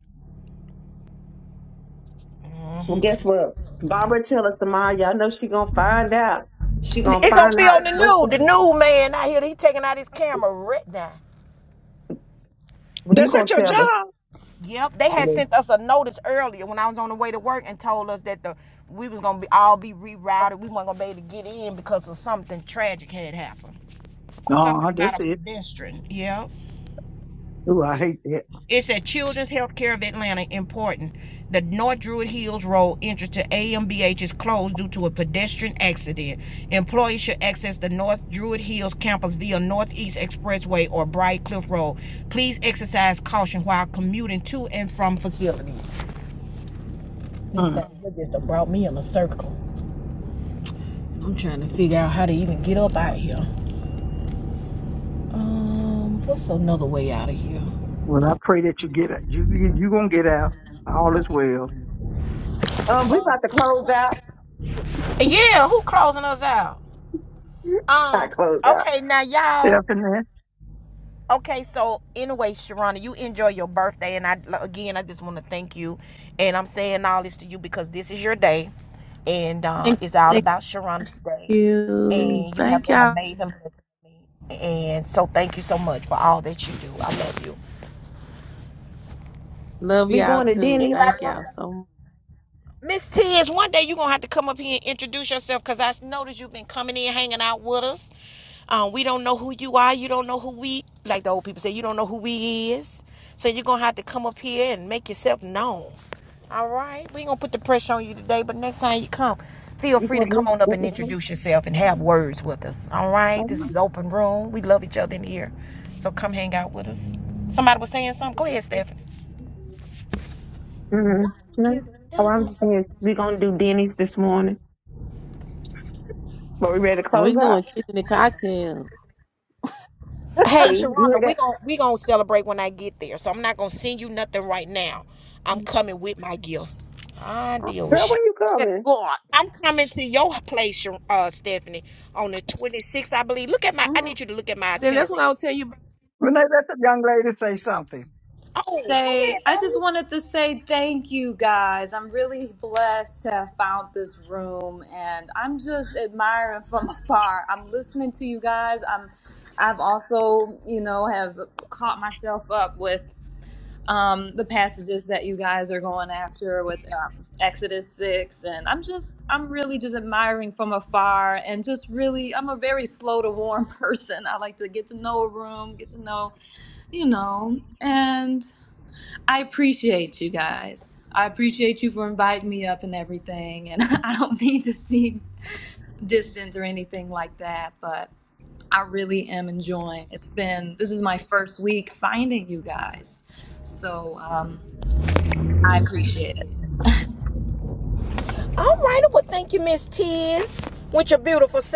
Speaker 9: Well, guess what? Barbara tell us tomorrow. Y'all know she gonna find out. She gonna
Speaker 1: It gonna
Speaker 9: find
Speaker 1: be on
Speaker 9: out.
Speaker 1: the
Speaker 9: What's the?
Speaker 1: news. The new man out here, he taking out his camera right now.
Speaker 9: When you
Speaker 3: That's
Speaker 9: gonna
Speaker 3: at your
Speaker 9: tell us?
Speaker 3: job.
Speaker 1: Yep, they had
Speaker 9: Mhm.
Speaker 1: sent us a notice earlier when I was on the way to work and told us that the we was gonna be all be rerouted. We weren't gonna be able to get in because of something tragic had happened. something
Speaker 3: No,
Speaker 1: about a
Speaker 3: that's it.
Speaker 1: pedestrian. Yeah.
Speaker 3: Ooh, I hate that.
Speaker 1: It's at Children's Healthcare of Atlanta. Important. The North Druid Hills Road entrance to AMBH is closed due to a pedestrian accident. Employees should access the North Druid Hills campus via Northeast Expressway or Bright Cliff Road. Please exercise caution while commuting to and from facilities. This
Speaker 3: Mm.
Speaker 1: thing just brought me in a circle. I'm trying to figure out how to even get up out of here. What's another?
Speaker 3: Well, I pray that you get out. You you you gonna get out. All is well.
Speaker 9: Um, we about to close out.
Speaker 1: Um.
Speaker 9: Not close out.
Speaker 1: Okay. Now, y'all.
Speaker 3: Stephanie.
Speaker 1: Okay, so anyway, Sharana, you enjoy your birthday, and I again, I just want to thank you, and I'm saying all this to you because this is your day, and uh,
Speaker 7: Thank,
Speaker 1: it's all
Speaker 7: thank
Speaker 1: about Sharana's day,
Speaker 7: you.
Speaker 1: and you have
Speaker 7: Thank
Speaker 1: been
Speaker 7: y'all.
Speaker 1: amazing blessing to me, and so thank you so much for all that you do. I love you.
Speaker 7: Love
Speaker 9: We
Speaker 7: y'all
Speaker 9: going to
Speaker 7: too.
Speaker 9: Denny.
Speaker 1: Anybody
Speaker 7: Thank
Speaker 1: else?
Speaker 7: y'all so much.
Speaker 1: Miss Tiz, one day you're gonna have to come up here and introduce yourself because I noticed you've been coming in, hanging out with us. Um, we don't know who you are, you don't know who we like the old people say, you don't know who we is, so you're gonna have to come up here and make yourself known. All right, we ain't gonna put the pressure on you today, but next time you come, feel
Speaker 9: You
Speaker 1: free to
Speaker 9: going
Speaker 1: come on up and
Speaker 9: to
Speaker 1: introduce yourself and have words with us. All right, this is open room. We love each other in here, so come hang out with us. Somebody was saying something. Go ahead, Stephanie.
Speaker 9: Mm-hmm. No. Oh, I'm just saying we gonna do Denny's this morning, but we ready to
Speaker 7: And
Speaker 9: close
Speaker 7: we
Speaker 9: out.
Speaker 7: doing tricks and the cocktails.
Speaker 1: Hey,
Speaker 9: See, you heard that?
Speaker 1: we gonna get there, so I'm not gonna send you nothing right now. I'm coming with my gift. My
Speaker 7: Oh
Speaker 1: deal. with
Speaker 9: Girl, when you
Speaker 7: my
Speaker 9: coming?
Speaker 7: God.
Speaker 1: I'm coming to your place, uh, Stephanie, on the 26th, I believe. Look at my. I
Speaker 7: hmm
Speaker 1: need you to look at my
Speaker 7: See, that's what I
Speaker 1: itinerary.
Speaker 7: was tell you about.
Speaker 3: Renee, let the young lady say something.
Speaker 1: Oh,
Speaker 11: say I just wanted to say thank you guys. I'm really blessed to have found this room and I'm just admiring from afar. I'm listening to you guys. I'm I've also, you know, have caught myself up with um the passages that you guys are going after with um Exodus 6 and I'm just I'm really just admiring from afar and just really I'm a very slow to warm person. I like to get to know a room, get to know, you know, and I appreciate you guys. I appreciate you for inviting me up and everything. And I don't mean to seem distant or anything like that, but I really am enjoying. It's been this is my first week finding you guys, so um, I appreciate it.
Speaker 1: go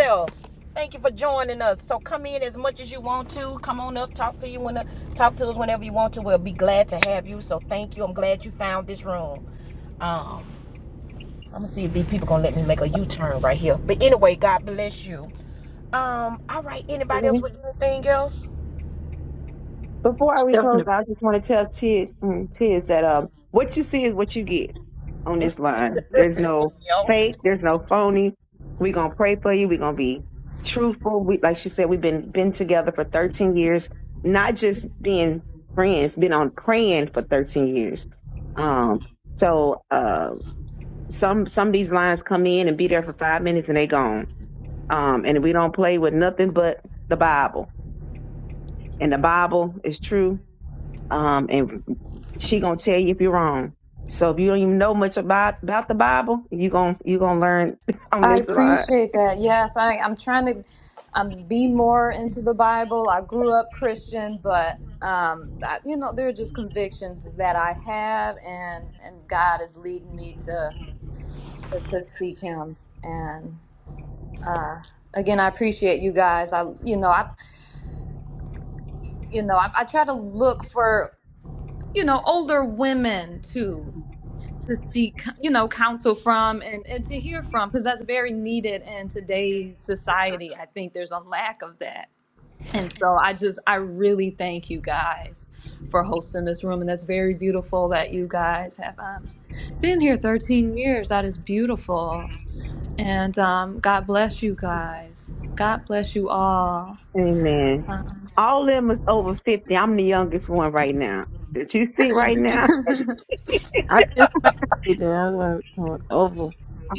Speaker 1: ahead. us. So come in as much as you want to. Come on up, talk to you when the, talk to us whenever you want to. We'll be glad you found
Speaker 9: Mhm.
Speaker 1: this.
Speaker 9: Before we close,
Speaker 3: Stephanie.
Speaker 9: I just want to tell Tiz, mm, Tiz that um, what you see is what you get on this line. There's no
Speaker 1: Yo.
Speaker 9: fake. There's no phony. We gonna pray for you. We gonna be truthful. We like she said, we've been been together for 13 years, not just being friends, been on praying for 13 years. Um, so uh, some some of these lines come in and be there for five minutes and they gone. Um, and we don't play with nothing but the Bible and the Bible is true. Um, and she gonna tell you if you're wrong. So if you don't even know much about about the Bible, you gonna you gonna learn on
Speaker 11: I
Speaker 9: this line.
Speaker 11: appreciate that. Yes, I, I'm trying to um, be more into the Bible. I grew up Christian, but um, I, you know there are just convictions that I have, and and God is leading me to. to, to seek him and uh again i appreciate you guys i you know i you know I, I try to look for you know older women too to seek you know counsel from and, and to hear from because that's very needed in today's society i think there's a lack of that and so i just i really thank you guys for hosting this room and that's very beautiful that you guys have um been here 13 years that is beautiful And um, God bless you guys. God bless you all.
Speaker 9: Amen.
Speaker 11: Um,
Speaker 9: All of them is over fifty. I'm the youngest one right now. That you see right now,
Speaker 7: I just made it. I am like, mm, over.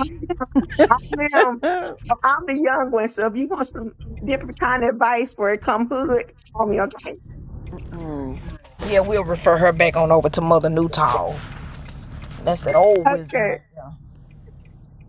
Speaker 9: I'm, I'm I'm the young one. So if you want some different kind of advice for it, come hood, call me. Okay.
Speaker 7: Mm.
Speaker 1: Yeah, we'll refer her back on over to Mother Newtall. That's that old wisdom
Speaker 9: Okay.
Speaker 1: right there.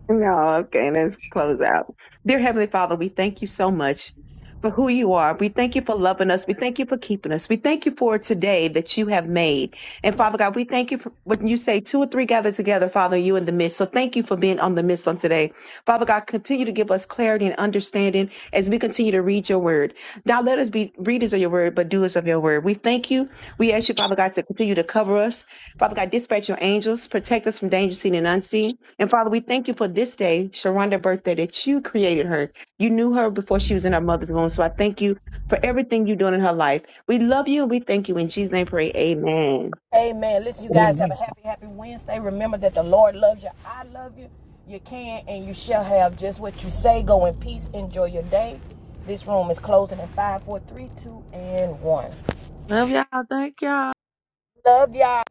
Speaker 9: No, okay, let's close out. Dear Heavenly Father, we thank you so much for who you are. We thank you for loving us. We thank you for keeping us. We thank you for today that you have made. And Father God, we thank you for when you say two or three gather together, Father, you in the midst. So thank you for being on the midst on today. Father God, continue to give us clarity and understanding as we continue to read your word. Now let us be readers of your word, but doers of your word. We thank you. We ask you, Father God, to continue to cover us. Father God, dispatch your angels, protect us from danger seen and unseen. And Father, we thank you for this day, Sharonda's birthday, that you created her. You knew her before she was in her mother's womb. So I thank you for everything you're doing in her life. We love you and we thank you. In Jesus' name, pray. Amen.
Speaker 1: Amen. Listen, you guys
Speaker 3: Amen.
Speaker 1: have a happy, happy Wednesday. Remember that the Lord loves you. I love you. You can and you shall have just what you say. Go in peace. Enjoy your day. This room is closing in five, four, three, two, and 1.
Speaker 7: Love y'all. Thank y'all.
Speaker 1: Love y'all.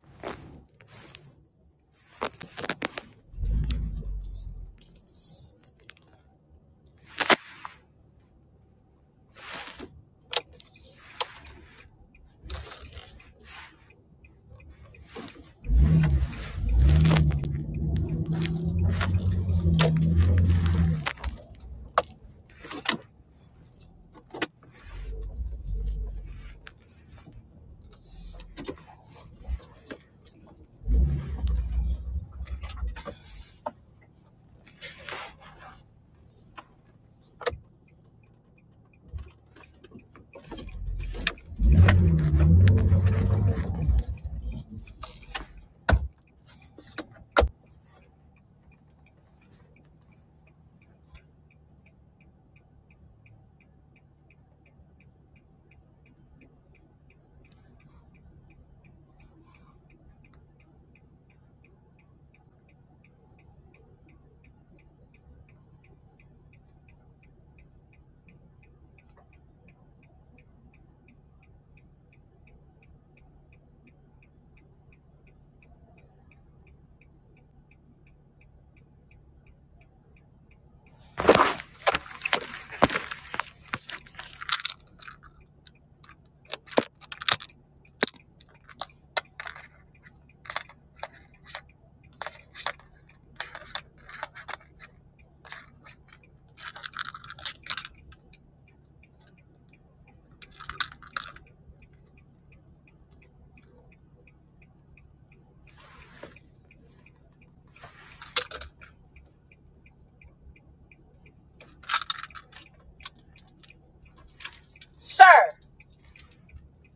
Speaker 1: Sir,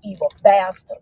Speaker 1: evil bastard.